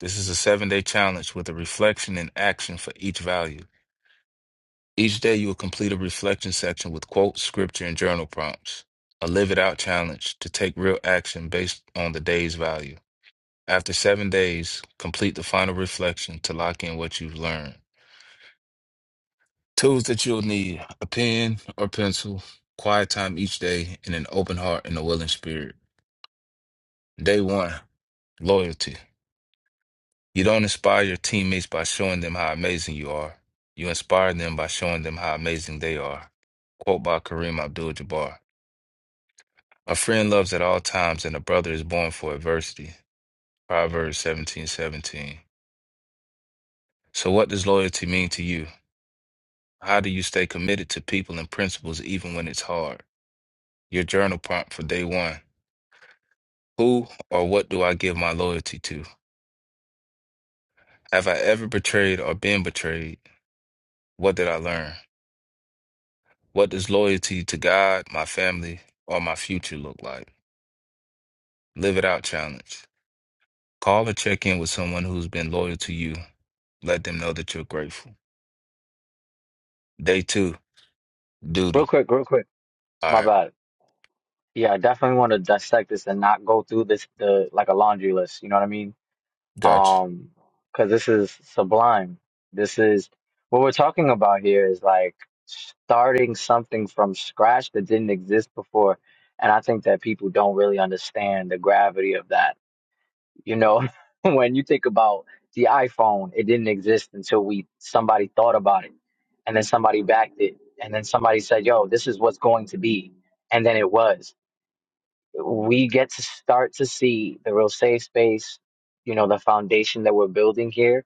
S4: This is a seven day challenge with a reflection and action for each value. Each day, you will complete a reflection section with quotes, scripture, and journal prompts. A live it out challenge to take real action based on the day's value. After seven days, complete the final reflection to lock in what you've learned. Tools that you'll need a pen or pencil, quiet time each day, and an open heart and a willing spirit. Day one loyalty. You don't inspire your teammates by showing them how amazing you are. You inspire them by showing them how amazing they are. Quote by Kareem Abdul-Jabbar. A friend loves at all times, and a brother is born for adversity. Proverbs seventeen seventeen. So what does loyalty mean to you? How do you stay committed to people and principles even when it's hard? Your journal prompt for day one. Who or what do I give my loyalty to? Have I ever betrayed or been betrayed? What did I learn? What does loyalty to God, my family, or my future look like? Live it out challenge. Call or check in with someone who's been loyal to you. Let them know that you're grateful. Day two, duty.
S1: real quick, real quick.
S4: All
S1: My
S4: right,
S1: bad. Yeah, I definitely want to dissect this and not go through this the like a laundry list. You know what I mean?
S4: gotcha.
S1: Um, because this is sublime. This is what we're talking about here is like starting something from scratch that didn't exist before, and I think that people don't really understand the gravity of that. You know, when you think about the iPhone, it didn't exist until we somebody thought about it, and then somebody backed it, and then somebody said, "Yo, this is what's going to be," and then it was we get to start to see the real safe space, you know, the foundation that we're building here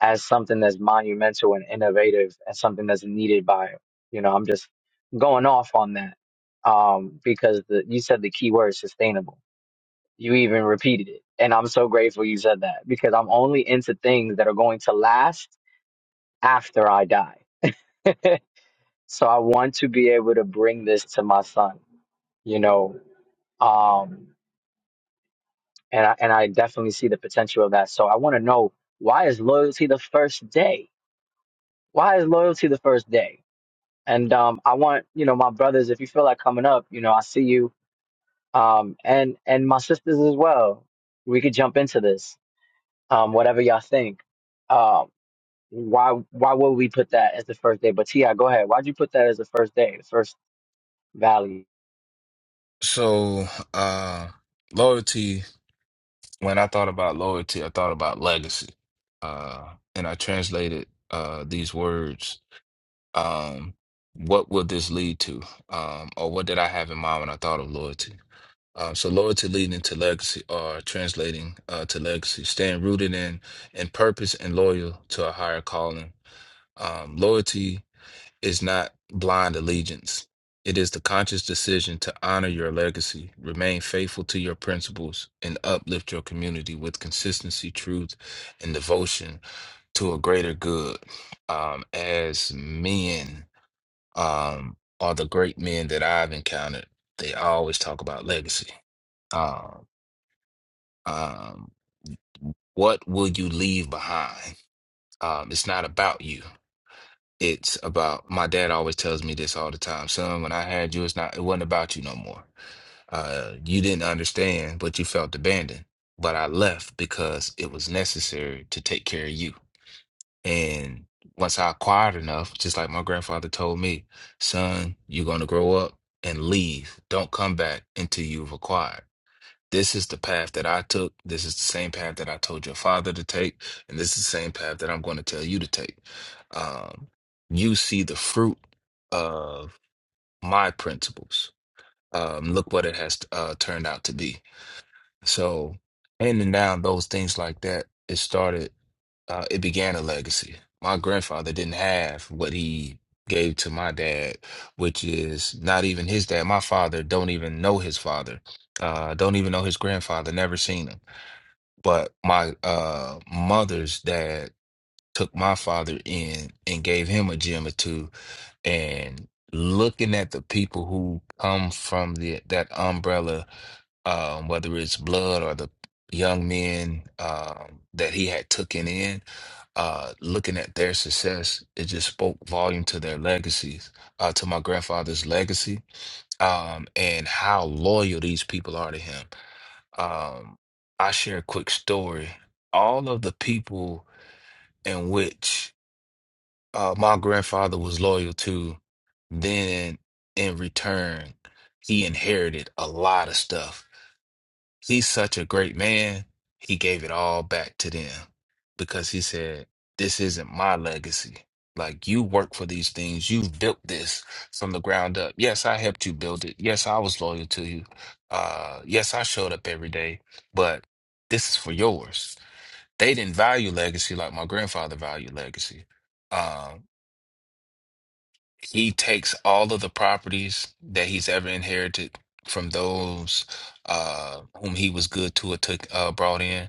S1: as something that's monumental and innovative and something that's needed by, you know, I'm just going off on that. Um, because the, you said the key word sustainable. You even repeated it. And I'm so grateful you said that because I'm only into things that are going to last after I die. so I want to be able to bring this to my son, you know, um, and I, and I definitely see the potential of that. So I want to know why is loyalty the first day? Why is loyalty the first day? And um, I want you know my brothers, if you feel like coming up, you know I see you, um, and and my sisters as well. We could jump into this, um, whatever y'all think. Um, why why would we put that as the first day? But Ti, go ahead. Why'd you put that as the first day, the first value?
S4: So, uh, loyalty, when I thought about loyalty, I thought about legacy. Uh, and I translated uh, these words. Um, what will this lead to? Um, or what did I have in mind when I thought of loyalty? Uh, so loyalty leading to legacy or translating uh, to legacy, staying rooted in in purpose and loyal to a higher calling. Um, loyalty is not blind allegiance. It is the conscious decision to honor your legacy, remain faithful to your principles, and uplift your community with consistency, truth, and devotion to a greater good. Um, as men, um, are the great men that I've encountered, they always talk about legacy. Um, um, what will you leave behind? Um, it's not about you. It's about my dad always tells me this all the time. Son, when I had you, it's not it wasn't about you no more. Uh, you didn't understand, but you felt abandoned. But I left because it was necessary to take care of you. And once I acquired enough, just like my grandfather told me, son, you're gonna grow up and leave. Don't come back until you've acquired. This is the path that I took. This is the same path that I told your father to take. And this is the same path that I'm going to tell you to take. Um, you see the fruit of my principles. Um, look what it has uh, turned out to be. So handing down those things like that, it started, uh, it began a legacy. My grandfather didn't have what he gave to my dad, which is not even his dad. My father don't even know his father, uh, don't even know his grandfather, never seen him. But my uh, mother's dad took my father in and gave him a gym or two and looking at the people who come from the that umbrella, um, whether it's blood or the young men um, that he had taken in, uh, looking at their success, it just spoke volume to their legacies, uh, to my grandfather's legacy, um, and how loyal these people are to him. Um, I share a quick story. All of the people in which uh, my grandfather was loyal to, then in return, he inherited a lot of stuff. He's such a great man. He gave it all back to them because he said, This isn't my legacy. Like, you work for these things. You've built this from the ground up. Yes, I helped you build it. Yes, I was loyal to you. Uh, yes, I showed up every day, but this is for yours. They didn't value legacy like my grandfather valued legacy. Um, he takes all of the properties that he's ever inherited from those uh, whom he was good to or took uh, brought in,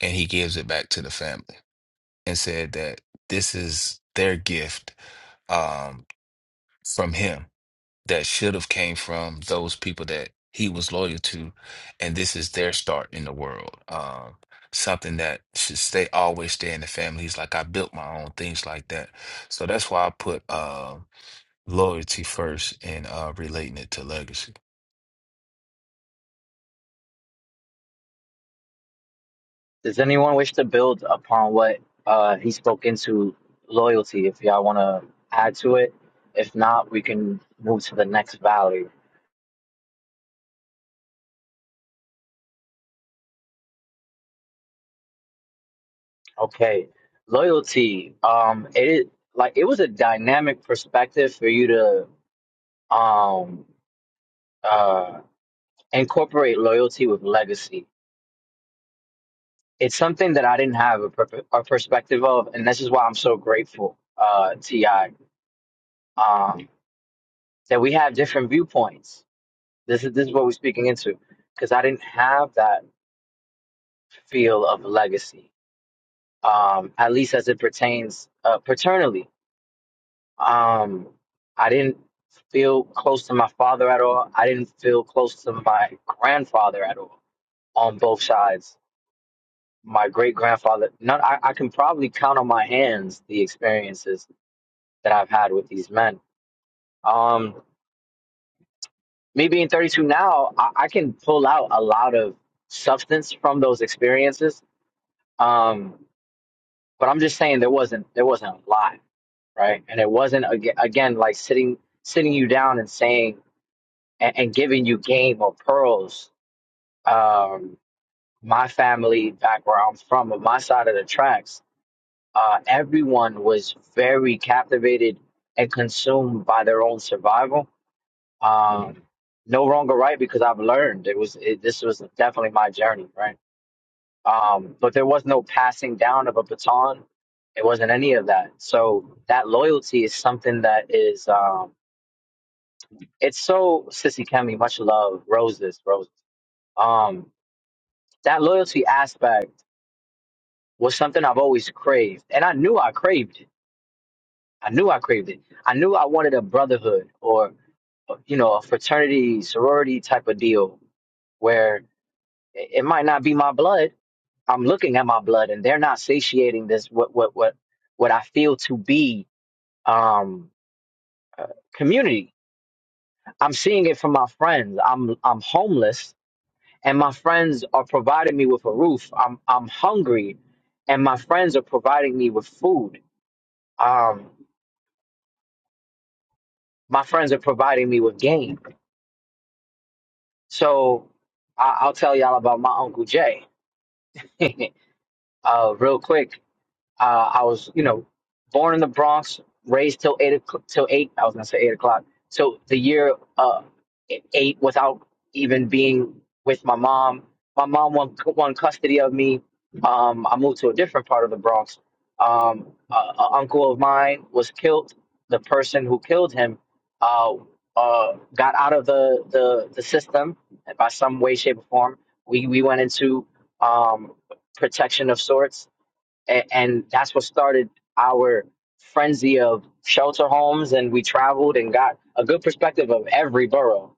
S4: and he gives it back to the family and said that this is their gift um, from him that should have came from those people that he was loyal to, and this is their start in the world. Um, something that should stay always stay in the family. He's like, I built my own things like that. So that's why I put. uh, loyalty first and uh, relating it to legacy.
S1: Does anyone wish to build upon what uh, he spoke into loyalty? If y'all want to add to it, if not, we can move to the next valley. Okay, loyalty. Um, it like it was a dynamic perspective for you to um uh incorporate loyalty with legacy. It's something that I didn't have a, per- a perspective of, and this is why I'm so grateful, uh, Ti, um, that we have different viewpoints This is this is what we're speaking into because I didn't have that feel of legacy, um, at least as it pertains uh, paternally. Um, I didn't feel close to my father at all. I didn't feel close to my grandfather at all on both sides. My great grandfather, not I, I can probably count on my hands the experiences that I've had with these men. Um, me being 32 now, I, I can pull out a lot of substance from those experiences. Um, but I'm just saying there wasn't there wasn't a lot, right? And it wasn't aga- again like sitting sitting you down and saying and, and giving you game or pearls. Um, my family back where I'm from, on my side of the tracks, uh, everyone was very captivated and consumed by their own survival. Um, no wrong or right because I've learned it was it, this was definitely my journey, right? Um, but there was no passing down of a baton. It wasn't any of that. So that loyalty is something that is um, it's so sissy Kemi, much love, roses, roses. Um, that loyalty aspect was something I've always craved, and I knew I craved it. I knew I craved it. I knew I wanted a brotherhood or you know a fraternity, sorority type of deal where it it might not be my blood. I'm looking at my blood, and they're not satiating this what what what what I feel to be um uh, community. I'm seeing it from my friends. I'm I'm homeless and my friends are providing me with a roof. I'm I'm hungry and my friends are providing me with food. Um my friends are providing me with game. So I, I'll tell y'all about my uncle Jay. uh real quick. Uh, I was, you know, born in the Bronx, raised till eight o'clock, till eight. I was gonna say eight o'clock. So the year uh, e-, eight without even being with my mom. My mom won won custody of me. Um, I moved to a different part of the Bronx. Um, a, a uncle of mine was killed. The person who killed him uh, uh, got out of the, the the system by some way, shape, or form. We we went into um, protection of sorts and, and that's what started our frenzy of shelter homes and we traveled and got a good perspective of every borough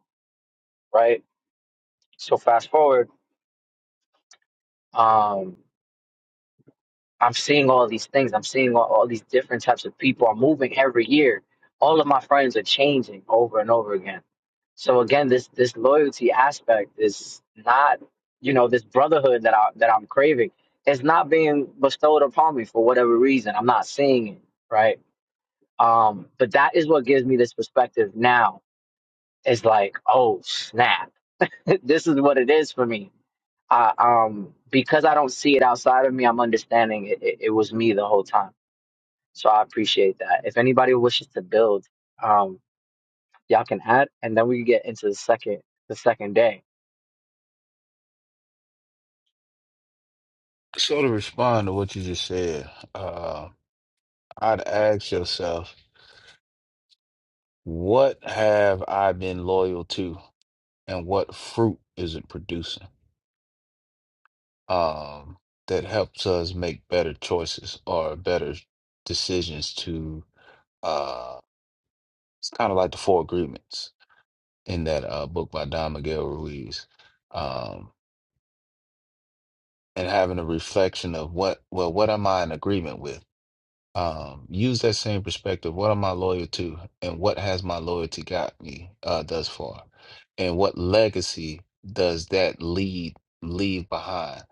S1: right so fast forward um i'm seeing all these things i'm seeing all, all these different types of people i'm moving every year all of my friends are changing over and over again so again this this loyalty aspect is not you know this brotherhood that i that i'm craving is not being bestowed upon me for whatever reason i'm not seeing it right Um, but that is what gives me this perspective now. It's like, oh snap, this is what it is for me. Uh, um, because I don't see it outside of me, I'm understanding it, it, it was me the whole time. So I appreciate that. If anybody wishes to build, um, y'all can add, and then we can get into the second the second day.
S4: So to respond to what you just said, uh, I'd ask yourself, what have I been loyal to, and what fruit is it producing um, that helps us make better choices or better decisions to? Uh, it's kind of like the Four Agreements in that uh, book by Don Miguel Ruiz, um, and having a reflection of what well, what am I in agreement with? um, use that same perspective. What am I loyal to, and what has my loyalty got me uh, thus far, and what legacy does that lead leave behind?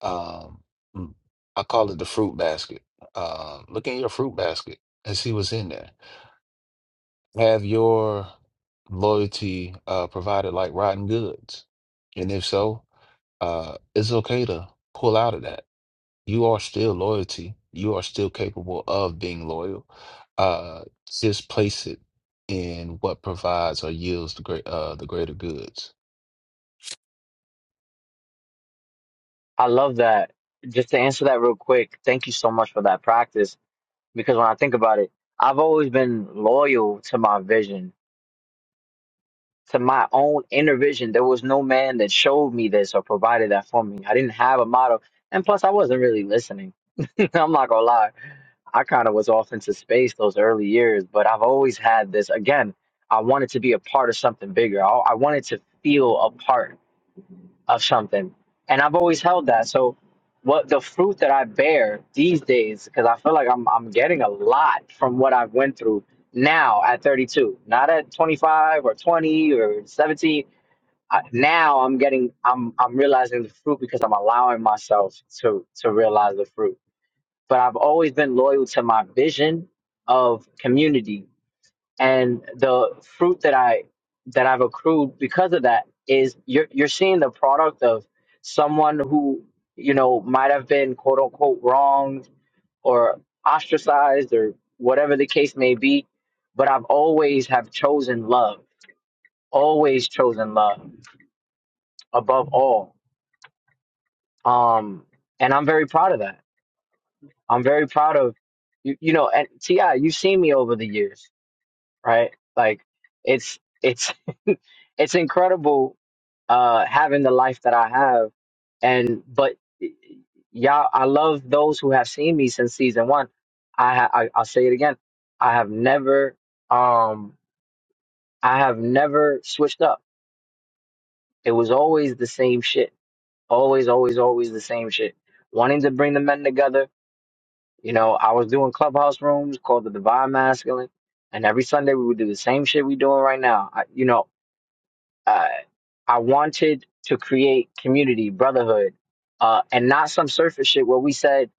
S4: Um, mm, I call it the fruit basket. Um, look in your fruit basket and see what's in there. Have your loyalty uh, provided like rotten goods, and if so, uh, it's okay to pull out of that you are still loyalty. You are still capable of being loyal. Uh, just place it in what provides or yields the great uh the greater goods.
S1: I love that. Just to answer that real quick, thank you so much for that practice. Because when I think about it, I've always been loyal to my vision to my own inner vision. There was no man that showed me this or provided that for me. I didn't have a model. And plus, I wasn't really listening. I'm not going to lie. I kind of was off into space those early years, but I've always had this. Again, I wanted to be a part of something bigger. I, I wanted to feel a part of something. And I've always held that. So what the fruit that I bear these days, because I feel like I'm I'm getting a lot from what I've went through now at 32, not at 25 or 20 or 17. I, now I'm getting I'm I'm realizing the fruit because I'm allowing myself to to realize the fruit. But I've always been loyal to my vision of community and the fruit that I that I've accrued because of that is you're you're seeing the product of someone who you know might have been quote unquote wronged or ostracized or whatever the case may be, but I've always have chosen love, always chosen love above all, um, and I'm very proud of that. I'm very proud of you, you know, and Ti, you've seen me over the years right? Like it's it's it's incredible uh having the life that I have and but y'all I love those who have seen me since season 1. I, ha- I I'll say it again. I have never um I have never switched up. It was always the same shit. Always always always the same shit. Wanting to bring the men together, you know, I was doing clubhouse rooms called the Divine Masculine and every Sunday we would do the same shit we doing right now. I, you know, uh, I wanted to create community, brotherhood, uh, and not some surface shit where we said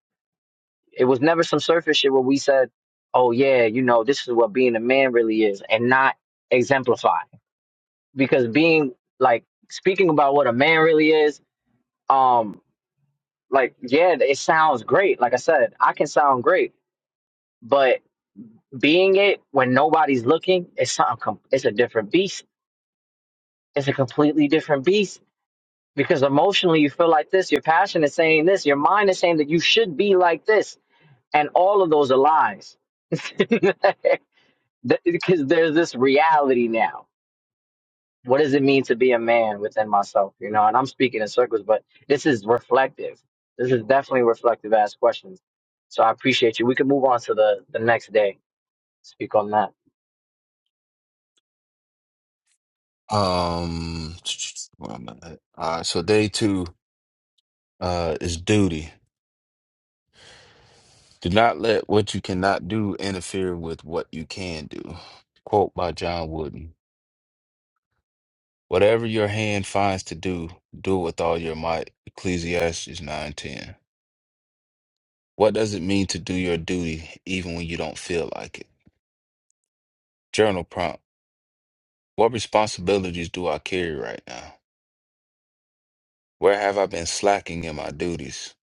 S1: it was never some surface shit where we said, "Oh yeah, you know, this is what being a man really is," and not exemplify because being like speaking about what a man really is, um, like yeah, it sounds great. Like I said, I can sound great, but being it when nobody's looking, it's something. Com- it's a different beast. It's a completely different beast because emotionally you feel like this, your passion is saying this, your mind is saying that you should be like this, and all of those are lies. Th- because there's this reality now. What does it mean to be a man within myself? You know, and I'm speaking in circles, but this is reflective. This is definitely reflective ass questions. So I appreciate you. We can move on to the, the next day. Speak on that.
S4: Um, where am I at? All right, so day two uh is duty. Do not let what you cannot do interfere with what you can do. Quote by John Wooden. Whatever your hand finds to do, do it with all your might. Ecclesiastes 9:10. What does it mean to do your duty even when you don't feel like it? Journal prompt. What responsibilities do I carry right now? Where have I been slacking in my duties?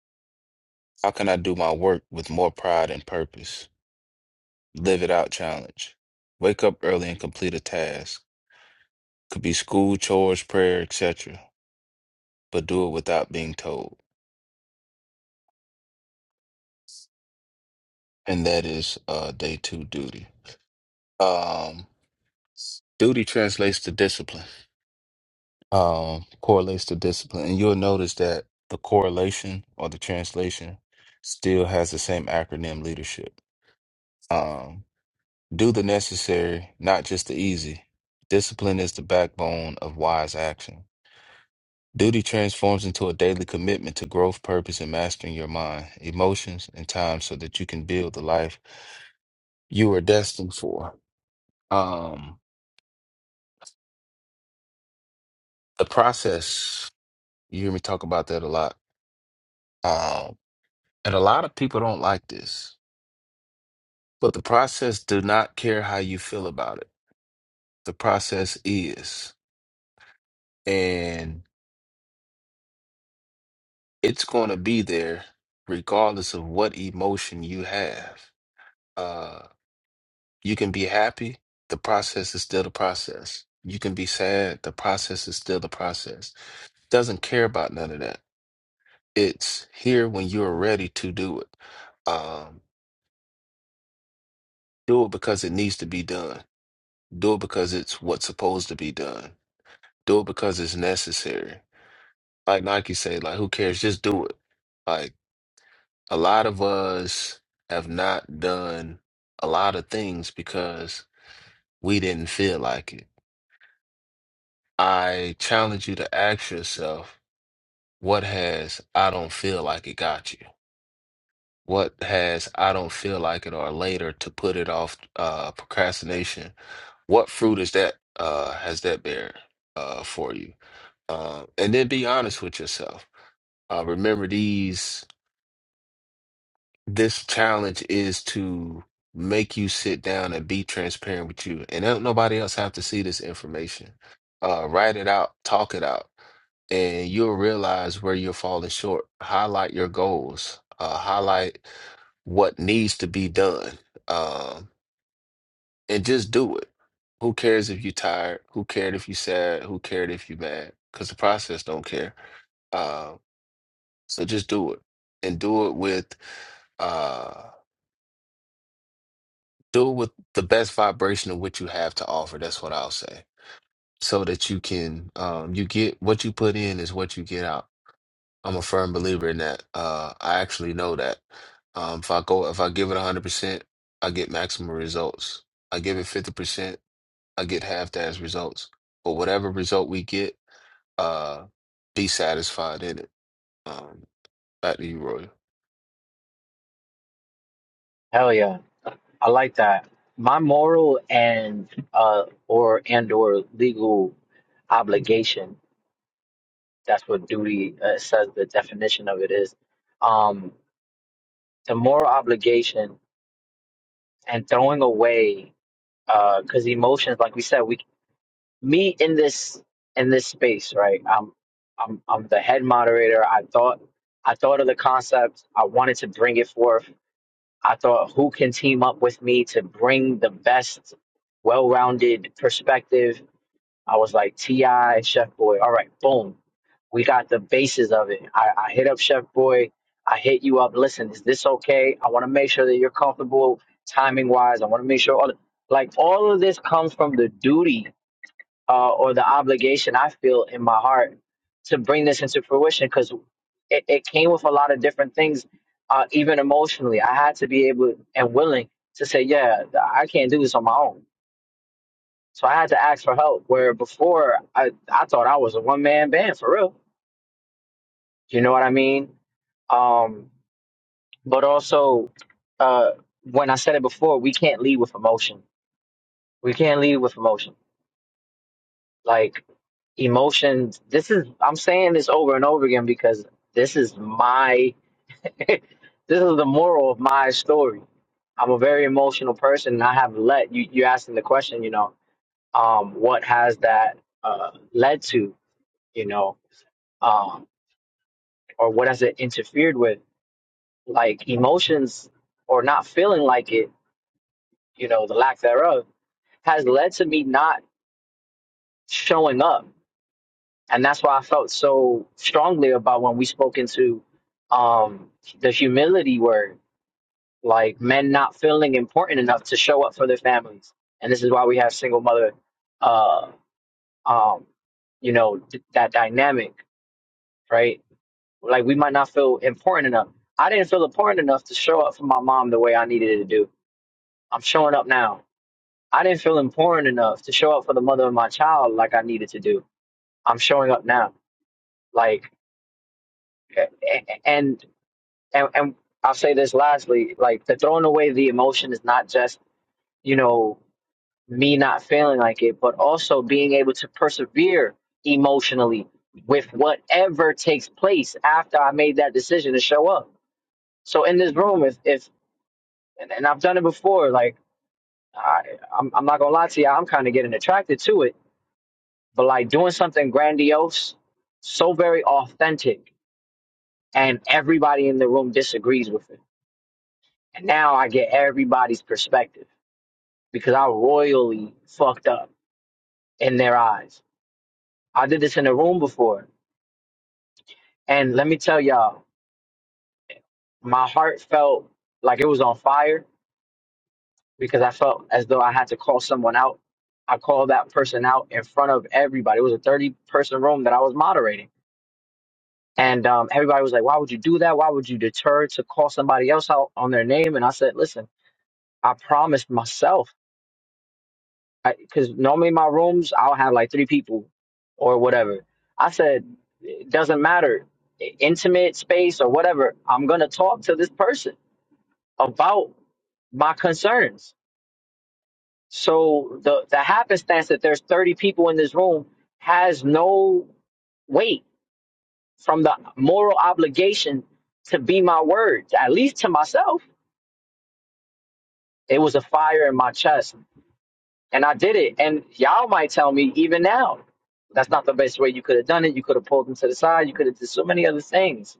S4: How can I do my work with more pride and purpose? Live it out challenge. Wake up early and complete a task. Could be school, chores, prayer, etc. But do it without being told. And that is uh day two duty. Um duty translates to discipline. Um correlates to discipline. And you'll notice that the correlation or the translation still has the same acronym leadership. Um, do the necessary, not just the easy. Discipline is the backbone of wise action. Duty transforms into a daily commitment to growth, purpose, and mastering your mind, emotions, and time so that you can build the life you are destined for. Um, the process, you hear me talk about that a lot. Um, and a lot of people don't like this, but the process do not care how you feel about it. The process is. and. it's going to be there regardless of what emotion you have. Uh, you can be happy, the process is still the process. You can be sad, the process is still the process. Doesn't care about none of that. It's here when you're ready to do it. Um, do it because it needs to be done. Do it because it's what's supposed to be done. Do it because it's necessary. Like Nike say, like who cares? Just do it. Like. a lot of us have not done a lot of things because we didn't feel like it. I challenge you to ask yourself, what has I don't feel like it got you? What has I don't feel like it or later to put it off uh, procrastination? What fruit is that uh, has that bear uh, for you? Uh, and then be honest with yourself. Uh, remember these this challenge is to make you sit down and be transparent with you. And don't nobody else have to see this information. Uh, write it out, talk it out, and you'll realize where you're falling short. Highlight your goals, uh, highlight what needs to be done, um, and just do it. Who cares if you're tired? Who cared if you sad? Who cared if you mad? Because the process don't care. Uh, so just do it, and do it with. uh, do it with the best vibration of what you have to offer. That's what I'll say. So that you can, um, you get what you put in is what you get out. I'm a firm believer in that. Uh, I actually know that. Um, if I go, if I give it 100%, I get maximum results. I give it 50%, I get half that as results. But whatever result we get, uh, be satisfied in it. Um, back to you, Roy.
S1: Hell yeah. I like that. My moral and uh or and or legal obligation That's what duty uh, says the definition of it is. Um, the moral obligation and throwing away, because emotions, like we said, we me in this in this space, right? I'm I'm I'm the head moderator. I thought I thought of the concept. I wanted to bring it forth. I thought who can team up with me to bring the best, well-rounded perspective. I was like Ti, Chef Boy. All right, boom we got the basis of it. I, I hit up Chef Boy. I hit you up. Listen, is this okay? I want to make sure that you're comfortable timing wise. I want to make sure all like all of this comes from the duty uh, or the obligation I feel in my heart to bring this into fruition because it, it came with a lot of different things, uh, even emotionally. I had to be able and willing to say, yeah, I can't do this on my own. So I had to ask for help. Where before I, I thought I was a one man band for real you know what I mean? Um, but also, uh, when I said it before, we can't lead with emotion. We can't lead with emotion. Like emotions, this is, I'm saying this over and over again because this is my, this is the moral of my story. I'm a very emotional person and I have let, you, you asking the question, you know, um, what has that, uh, led to, you know, um, or what has it interfered with? Like emotions or not feeling like it you know, the lack thereof, has led to me not showing up. And that's why I felt so strongly about when we spoke into um, the humility word, like men not feeling important enough to show up for their families. And this is why we have single mother, uh, um, you know, th- that dynamic, right? Like we might not feel important enough. I didn't feel important enough to show up for my mom the way I needed to do. I'm showing up now I didn't feel important enough to show up for the mother of my child like I needed to do. I'm showing up now. Like, and and and I'll say this lastly, like the throwing away the emotion is not just you know me not feeling like it, but also being able to persevere emotionally with whatever takes place after I made that decision to show up. So in this room, if if and, and I've done it before, like I, I'm I'm not gonna lie to you, I'm kind of getting attracted to it but like doing something grandiose, so very authentic, and everybody in the room disagrees with it. And now I get everybody's perspective because I royally fucked up in their eyes. I did this in a room before, and let me tell y'all, my heart felt like it was on fire because I felt as though I had to call someone out. I called that person out in front of everybody. It was a 30 person room that I was moderating And um, everybody was like, why would you do that? Why would you deter to call somebody else out on their name? And I said, listen, I promised myself, because normally in my rooms, I'll have like three people or whatever. I said, it doesn't matter, i- intimate space or whatever, I'm going to talk to this person about my concerns. So the, the happenstance that there's 30 people in this room has no weight from the moral obligation to be my words, at least to myself It was a fire in my chest, and I did it. And y'all might tell me even now, that's not the best way you could have done it. You could have pulled them to the side. You could have did so many other things.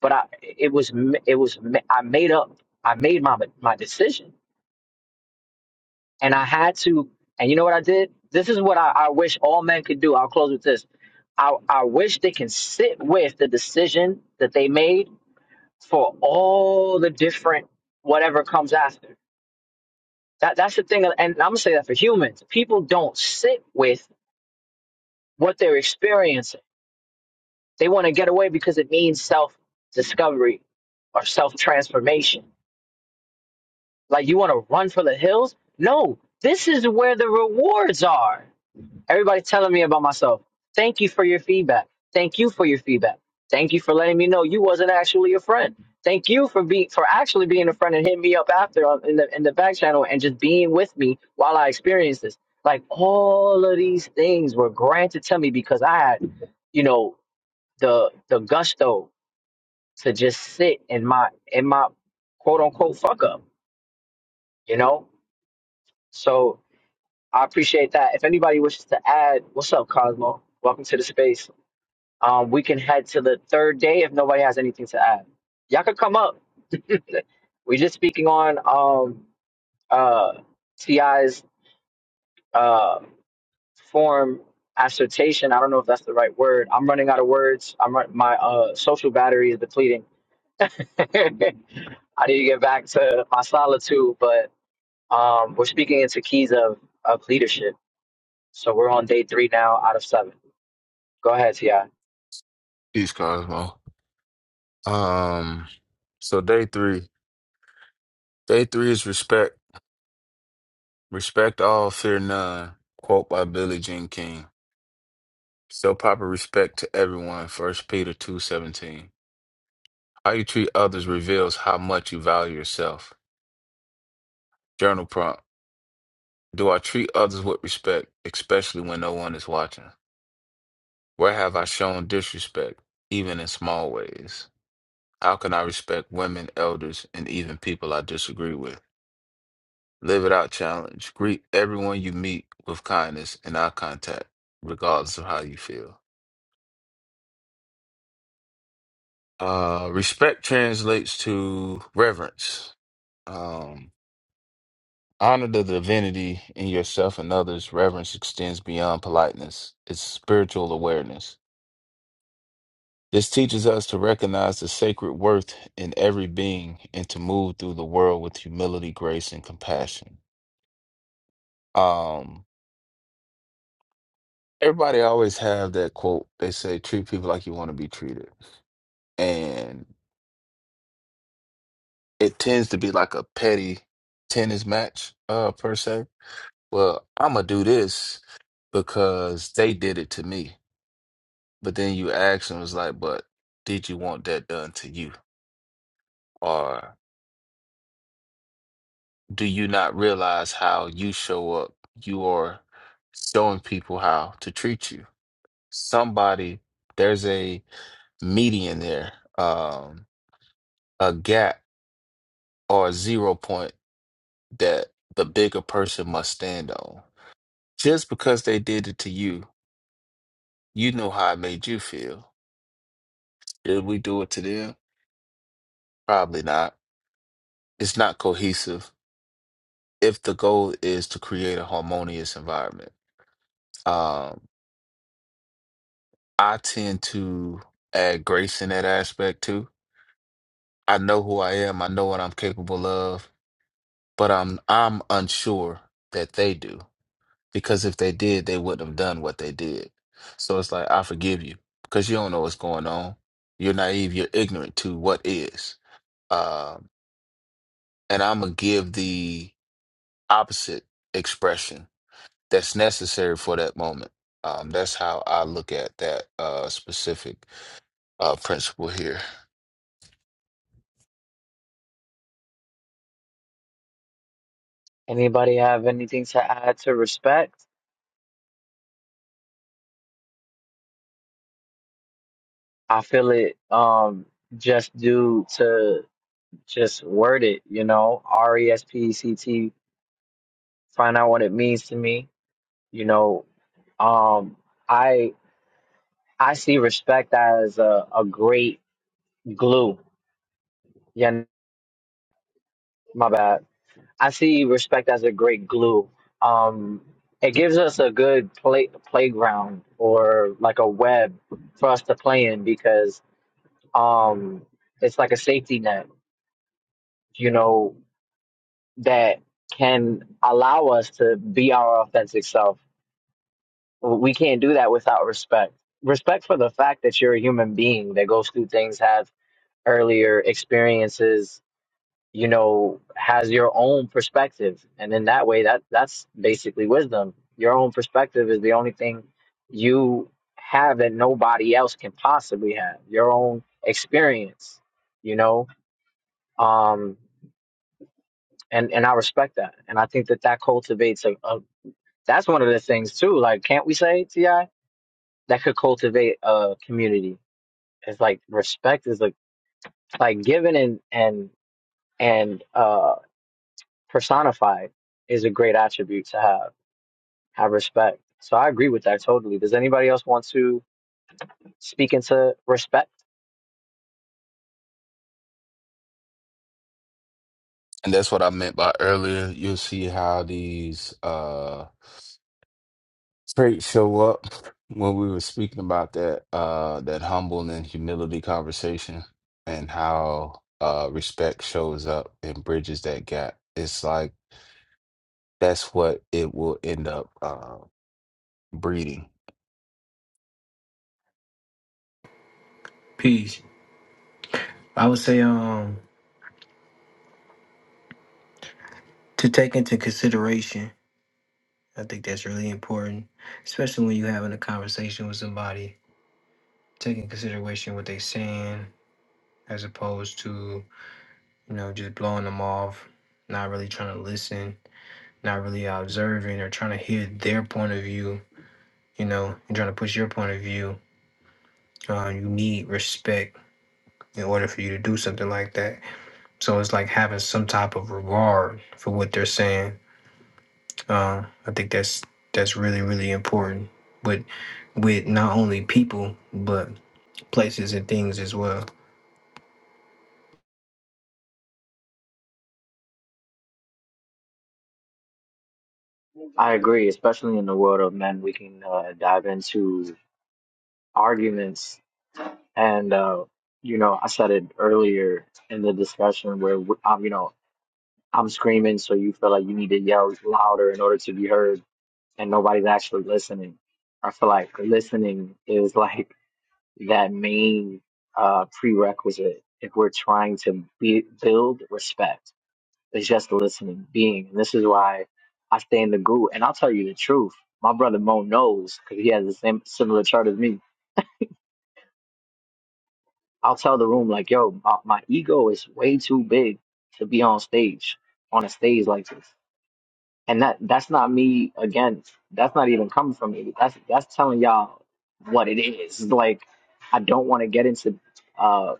S1: But I, it was, it was, I made up. I made my my decision, and I had to. And you know what I did? This is what I, I wish all men could do. I'll close with this. I, I wish they can sit with the decision that they made for all the different whatever comes after That that's the thing, and I'm gonna say that for humans, people don't sit with what they're experiencing. They want to get away because it means self discovery or self transformation. Like you want to run for the hills? No, this is where the rewards are. Everybody telling me about myself. Thank you for your feedback. Thank you for your feedback. Thank you for letting me know you wasn't actually a friend. Thank you for be for actually being a friend and hitting me up after on- in the in the back channel and just being with me while I experienced this. Like all of these things were granted to me because I had, you know, the the gusto to just sit in my in my quote unquote fuck up, you know? So I appreciate that. If anybody wishes to add, what's up, Cosmo? Welcome to the space. Um, we can head to the third day if nobody has anything to add. Y'all could come up. We're just speaking on um, uh, Ti's uh, form assertion. I don't know if that's the right word. I'm running out of words. I'm run- my uh, social battery is depleting. I need to get back to my solitude, but um, we're speaking into keys of, of leadership. So we're on day three now out of seven. Go ahead, Ti.
S4: Peace, Cosmo. Um, so day three. Day three is respect. Respect all, fear none. Quote by Billie Jean King. Show proper respect to everyone. First Peter two seventeen. How you treat others reveals how much you value yourself. Journal prompt. Do I treat others with respect, especially when no one is watching? Where have I shown disrespect, even in small ways? How can I respect women, elders, and even people I disagree with? Live it out challenge. Greet everyone you meet with kindness and eye contact, regardless of how you feel. Uh, respect translates to reverence. Um, honor the divinity in yourself and others. Reverence extends beyond politeness, it's spiritual awareness. This teaches us to recognize the sacred worth in every being and to move through the world with humility, grace, and compassion. Um, everybody always have that quote. They say, treat people like you want to be treated. And it tends to be like a petty tennis match, uh, per se well, I'm gonna do this because they did it to me. But then you ask them, it's like, but did you want that done to you? Or do you not realize how you show up? You are showing people how to treat you. Somebody, there's a median there, um, a gap or a zero point that the bigger person must stand on. Just because they did it to you, you know how it made you feel. Did we do it to them? Probably not. It's not cohesive if the goal is to create a harmonious environment. Um, I tend to add grace in that aspect too. I know who I am, I know what I'm capable of, but I'm I'm unsure that they do. Because if they did, they wouldn't have done what they did. So it's like I forgive you because you don't know what's going on. You're naive, you're ignorant to what is. Um, and I'm gonna give the opposite expression that's necessary for that moment. Um, that's how I look at that uh, specific uh, principle here.
S1: Anybody have anything to add to respect? I feel it um just due to just word it, you know, R E S P E C T, find out what it means to me. You know, um I I see respect as a, a great glue. Yeah, my bad. I see respect as a great glue. Um it gives us a good play playground or like a web for us to play in because um it's like a safety net. You know, that can allow us to be our authentic self. We can't do that without respect. Respect for the fact that you're a human being that goes through things, has earlier experiences, you know, has your own perspective. And in that way that that's basically wisdom. Your own perspective is the only thing you have that nobody else can possibly have. Your own experience, you know. Um and and I respect that. And I think that that cultivates a. a That's one of the things too. Like, can't we say Ti that could cultivate a community? It's like respect is like like given and and and uh personified is a great attribute to have. Have respect. So I agree with that totally. Does anybody else want to speak into respect?
S4: And that's what I meant by earlier. You'll see how these uh, traits show up when we were speaking about that uh, that humble and humility conversation and how uh, respect shows up and bridges that gap. It's like that's what it will end up uh, breeding
S10: Peace. I would say um to take into consideration. I think that's really important, especially when you're having a conversation with somebody. Taking consideration what they're saying, as opposed to you know just blowing them off, not really trying to listen, not really observing or trying to hear their point of view. You know, and trying to push your point of view. Uh, you need respect in order for you to do something like that. So it's like having some type of regard for what they're saying Uh, I think that's that's really really important with with not only people but places and things as well.
S1: I agree, especially in the world of men, we can uh, dive into arguments and uh, you know, I said it earlier in the discussion where um, you know I'm screaming, so you feel like you need to yell louder in order to be heard, and nobody's actually listening. I feel like listening is like that main uh, prerequisite if we're trying to be, build respect. It's just listening, being, and this is why I stay in the group. And I'll tell you the truth. My brother Mo knows because he has the same similar chart as me. I'll tell the room like, "Yo, my, my ego is way too big to be on stage, on a stage like this." And that that's not me again. That's not even coming from me. That's that's telling y'all what it is. Like I don't want to get into uh,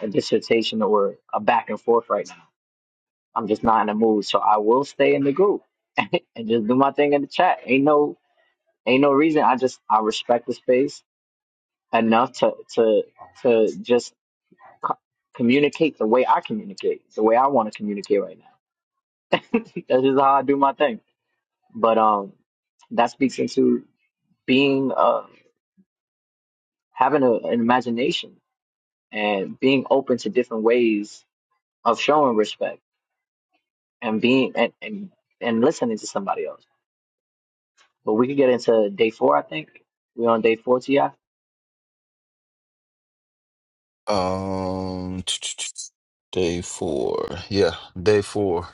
S1: a dissertation or a back and forth right now. I'm just not in the mood. So I will stay in the group and just do my thing in the chat. Ain't no ain't no reason. I just I respect the space enough to to to just co- communicate the way I communicate, the way I want to communicate right now. that's just how I do my thing. But um, that speaks into being uh, having a, an imagination and being open to different ways of showing respect and being and, and and listening to somebody else. But we could get into day four, I think. We're on day four, Ti.
S4: Um, t- t- t- day four. Yeah, day four.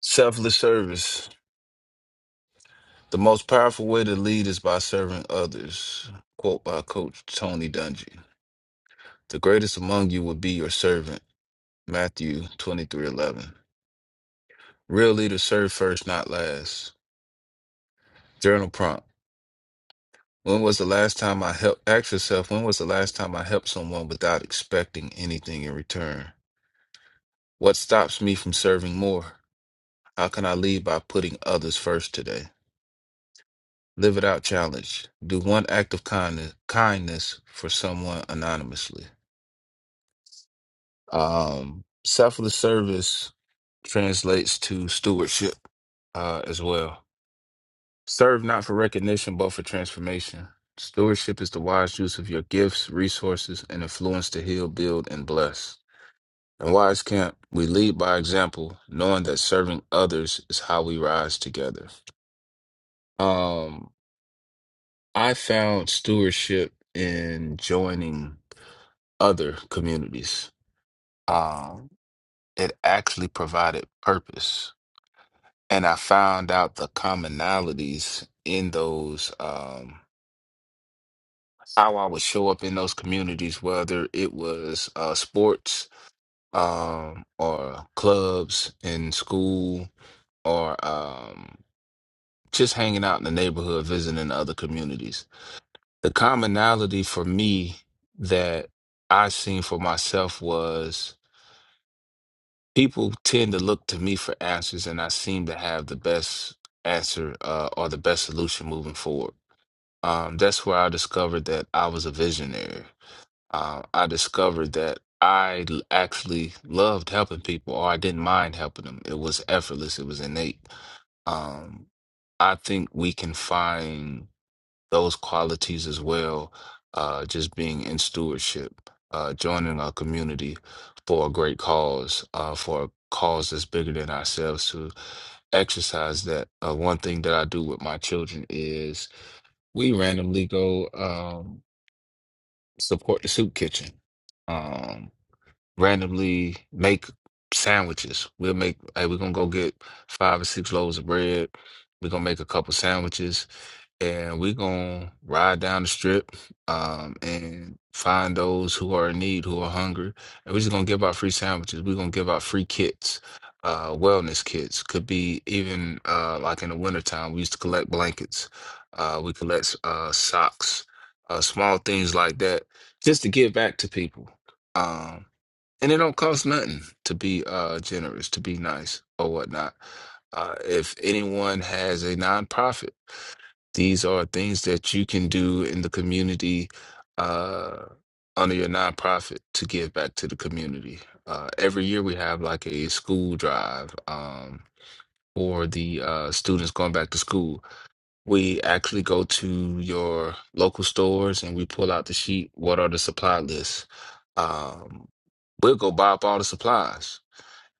S4: Selfless service. The most powerful way to lead is by serving others. Quote by Coach Tony Dungy. The greatest among you will be your servant. Matthew twenty three eleven. Real leaders serve first, not last. Journal prompt. When was the last time I helped? Ask yourself, when was the last time I helped someone without expecting anything in return? What stops me from serving more? How can I lead by putting others first today? Live it out challenge. Do one act of kindness kindness for someone anonymously. Um, selfless service translates to stewardship uh, as well. Serve not for recognition, but for transformation. Stewardship is the wise use of your gifts, resources, and influence to heal, build, and bless. In Wise Camp, we lead by example, knowing that serving others is how we rise together. Um, I found stewardship in joining other communities. Um, it actually provided purpose, and I found out the commonalities in those. Um, how I would show up in those communities, whether it was uh, sports um, or clubs in school or um, just hanging out in the neighborhood, visiting other communities the commonality for me that I seen for myself was people tend to look to me for answers, and I seem to have the best answer uh, or the best solution moving forward. Um, that's where I discovered that I was a visionary. Uh, I discovered that I l- actually loved helping people, or I didn't mind helping them. It was effortless. It was innate. Um, I think we can find those qualities as well, uh, just being in stewardship, uh, joining our community for a great cause, uh, for a cause that's bigger than ourselves to exercise that. Uh, one thing that I do with my children is we randomly go um, support the soup kitchen. Um, randomly make sandwiches. We'll make, hey, we're gonna go get five or six loaves of bread. We're gonna make a couple sandwiches and we're gonna ride down the strip um, and find those who are in need, who are hungry. And we're just gonna give out free sandwiches. We're gonna give out free kits, uh, wellness kits. Could be even uh, like in the wintertime, we used to collect blankets, uh, we collect uh, socks, uh, small things like that, just to give back to people um and it don't cost nothing to be uh generous to be nice or whatnot uh if anyone has a nonprofit these are things that you can do in the community uh under your nonprofit to give back to the community uh every year we have like a school drive um for the uh students going back to school we actually go to your local stores and we pull out the sheet. What are the supply lists? Um, we'll go buy up all the supplies,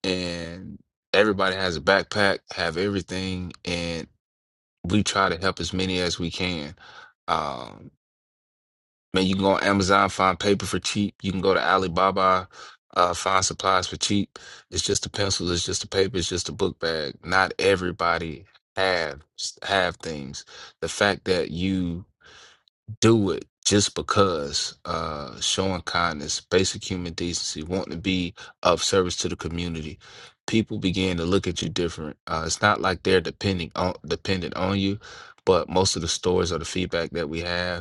S4: and everybody has a backpack, have everything, and we try to help as many as we can. Um, man, you can go on Amazon, find paper for cheap. You can go to Alibaba, uh, find supplies for cheap. It's just the pencils, it's just the paper, it's just a book bag. Not everybody have have things. The fact that you do it just because uh showing kindness basic human decency wanting to be of service to the community people begin to look at you different uh it's not like they're depending on dependent on you but most of the stories or the feedback that we have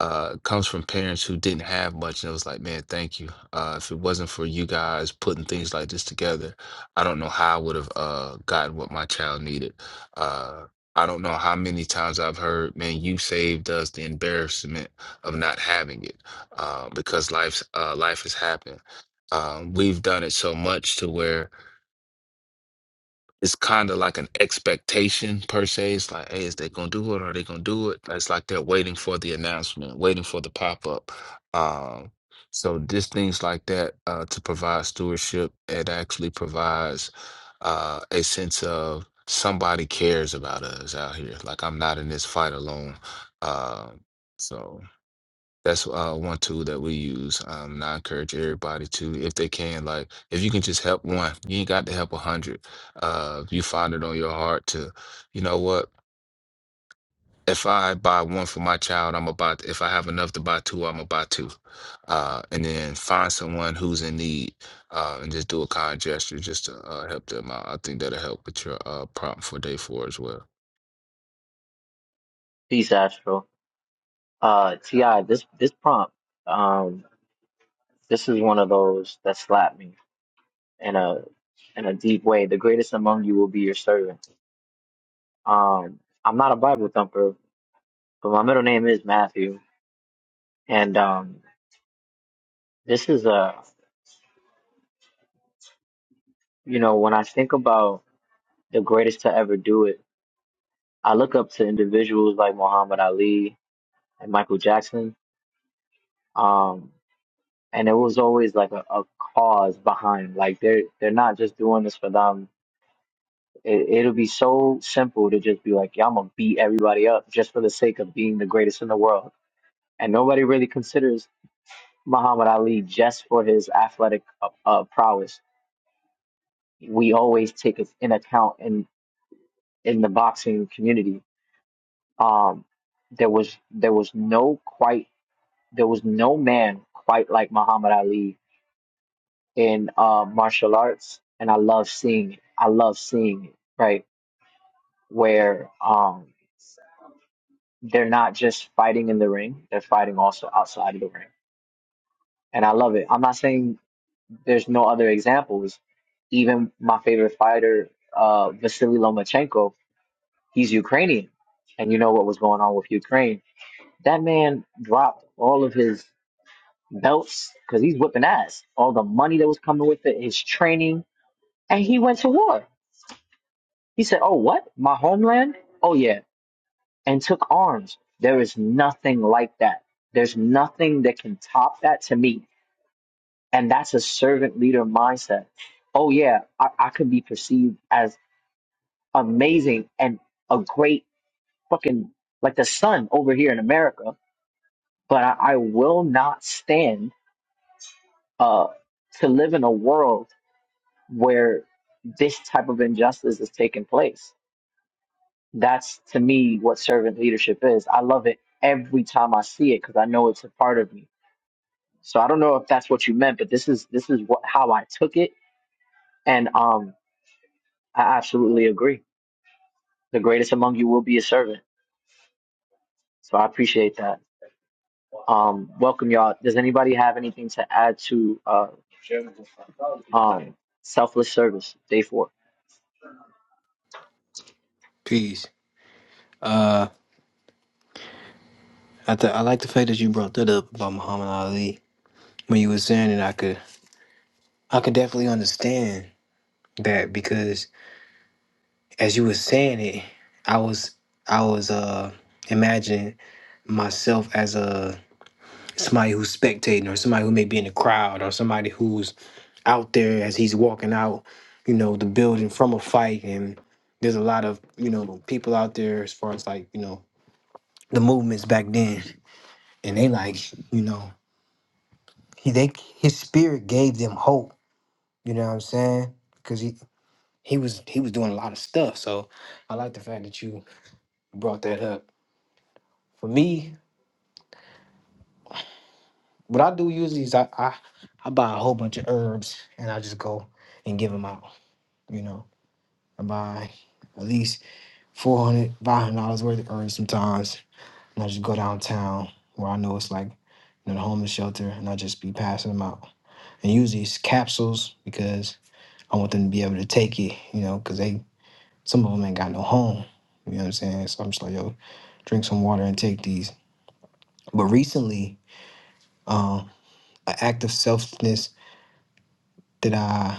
S4: uh, comes from parents who didn't have much, and it was like, man, thank you. Uh, if it wasn't for you guys putting things like this together, I don't know how I would have uh, gotten what my child needed. Uh, I don't know how many times I've heard, man, you saved us the embarrassment of not having it, uh, because life's uh, life has happened. Um, we've done it so much to where it's kind of like an expectation per se. It's like, hey, is they gonna do it? Are they gonna do it? It's like they're waiting for the announcement, waiting for the pop up. Um, so just things like that uh, to provide stewardship. It actually provides uh, a sense of somebody cares about us out here. Like I'm not in this fight alone. Uh, so. That's uh, one tool that we use. Um, and I encourage everybody to, if they can, like if you can just help one, you ain't got to help a hundred. Uh, if you find it on your heart to, you know what? If I buy one for my child, I'm about. If I have enough to buy two, I'm gonna buy two. Uh, and then find someone who's in need, uh, and just do a kind gesture just to uh, help them out. I think that'll help with your uh, prompt for day four as well.
S1: Peace, Astro. Uh, Ti, this this prompt, um, this is one of those that slapped me in a in a deep way. The greatest among you will be your servant. Um, I'm not a Bible thumper, but my middle name is Matthew, and um, this is a You know, when I think about the greatest to ever do it, I look up to individuals like Muhammad Ali and Michael Jackson. Um, and it was always like a, a cause behind, like they're they're not just doing this for them. It, it'll be so simple to just be like, yeah, I'm gonna beat everybody up just for the sake of being the greatest in the world. And nobody really considers Muhammad Ali just for his athletic uh, uh, prowess. We always take it in account in in the boxing community Um, there was there was no quite there was no man quite like Muhammad Ali in uh, martial arts, and I love seeing it. I love seeing it, right? Where um, they're not just fighting in the ring; they're fighting also outside of the ring, and I love it. I'm not saying there's no other examples. Even my favorite fighter, uh, Vasily Lomachenko, he's Ukrainian, and you know what was going on with Ukraine. That man dropped all of his belts because he's whipping ass. All the money that was coming with it, his training, and he went to war. He said, "Oh, what? My homeland? Oh yeah," and took arms. There is nothing like that. There's nothing that can top that to me, and that's a servant leader mindset. Oh yeah, I, I could be perceived as amazing and a great fucking like the sun over here in America, but I, I will not stand uh, to live in a world where this type of injustice is taking place. That's to me what servant leadership is. I love it every time I see it because I know it's a part of me. So I don't know if that's what you meant, but this is this is what how I took it, and um, I absolutely agree. The greatest among you will be a servant. So I appreciate that. Um, welcome y'all. Does anybody have anything to add to uh, um, selfless service day four?
S10: Peace. Uh, I th- I like the fact that you brought that up about Muhammad Ali when you were saying it. I could I could definitely understand that because as you were saying it, I was I was uh imagining myself as a somebody who's spectating or somebody who may be in the crowd or somebody who's out there as he's walking out, you know, the building from a fight. And there's a lot of, you know, people out there as far as like, you know, the movements back then. And they like, you know, he they his spirit gave them hope. You know what I'm saying? Cause he he was he was doing a lot of stuff. So I like the fact that you brought that up. For me, what I do usually is I I, I buy a whole bunch of herbs and I just go and give them out. You know, I buy at least four hundred, five hundred dollars worth of herbs sometimes. And I just go downtown where I know it's like you know, the homeless shelter, and I just be passing them out. And usually it's capsules because I want them to be able to take it, you know, because they some of them ain't got no home. You know what I'm saying? So I'm just like, yo, drink some water and take these. But recently, um, an act of selflessness that I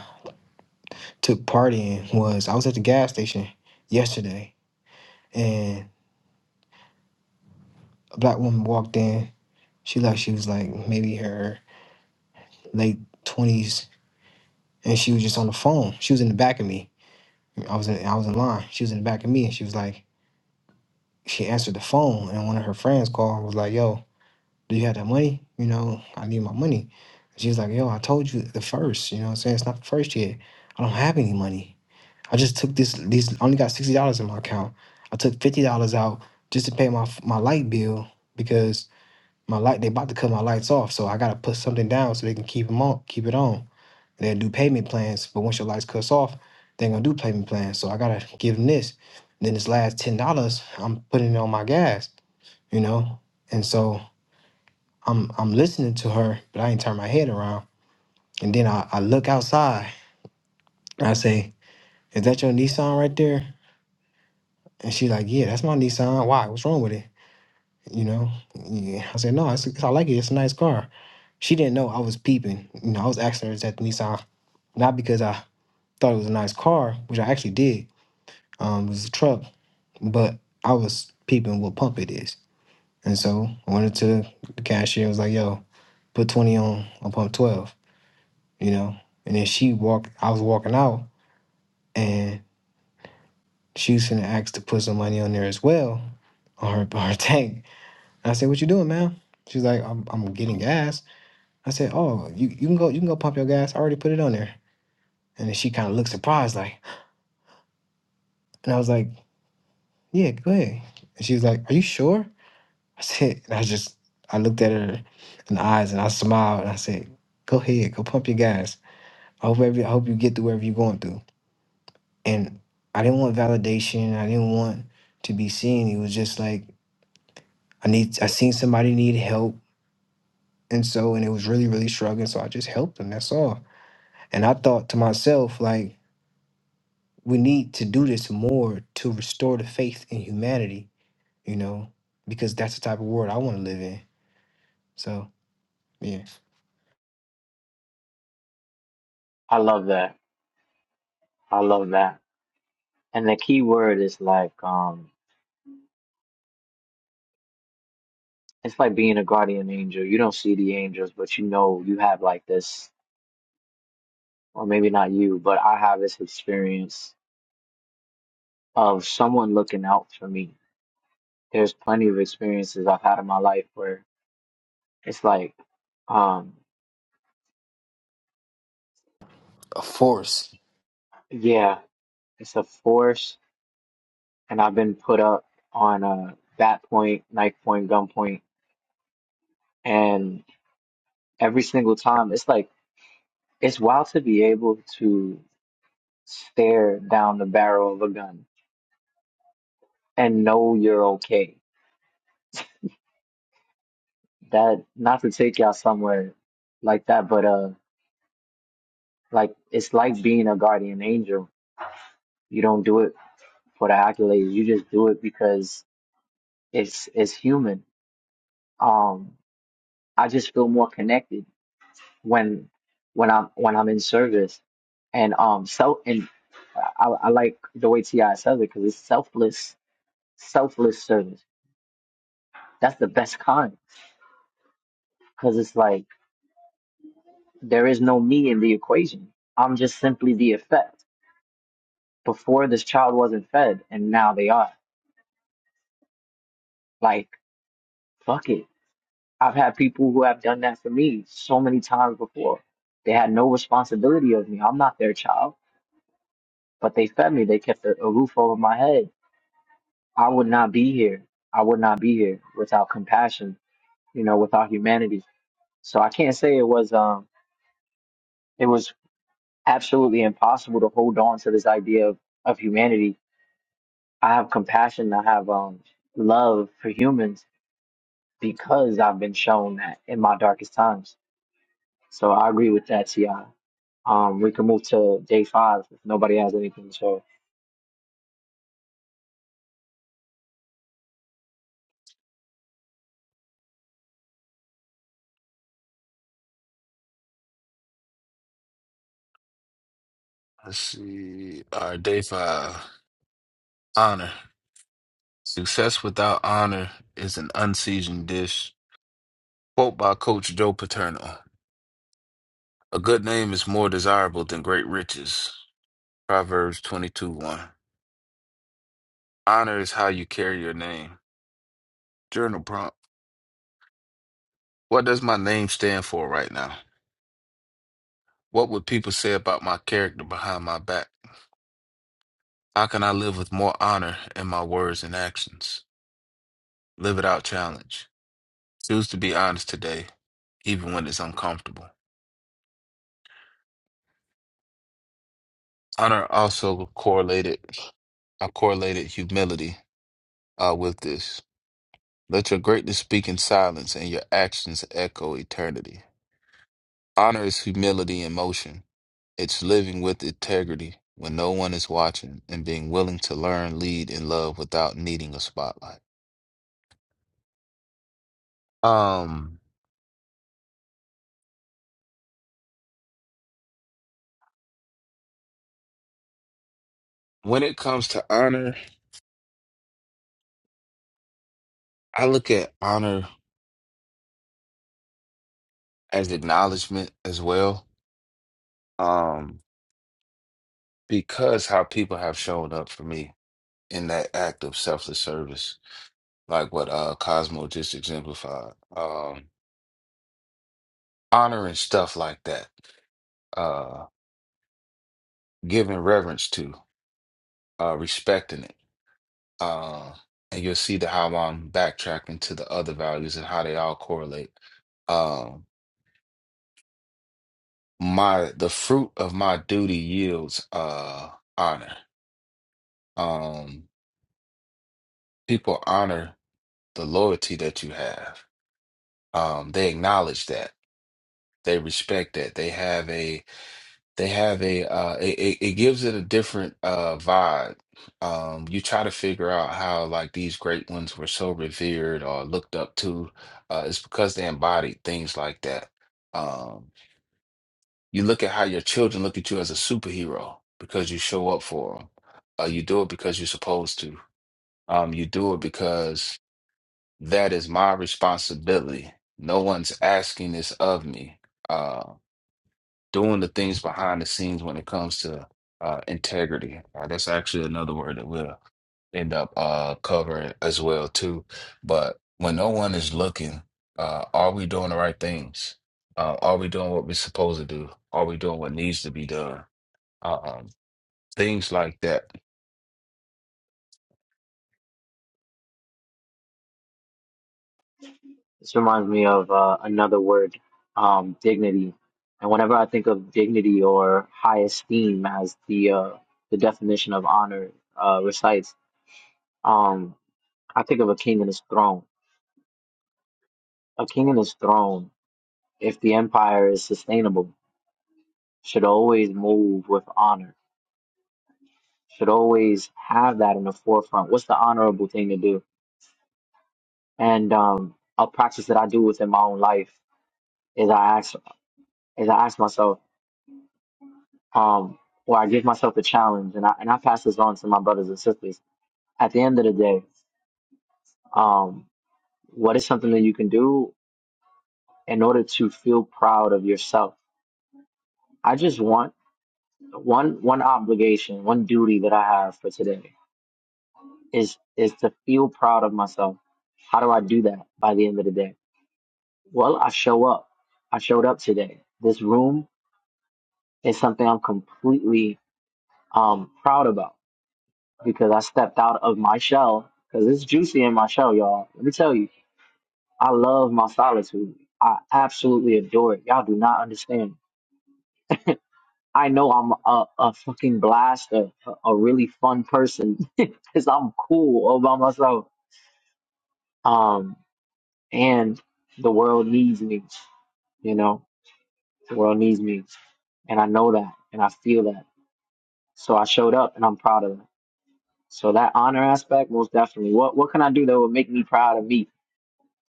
S10: took part in was I was at the gas station yesterday, and a black woman walked in. She left. She was like maybe her late twenties, and she was just on the phone. She was in the back of me. I was in I was in line. She was in the back of me, and she was like, she answered the phone, and one of her friends called and was like, "Yo, do you have that money? You know, I need my money." She was like, "Yo, I told you the first. You know, what I'm saying it's not the first yet. I don't have any money. I just took this. These I only got sixty dollars in my account. I took fifty dollars out just to pay my my light bill because." My light, they about to cut my lights off, so I gotta put something down so they can keep them on, keep it on. They'll do payment plans, but once your lights cuts off, they're gonna do payment plans. So I gotta give them this. then this last ten dollars, I'm putting it on my gas, you know. And so I'm I'm listening to her, but I ain't turn my head around. And then I, I look outside. and I say, "Is that your Nissan right there?" And she like, "Yeah, that's my Nissan. Why? What's wrong with it?" You know. Yeah. I said, "No, it's, I like it. It's a nice car." She didn't know I was peeping. You know, I was asking her, "Is that the Nissan?" Not because I thought it was a nice car, which I actually did, um, it's a truck, but I was peeping what pump it is. And so I went into the cashier, I was like, yo, put 20 on, on pump 12, you know? And then she walked, I was walking out and she was finna ask to put some money on there as well on her, on her tank. And I said, what you doing, man? She's like, I'm, I'm getting gas. I said, oh, you, you can go, you can go pump your gas. I already put it on there. And then she kind of looked surprised, like, and I was like, yeah, go ahead. And she was like, are you sure? I said, and I just, I looked at her in the eyes and I smiled and I said, go ahead, go pump your gas. I hope every, I hope you get through whatever you're going through. And I didn't want validation. I didn't want to be seen. It was just like, I need, I seen somebody need help. And so, and it was really, really struggling. So I just helped them. That's all. And I thought to myself, like, we need to do this more to restore the faith in humanity, you know, because that's the type of world I want to live in. So, yeah.
S1: I love that. I love that. And the key word is like um, It's like being a guardian angel. You don't see the angels, but you know you have like this, or maybe not you, but I have this experience of someone looking out for me. There's plenty of experiences I've had in my life where it's like, um,
S10: a force.
S1: yeah, it's a force, and I've been put up on a bat point, knife point, gun point, and every single time it's like it's wild to be able to stare down the barrel of a gun and know you're okay that not to take y'all somewhere like that, but uh, like it's like being a guardian angel. You don't do it for the accolades. You just do it because it's it's human. Um, I just feel more connected when when I'm when I'm in service, and um, so and I, I like the way Ti says it because it's selfless, selfless service. That's the best kind because it's like there is no me in the equation. I'm just simply the effect before this child wasn't fed and now they are. Like, fuck it. I've had people who have done that for me so many times before. They had no responsibility of me. I'm not their child, but they fed me. They kept a, a roof over my head. I would not be here. I would not be here without compassion, you know, without humanity. So I can't say it was um it was absolutely impossible to hold on to this idea of, of humanity. I have compassion, I have um love for humans because I've been shown that in my darkest times. So I agree with that, Ti. Um, we can move to day five if nobody has anything. So
S4: Let's see. All right, day five. Honor. Success without honor is an unseasoned dish. Quote by Coach Joe Paterno. A good name is more desirable than great riches. Proverbs 22 1. Honor is how you carry your name. Journal prompt. What does my name stand for right now? What would people say about my character behind my back? How can I live with more honor in my words and actions? Live it out challenge. Choose to be honest today, even when it's uncomfortable. Honor also correlated, I correlated humility uh, with this. Let your greatness speak in silence and your actions echo eternity. Honor is humility in motion. It's living with integrity when no one is watching and being willing to learn, lead, and love without needing a spotlight. Um, when it comes to honor, I look at honor as acknowledgement as well. Um, because how people have shown up for me in that act of selfless service, like what uh Cosmo just exemplified. Um, honoring stuff like that, uh, giving reverence to, uh, respecting it. Uh, and you'll see the, how I'm backtracking to the other values and how they all correlate. Um, my the fruit of my duty yields uh, honor. Um, people honor the loyalty that you have. Um, they acknowledge that. They respect that. They have a. They have a uh it, it it gives it a different uh vibe. Um you try to figure out how like these great ones were so revered or looked up to. Uh it's because they embodied things like that. Um you look at how your children look at you as a superhero because you show up for them. Uh you do it because you're supposed to. Um you do it because that is my responsibility. No one's asking this of me. Uh, doing the things behind the scenes when it comes to uh, integrity. Uh, that's actually another word that we'll end up uh, covering as well too. But when no one is looking, uh, are we doing the right things? Uh, are we doing what we're supposed to do? Are we doing what needs to be done? Uh, Um, things like that.
S1: this reminds me of uh, another word, um, dignity. And whenever I think of dignity or high esteem as the uh, the definition of honor uh, recites, um, I think of a king and his throne. A king and his throne, if the empire is sustainable, should always move with honor should always have that in the forefront. What's the honorable thing to do? And um, a practice that I do within my own life is I ask is I ask myself, um, or I give myself a challenge, and I and I pass this on to my brothers and sisters. At the end of the day, um, what is something that you can do in order to feel proud of yourself? I just want one one obligation, one duty that I have for today is is to feel proud of myself. How do I do that by the end of the day? Well, I show up. I showed up today. This room is something I'm completely um proud about because I stepped out of my shell because it's juicy in my shell, y'all. Let me tell you, I love my solitude. I absolutely adore it. Y'all do not understand. I know I'm a, a fucking blast, a, a really fun person because I'm cool all by myself. Um, and the world needs me, you know, the world needs me. And I know that and I feel that So I showed up and I'm proud of it. So that honor aspect, most definitely. What what can I do that would make me proud of me?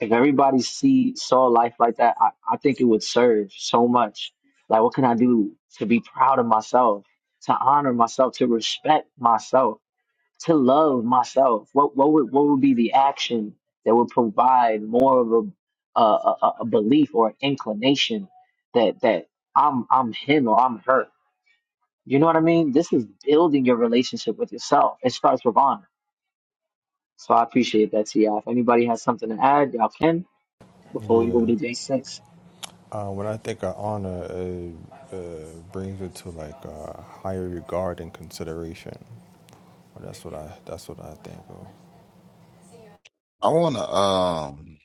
S1: If everybody see saw life like that, I, I think it would serve so much. Like what can I do to be proud of myself, to honor myself, to respect myself, to love myself? What what would what would be the action that would provide more of a a, a, a belief or an inclination that that I'm I'm him or I'm her? You know what I mean? This is building your relationship with yourself. It starts with honor. So I appreciate that, Ti. If anybody has something to add, y'all can before we
S8: Yeah.
S1: move to day six.
S8: Uh, when I think of honor, it uh, brings it to like a higher regard and consideration. That's what I. That's what I think of.
S4: I wanna um,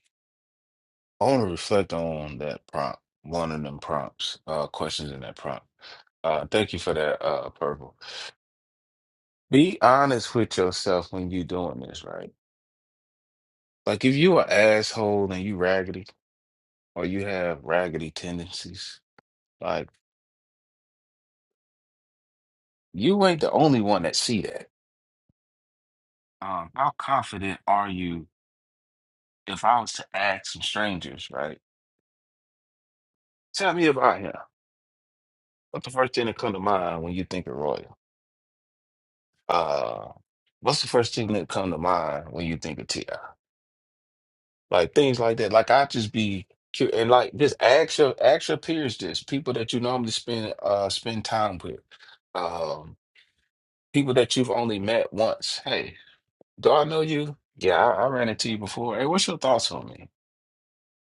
S4: I wanna reflect on that prompt, one of them prompts, uh, questions in that prompt. Uh, thank you for that, uh, Purple. Be honest with yourself when you doing this, right? Like if you an asshole and you raggedy or you have raggedy tendencies, like you ain't the only one that see that. Um, how confident are you if I was to ask some strangers, right? Tell me about him. What's the first thing that come to mind when you think of Royal? Uh, what's the first thing that come to mind when you think of Ti? like things like that. Like I just be cu- and like just ask your ask your peers this, people that you normally spend uh spend time with, um, people that you've only met once. Hey, do I know you? Yeah, I, I ran into you before. Hey, what's your thoughts on me?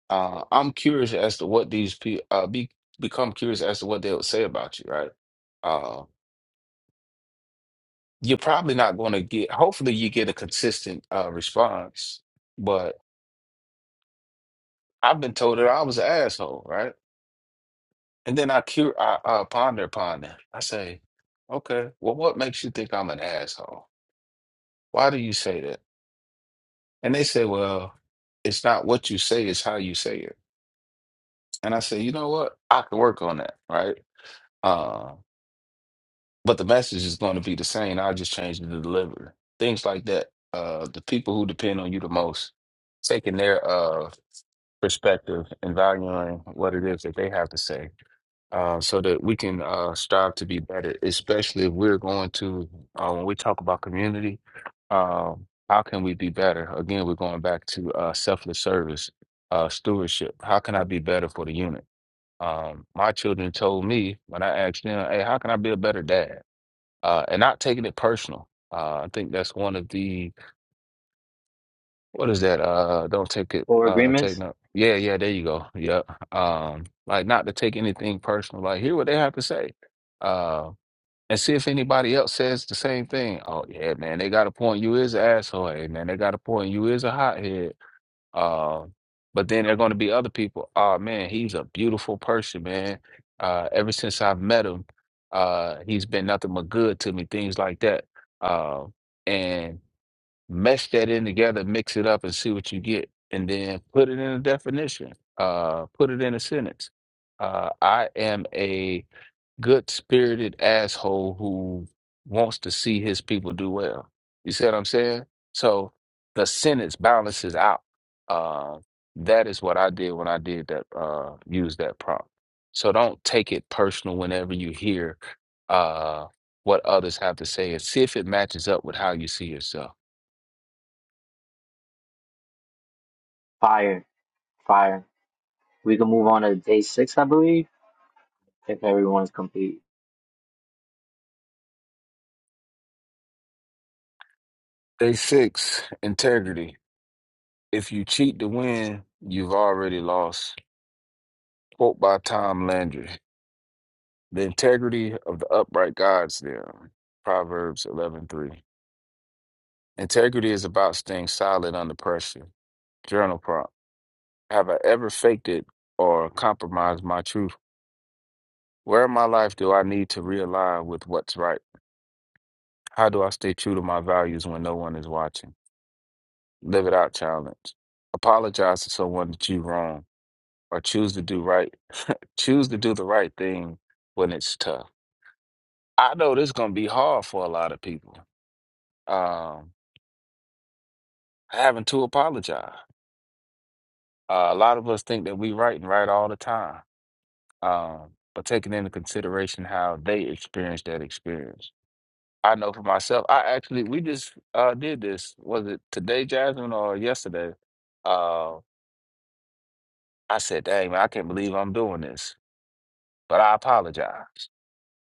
S4: Uh, I'm curious as to what these people uh be become curious as to what they would say about you, right? Uh, you're probably not going to get. Hopefully, you get a consistent uh response, but I've been told that I was an asshole, right? And then I, cur- I uh, ponder upon that. I say, okay, well, what makes you think I'm an asshole? Why do you say that? And they say, well, it's not what you say, it's how you say it. And I say, you know what? I can work on that, right? Uh, but the message is going to be the same. I just change the delivery. Things like that. Uh, the people who depend on you the most, taking their uh, perspective and valuing what it is that they have to say uh, so that we can uh, strive to be better, especially if we're going to, uh, when we talk about community, um, how can we be better? Again, we're going back to uh, selfless service, uh, stewardship. How can I be better for the unit? Um, my children told me when I asked them, hey, how can I be a better dad? Uh, and not taking it personal. Uh, I think that's one of the what is that? Uh, don't take it.
S1: Four
S4: Uh, take
S1: agreements,
S4: no. Yeah, yeah. There you go. Yep. Um, like not to take anything personal. Like hear what they have to say. Uh, and see if anybody else says the same thing. Oh yeah, man. They got a point. You is an asshole. Hey man, they got a point. You is a hothead. Um, but then there are going to be other people. Oh man, he's a beautiful person, man. Uh, ever since I've met him, uh, he's been nothing but good to me. Things like that. Um, mesh that in together, mix it up, and see what you get, and then put it in a definition. Uh, put it in a sentence. Uh, I am a good-spirited asshole who wants to see his people do well. You see what I'm saying? So the sentence balances out. Uh, that is what I did when I did that. Uh, use that prompt. So don't take it personal whenever you hear uh, what others have to say, and see if it matches up with how you see yourself
S1: fire, fire. We can move on to day six, I believe, if everyone's complete.
S4: Day six, integrity. If you cheat to win, you've already lost. Quote by Tom Landry. The integrity of the upright guides them. Proverbs 11:3. Integrity is about staying solid under pressure. Journal prompt. Have I ever faked it or compromised my truth? Where in my life do I need to realign with what's right? How do I stay true to my values when no one is watching? Live it out challenge. Apologize to someone that you wrong or choose to do right Choose to do the right thing when it's tough. I know this is going to be hard for a lot of people. Um, having to apologize. Uh, a lot of us think that we right and right all the time. Um, but taking into consideration how they experienced that experience. I know for myself, I actually, we just uh, did this. Was it today, Jasmine, or yesterday? Uh, I said, dang, man, I can't believe I'm doing this. But I apologize.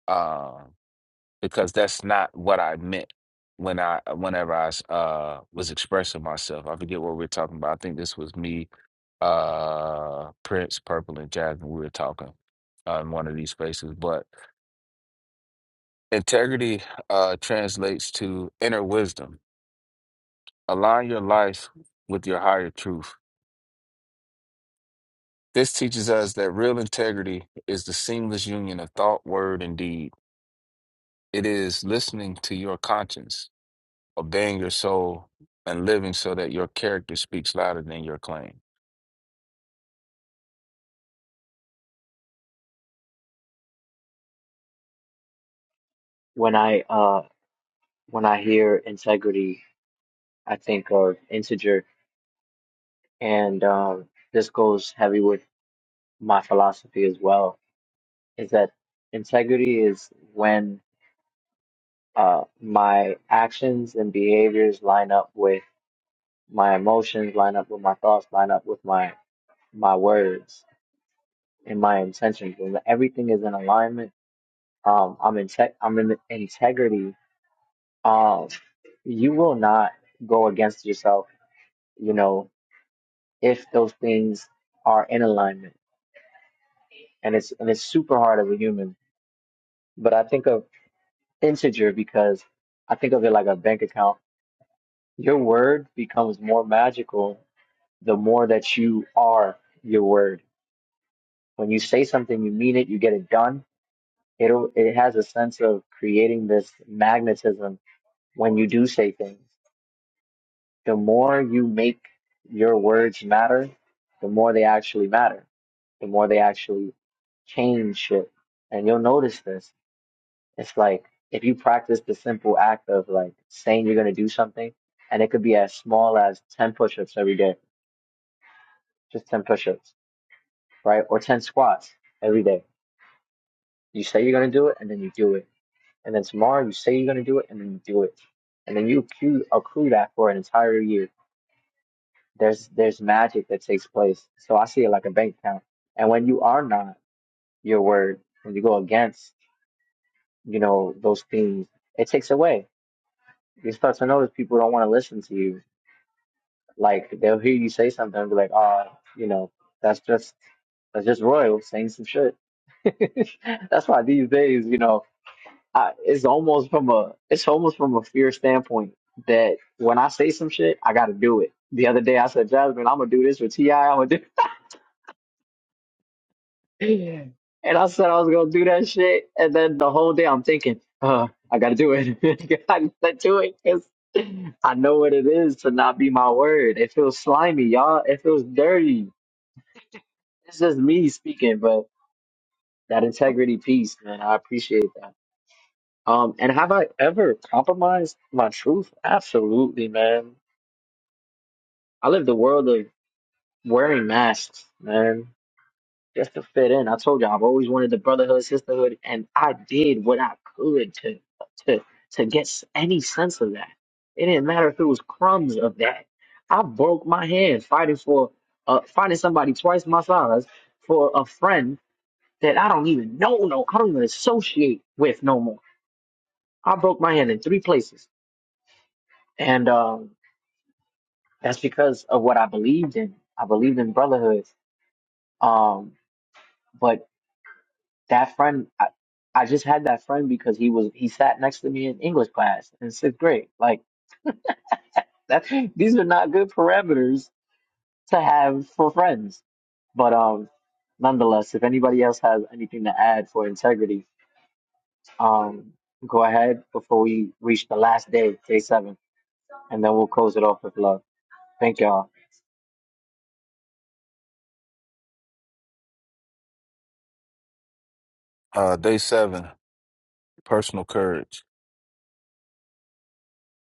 S4: um, because that's not what I meant when I whenever I s- uh was expressing myself. I forget what we are talking about. I think this was me, uh Prince, Purple, and Jasmine. We were talking uh, in one of these spaces. But integrity uh translates to inner wisdom. Align your life with your higher truth. This teaches us that real integrity is the seamless union of thought, word, and deed. It is listening to your conscience obeying your soul and living so that your character speaks louder than your claim.
S1: When I uh when I hear integrity, I think of integer, and um, this goes heavy with my philosophy as well. Is that integrity is when uh, my actions and behaviors line up with my emotions, line up with my thoughts, line up with my my words and my intentions. When everything is in alignment, um, I'm in tech, I'm in integrity. Um, you will not go against yourself, you know, if those things are in alignment. And it's and it's super hard as a human. But I think of integer because I think of it like a bank account. Your word becomes more magical the more that you are your word. When you say something, you mean it, you get it done. It'll, it has a sense of creating this magnetism when you do say things. The more you make your words matter, the more they actually matter, the more they actually change shit. And you'll notice this. It's like if you practice the simple act of like saying you're going to do something, and it could be as small as 10 push ups every day, just 10 push ups, right? Or 10 squats every day You say you're gonna do it, and then you do it. And then tomorrow you say you're gonna do it, and then you do it. And then you accrue, accrue that for an entire year. There's there's magic that takes place. So I see it like a bank account. And when you are not your word, when you go against, you know, those things, it takes away. You start to notice people don't want to listen to you. Like they'll hear you say something and be like, oh, you know, that's just that's just Royal saying some shit. that's why these days, you know, I, it's almost from a it's almost from a fear standpoint that when I say some shit, I got to do it. The other day I said, Jasmine, I'm gonna do this with Ti. I'm gonna do, and I said I was gonna do that shit, and then the whole day I'm thinking, uh, I gotta do it. I gotta do it 'cause I know what it is to not be my word. It feels slimy, y'all. It feels dirty. It's just me speaking, but that integrity piece, man, I appreciate that. Um, and have I ever compromised my truth? Absolutely, man. I live the world of wearing masks, man, just to fit in. I told you I've always wanted the brotherhood, sisterhood, and I did what I could to to to get s- any sense of that. It didn't matter if it was crumbs of that. I broke my hand fighting for uh finding somebody twice my size for a friend that I don't even know, no, I don't even associate with no more. I broke my hand in three places, and um. That's because of what I believed in. I believed in brotherhood. Um, but that friend, I, I just had that friend because he was he sat next to me in English class in sixth grade. Like that, these are not good parameters to have for friends. But um, nonetheless, if anybody else has anything to add for integrity, um, go ahead before we reach the last day, day seven, and then we'll close it off with love. Thank y'all.
S4: Uh, day seven, personal courage.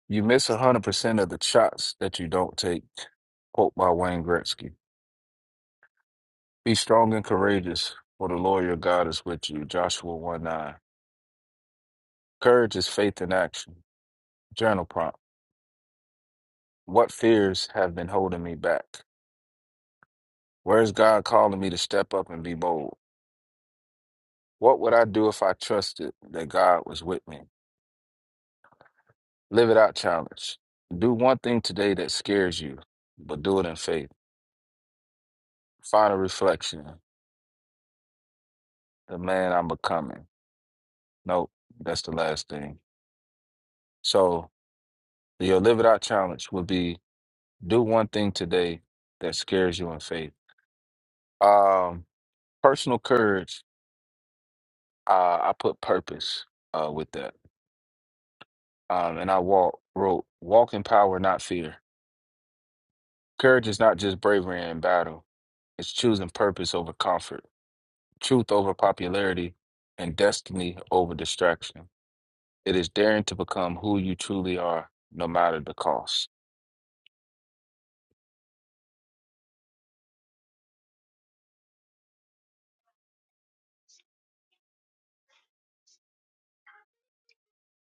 S4: You miss 100% of the shots that you don't take. Quote by Wayne Gretzky. Be strong and courageous, for the Lord your God is with you. Joshua 1 9. Courage is faith in action. Journal prompt. What fears have been holding me back? Where is God calling me to step up and be bold? What would I do if I trusted that God was with me? Live it out challenge. Do one thing today that scares you, but do it in faith. Final reflection. The man I'm becoming. Nope, that's the last thing. So your live it out challenge would be do one thing today that scares you in faith. Um, personal courage. Uh, I put purpose uh, with that. Um, and I walk wrote walk in power, not fear. Courage is not just bravery in battle. It's choosing purpose over comfort. truth over popularity, and destiny over distraction. It is daring to become who you truly are, no matter the cost.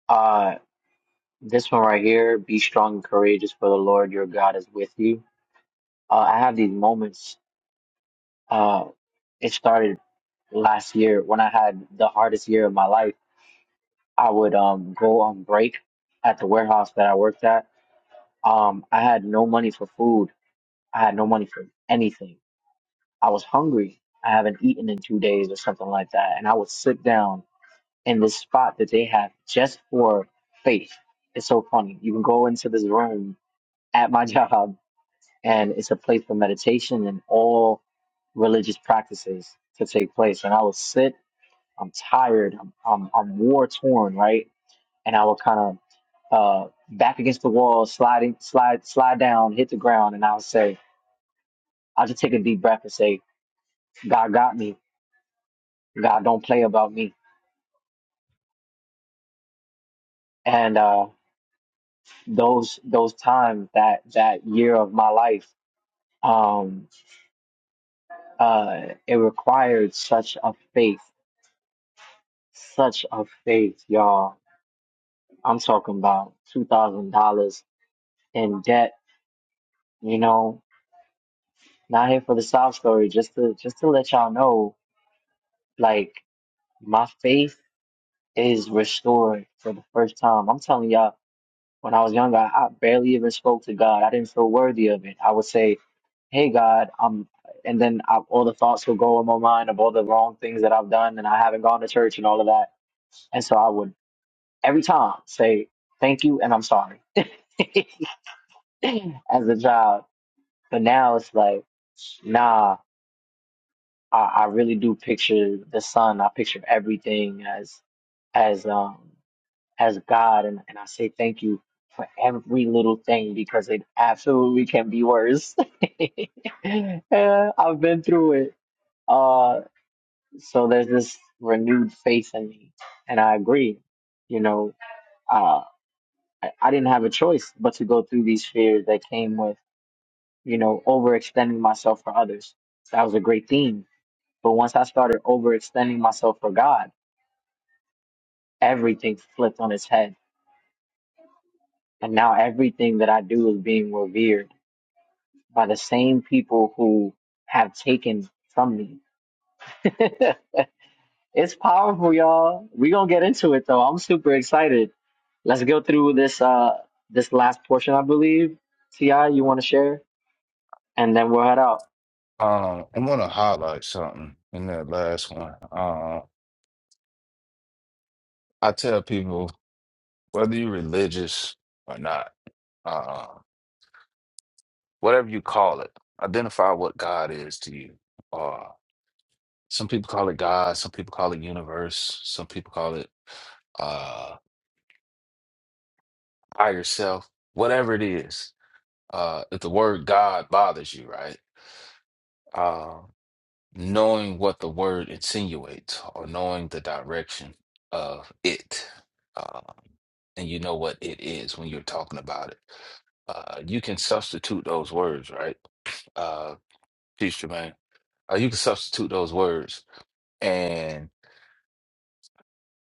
S1: Uh, This one right here, be strong and courageous, for the Lord your God is with you. Uh, I have these moments. Uh, it started last year when I had the hardest year of my life. I would um go on break at the warehouse that I worked at. Um, I had no money for food. I had no money for anything. I was hungry. I haven't eaten in two days or something like that. And I would sit down in this spot that they have just for faith. It's so funny. You can go into this room at my job and it's a place for meditation and all religious practices to take place. And I would sit, I'm tired, I'm I'm, I'm war torn, right? And I would kind of uh, back against the wall, sliding, slide, slide down, hit the ground, and I would say, I'll just take a deep breath and say, God got me. God don't play about me. And uh, those those times that that year of my life, um, uh, it required such a faith, such a faith, y'all I'm talking about two thousand dollars in debt. You know, not here for the sob story. Just to just to let y'all know, like my faith is restored for the first time. I'm telling y'all, when I was younger, I barely even spoke to God. I didn't feel worthy of it. I would say, "Hey God," um, and then I, all the thoughts would go in my mind of all the wrong things that I've done, and I haven't gone to church and all of that. And so I would every time say, "Thank you," and I'm sorry. as a child But now it's like, nah, I, I really do picture the sun. I picture everything as as um as God and, and I say thank you for every little thing because it absolutely can be worse. Yeah, I've been through it. Uh so there's this renewed faith in me. And I agree, you know, uh I, I didn't have a choice but to go through these fears that came with, you know, overextending myself for others. That was a great theme But once I started overextending myself for God, everything flipped on its head. And now everything that I do is being revered by the same people who have taken from me. it's powerful, y'all. We're gonna get into it though. I'm super excited. Let's go through this uh this last portion, I believe. Ti, you wanna share? And then we'll head out.
S4: Um, I want to highlight something in that last one. Uh, I tell people whether you're religious or not, uh, whatever you call it, identify what God is to you. Uh, some people call it God, some people call it universe, some people call it uh, higher self, whatever it is. Uh, if the word God bothers you, right? uh, knowing what the word insinuates or knowing the direction of it. Uh, and you know what it is when you're talking about it. Uh, you can substitute those words, right? Uh, Peace, Jermaine. Uh, you can substitute those words and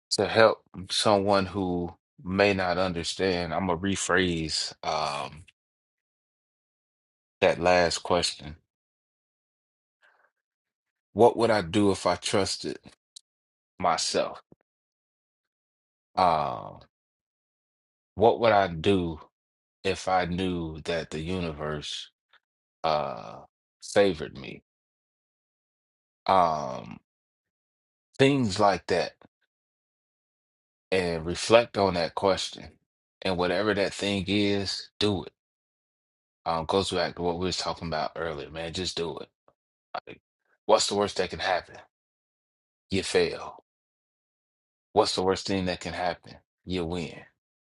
S4: to help someone who may not understand, I'm going to rephrase um, that last question. What would I do if I trusted myself? Uh, what would I do? if I knew that the universe uh favored me. Um things like that and reflect on that question. And whatever that thing is, do it. Um goes back to what we was talking about earlier, man. Just do it. Like what's the worst that can happen? You fail. What's the worst thing that can happen? You win.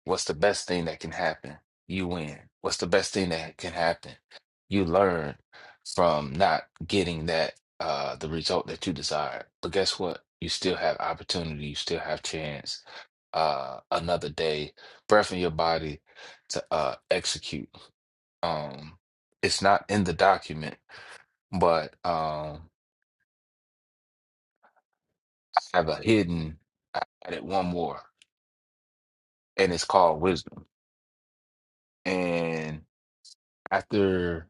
S4: What's the best thing that can happen? You win. What's the best thing that can happen? You learn from not getting that uh the result that you desire. But guess what? You still have opportunity, you still have chance, uh another day, breath in your body to uh execute. Um it's not in the document, but um have a hidden I added one more and it's called wisdom. And after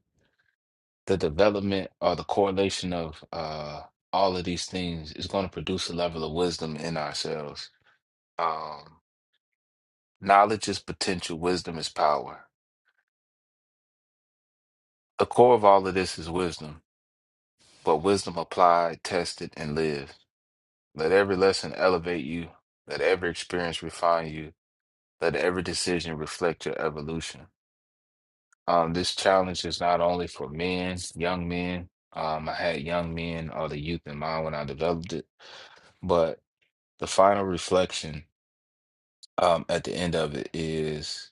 S4: the development or the correlation of uh, all of these things is going to produce a level of wisdom in ourselves. Um, knowledge is potential, wisdom is power. The core of all of this is wisdom, but wisdom applied, tested, and lived. Let every lesson elevate you, let every experience refine you, let every decision reflect your evolution. Um, this challenge is not only for men, young men. Um, I had young men or the youth in mind when I developed it, but. the final reflection um, at the end of it is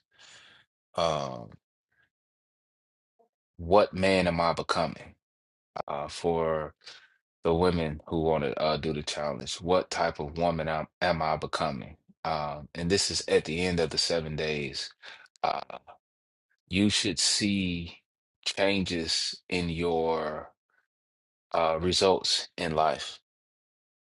S4: um, what man am I becoming? Uh, for the women who want to uh, do the challenge, what type of woman am, am I becoming? Um, and this is at the end of the seven days. Uh, you should see changes in your uh, results in life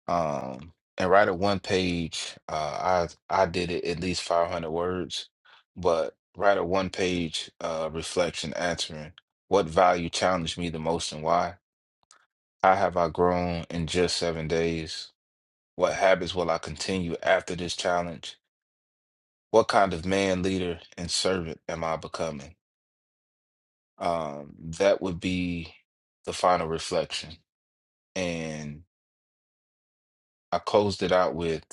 S4: Um, and write a one page. Uh, I I did it at least 500 words, but write a one page uh, reflection answering what value challenged me the most and why. How have I grown in just seven days? What habits will I continue after this challenge? What kind of man, leader, and servant am I becoming? Um, that would be the final reflection. And I closed it out with.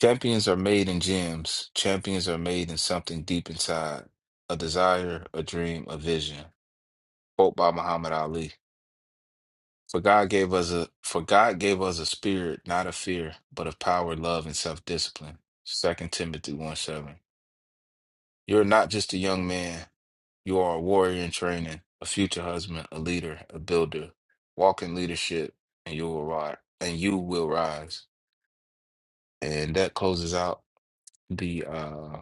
S4: Champions are made in gyms. Champions are made in something deep inside a desire, a dream, a vision. Quote by Muhammad Ali. For God gave us a for God gave us a spirit, not of fear, but of power, love, and self-discipline. Second Timothy 1 7. You're not just a young man. You are a warrior in training, a future husband, a leader, a builder. Walk in leadership and you will rise and you will rise. And that closes out the uh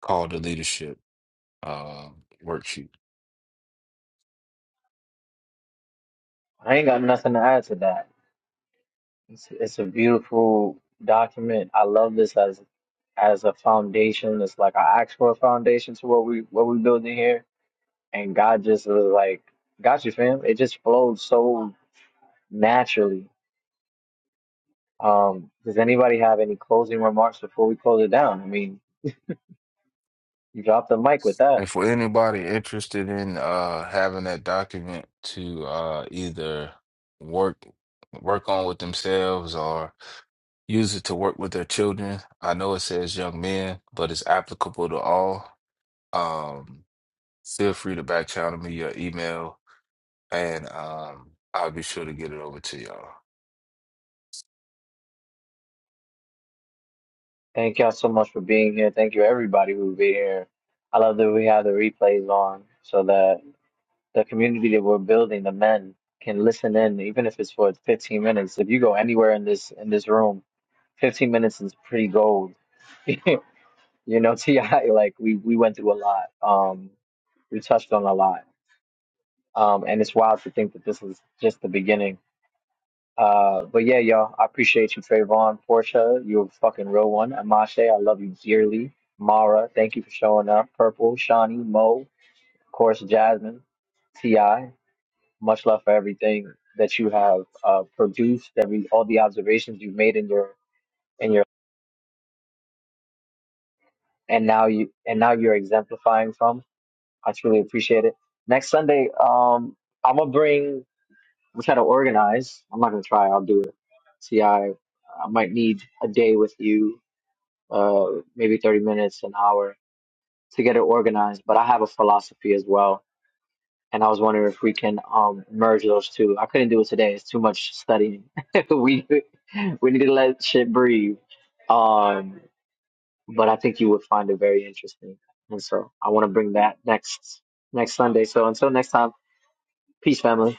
S4: call to leadership. uh, worksheet.
S1: I ain't got nothing to add to that. It's, it's a beautiful document. I love this as as a foundation. It's like I asked for a foundation to what we what we building here, and God just was like, "Got you, fam." It just flowed so naturally. Um, does anybody have any closing remarks before we close it down? I mean, you dropped the mic with that.
S4: And for anybody interested in uh, having that document to uh, either work work on with themselves or use it to work with their children, I know it says young men, but it's applicable to all. Um, feel free to back channel me your email, and um, I'll be sure to get it over to y'all.
S1: Thank y'all so much for being here. Thank you everybody who be here. I love that we have the replays on so that the community that we're building, the men can listen in, even if it's for 15 minutes. If you go anywhere in this in this room, 15 minutes is pretty gold. you know, Ti, like we we went through a lot. Um, we touched on a lot. Um, and it's wild to think that this is just the beginning. Uh, but yeah, y'all, I appreciate you, Trayvon, Portia. You're a fucking real one. Amashe, I love you dearly. Mara, thank you for showing up. Purple, Shawnee, Mo, of course, Jasmine, Ti. Much love for everything that you have uh, produced, every all the observations you've made in your in your and now you and now you're exemplifying from. I truly appreciate it. Next Sunday, um, I'm gonna bring. I'm trying to organize. I'm not gonna try. I'll do it. See, I I might need a day with you, uh, maybe 30 minutes, an hour to get it organized. But I have a philosophy as well and I was wondering if we can um merge those two. I couldn't do it today. It's too much studying. we we need to let shit breathe. Um, but I think you would find it very interesting, and so I want to bring that next next Sunday. So until next time, peace, family.